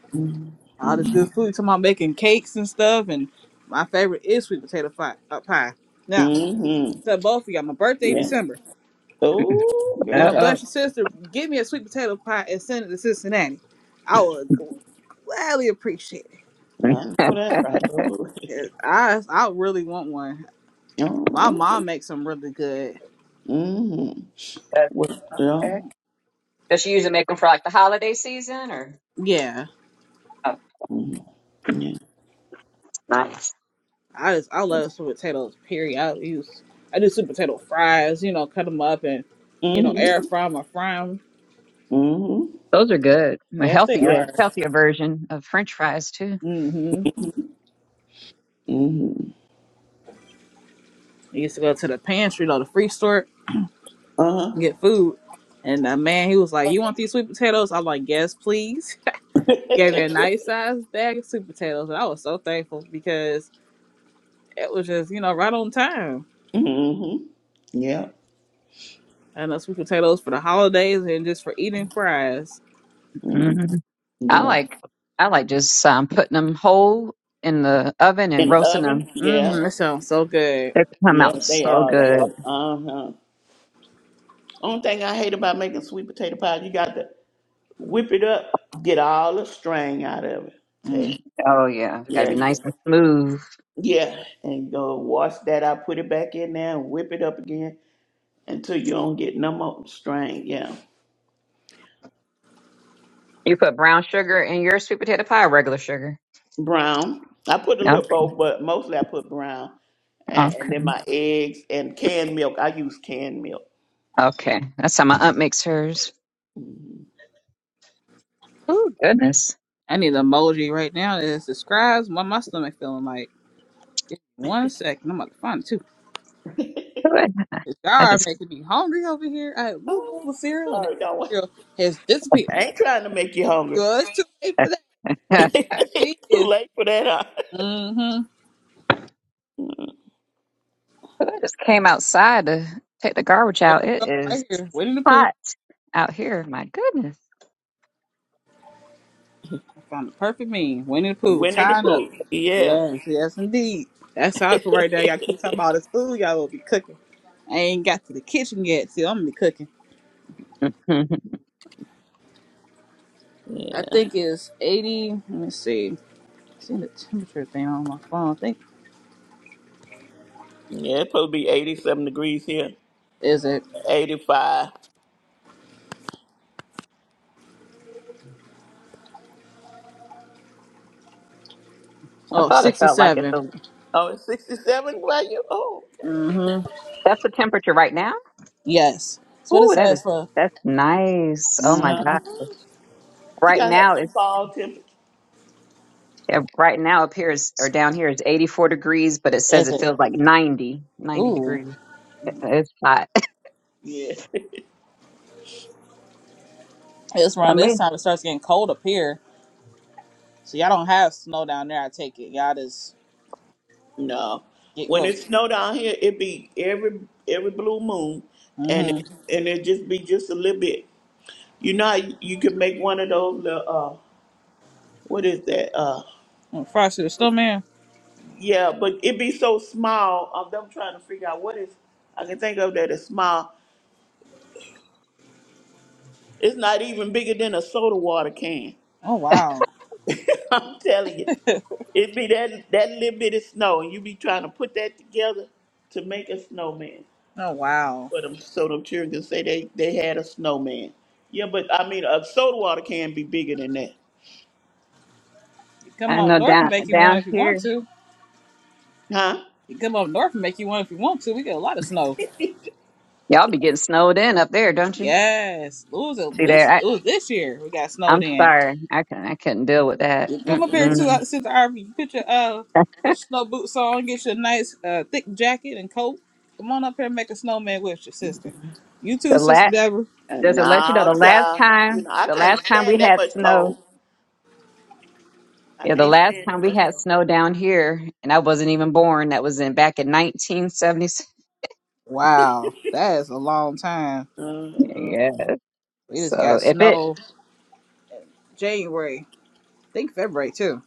Speaker 1: All this
Speaker 2: Mm-hmm.
Speaker 1: good food. Talking about making cakes and stuff. And my favorite is sweet potato fi- uh, pie. Now,
Speaker 2: Mm-hmm.
Speaker 1: to both of y'all, my birthday
Speaker 2: Yeah.
Speaker 1: December.
Speaker 2: Oh,
Speaker 1: You want to
Speaker 2: girl.
Speaker 3: Uh-oh.
Speaker 1: bless your sister? Give me a sweet potato pie and send it to Cincinnati. I would gladly appreciate
Speaker 2: I know that's right. Oh,
Speaker 1: it. I I really want one.
Speaker 2: oh
Speaker 1: My
Speaker 2: okay.
Speaker 1: mom makes them really good.
Speaker 2: Mm-hmm.
Speaker 3: That's-
Speaker 2: Well, yeah.
Speaker 3: Okay. Does she usually make them for like the holiday season or?
Speaker 1: Yeah,
Speaker 3: Oh,
Speaker 2: Mm-hmm. Yeah.
Speaker 3: nice.
Speaker 1: I just I love sweet potatoes. Period. I use I do sweet potato fries. You know, cut them up and you know
Speaker 2: Mm-hmm.
Speaker 1: air fry them or fry them.
Speaker 2: Mm-hmm.
Speaker 3: Those are good. A
Speaker 1: Yes, they
Speaker 3: healthier,
Speaker 1: are.
Speaker 2: Yeah.
Speaker 3: healthier version of French fries too.
Speaker 1: Mm-hmm.
Speaker 2: Mm-hmm.
Speaker 1: I used to go to the pantry, or the free store,
Speaker 2: Uh-huh.
Speaker 1: and get food. And the man, he was like, "You want these sweet potatoes?" I'm like, "Yes, please." gave me a nice sized bag of sweet potatoes, and I was so thankful because it was just you know right on time.
Speaker 2: mm-hmm. Yeah.
Speaker 1: And the sweet potatoes for the holidays and just for eating fries.
Speaker 2: Mm,
Speaker 3: hmm I
Speaker 2: Yeah.
Speaker 3: like, I like just um, putting them whole in the oven and
Speaker 2: In the
Speaker 3: roasting them.
Speaker 2: oven? Yeah.
Speaker 1: Mmm, that sounds so good.
Speaker 3: They come
Speaker 2: Yeah,
Speaker 3: out
Speaker 2: they
Speaker 3: so
Speaker 2: are
Speaker 3: good.
Speaker 2: good. Uh-huh. Only thing I hate about making sweet potato pie, you got to whip it up, get all the string out of it. Take,
Speaker 1: Mm.
Speaker 3: Oh yeah, it's got to
Speaker 2: yeah,
Speaker 3: be
Speaker 2: yeah,
Speaker 3: nice and smooth.
Speaker 2: yeah, and go wash that out, put it back in there, and whip it up again until you don't get no more string. Yeah,
Speaker 3: You put brown sugar in your sweet potato pie or regular sugar?
Speaker 2: brown. I put a
Speaker 3: Okay,
Speaker 2: little both, but mostly I put brown, and, and
Speaker 3: okay,
Speaker 2: then my eggs and canned milk. I use canned milk.
Speaker 3: okay. That's how my aunt makes hers.
Speaker 2: Mhm.
Speaker 3: Oh goodness.
Speaker 1: I need an emoji right now that describes what my stomach feeling like. Just one second, I'm about to find it too.
Speaker 3: I
Speaker 1: It's are
Speaker 3: just
Speaker 1: making me hungry over here. I had a little
Speaker 2: Oh,
Speaker 1: bowl of cereal, and that
Speaker 2: sorry, don't. wa-
Speaker 1: cereal has disappeared.
Speaker 2: I ain't trying to make you hungry.
Speaker 1: Well, it's too late for
Speaker 2: Too
Speaker 1: that.
Speaker 3: I
Speaker 1: She is.
Speaker 2: late for that. Huh?
Speaker 1: Mm-hmm.
Speaker 3: just came outside to take the garbage
Speaker 1: There
Speaker 3: out. It
Speaker 1: we go,
Speaker 3: is
Speaker 1: right here. Winnie the Pooh.
Speaker 3: hot out here. My goodness.
Speaker 1: From Perfect Me, Winnie the Pooh,
Speaker 2: Winnie the
Speaker 1: tied up.
Speaker 2: Pooh. Yeah.
Speaker 1: Yes, yes, indeed. That's how I feel right there. Y'all keep talking about this food y'all will be cooking. I ain't got to the kitchen yet, so I'm gonna be cooking.
Speaker 3: I
Speaker 1: I
Speaker 2: Yeah,
Speaker 1: think it's 80. Let me see. See the temperature thing on my phone. I think
Speaker 2: yeah, it's supposed to be 87 degrees here.
Speaker 1: is it?
Speaker 2: 85.
Speaker 1: Oh,
Speaker 3: thought it felt like it's
Speaker 1: 67.
Speaker 3: a
Speaker 2: Oh, it's 67? Well, you old.
Speaker 1: Mm-hmm.
Speaker 3: that's the temperature right now.
Speaker 1: Yes. That's what it
Speaker 3: Ooh, that is
Speaker 1: says for.
Speaker 3: that's nice. Oh my
Speaker 1: Mm-hmm.
Speaker 3: gosh.
Speaker 2: Uh-huh. You
Speaker 3: Right
Speaker 2: gotta have
Speaker 3: now
Speaker 2: some
Speaker 3: it's
Speaker 2: fall temperature.
Speaker 3: yeah, right now up here is or down here is 84 degrees, but it says
Speaker 1: Is
Speaker 3: it
Speaker 1: it?
Speaker 3: feels like 90, 90
Speaker 1: Ooh,
Speaker 3: degrees. It's hot.
Speaker 2: Yeah.
Speaker 1: it's
Speaker 3: I
Speaker 1: around this
Speaker 3: mean,
Speaker 1: time it starts getting cold up here. So y'all don't have snow down there. I take it. Y'all just
Speaker 2: No.
Speaker 1: get
Speaker 2: When
Speaker 1: up.
Speaker 2: it snow down here, it be every every blue moon, and it,
Speaker 1: Mm-hmm.
Speaker 2: and it just be just a little bit. You know, how you you can make one of those little uh, what is that? Uh,
Speaker 1: Frosty the snowman.
Speaker 2: yeah, but it be so small. Of them trying to figure out what is I can think of that is small. It's not even bigger than a soda water can.
Speaker 1: Oh wow.
Speaker 2: I'm telling you. It be that that little bit of snow, and you be trying to put that together to make a snowman.
Speaker 1: Oh wow.
Speaker 2: For them, so them children can say they they had a snowman. Yeah, but I mean, a soda water can be bigger than that,
Speaker 1: You come
Speaker 3: I
Speaker 1: up
Speaker 3: know
Speaker 1: north and
Speaker 3: down
Speaker 1: make you one
Speaker 3: down
Speaker 1: if you want
Speaker 3: here
Speaker 1: to.
Speaker 2: huh?
Speaker 1: You come up north and make you one if you want to. We get a lot of snow.
Speaker 3: y'all be getting snowed in up there, don't you?
Speaker 1: Yes. It was a,
Speaker 3: See
Speaker 1: this
Speaker 3: there.
Speaker 1: it was this year we got snowed
Speaker 3: I'm
Speaker 1: in.
Speaker 3: sorry. I can I couldn't deal with that.
Speaker 1: You come up here too
Speaker 3: Mm-mm.
Speaker 1: uh, since Arby. You put your uh
Speaker 3: That's
Speaker 1: get your snow boots on, get your nice uh thick jacket and coat. Come on up here and make a snowman with your sister. You too,
Speaker 3: The
Speaker 1: sister
Speaker 3: last
Speaker 1: Deborah.
Speaker 2: Uh,
Speaker 3: does it let you know the
Speaker 2: No,
Speaker 3: last
Speaker 2: child. You
Speaker 3: time
Speaker 2: know, I
Speaker 3: the
Speaker 2: can't
Speaker 3: last time we
Speaker 2: stand that
Speaker 3: had
Speaker 2: much
Speaker 3: snow
Speaker 2: cold. I
Speaker 3: yeah the
Speaker 2: can't
Speaker 3: last
Speaker 2: stand
Speaker 3: time
Speaker 2: that
Speaker 3: we
Speaker 2: much
Speaker 3: had
Speaker 2: cold.
Speaker 3: snow down here and I wasn't even born that was in back in 1970s
Speaker 1: Wow, that is a long time.
Speaker 2: Uh, uh,
Speaker 3: yeah
Speaker 1: We just
Speaker 3: so
Speaker 1: got
Speaker 3: if it
Speaker 1: snow January. I think February too.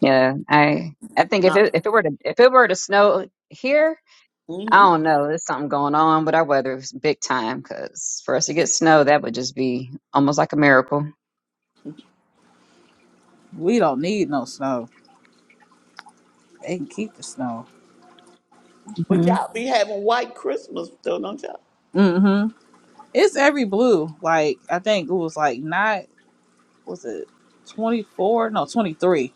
Speaker 3: yeah I I think if
Speaker 2: not.
Speaker 3: it if it were to if it were to snow here I
Speaker 2: hmm
Speaker 3: don't know there's something going on with our weather It's big time because for us to get snow that would just be almost like a miracle
Speaker 1: We don't need no snow. They can keep the snow.
Speaker 2: But
Speaker 3: hmm
Speaker 2: y'all be having white Christmas, though, don't y'all?
Speaker 1: Mm-hmm. It's every blue. Like I think it was like not was it twenty four? No, twenty three.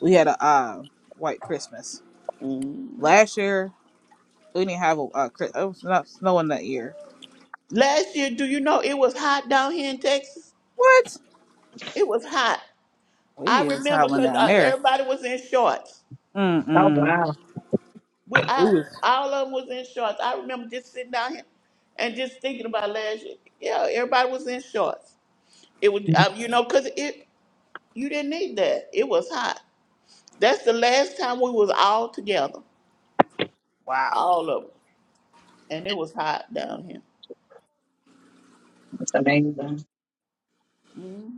Speaker 1: We had a uh, white Christmas
Speaker 2: Mm.
Speaker 1: last year. We didn't have a uh, Chris- it was not snowing that year.
Speaker 2: Last year, do you know it was hot down here in Texas?
Speaker 1: What?
Speaker 2: It was hot.
Speaker 1: We
Speaker 2: I
Speaker 1: even
Speaker 2: remember
Speaker 1: traveling
Speaker 2: because
Speaker 1: down
Speaker 2: uh,
Speaker 1: there.
Speaker 2: everybody was in shorts.
Speaker 3: oh
Speaker 1: Mm-mm.
Speaker 3: wow
Speaker 2: We,
Speaker 1: It
Speaker 2: I,
Speaker 1: was
Speaker 2: all of them was in shorts. I remember just sitting down here and just thinking about last year. Yeah, everybody was in shorts. It was, uh, you know, because it you didn't need that. It was hot. That's the last time we was all together,
Speaker 1: wow.
Speaker 2: all of them, and it was hot down here.
Speaker 3: that's amazing
Speaker 2: hmm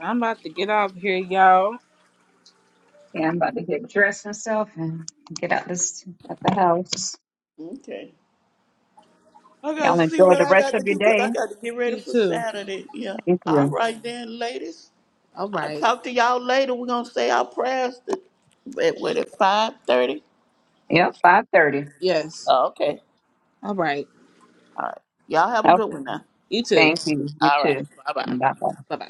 Speaker 1: I'm about to get off here, y'all.
Speaker 3: Yeah, I'm about to get dressed myself and get out this at the house.
Speaker 2: Okay, I
Speaker 3: Y'all
Speaker 2: gotta see
Speaker 3: enjoy
Speaker 2: what
Speaker 3: the
Speaker 2: I
Speaker 3: rest
Speaker 2: got to
Speaker 3: of your
Speaker 2: do because I
Speaker 3: day.
Speaker 2: got to get ready
Speaker 1: You
Speaker 2: for
Speaker 1: too.
Speaker 2: Saturday. Yeah.
Speaker 3: Thank
Speaker 2: All
Speaker 3: you.
Speaker 2: right then, ladies.
Speaker 1: All
Speaker 2: I'll
Speaker 1: right.
Speaker 2: talk to y'all later. We're gonna say our prayers at what what, at five thirty?
Speaker 3: Yep, five thirty.
Speaker 1: Yes.
Speaker 2: Oh, okay.
Speaker 1: All right.
Speaker 2: All right. Y'all have a good
Speaker 3: Okay.
Speaker 2: one now.
Speaker 1: You too.
Speaker 3: Thank you. You
Speaker 2: All right.
Speaker 3: too.
Speaker 2: Bye bye.
Speaker 3: Bye bye.
Speaker 1: Bye bye.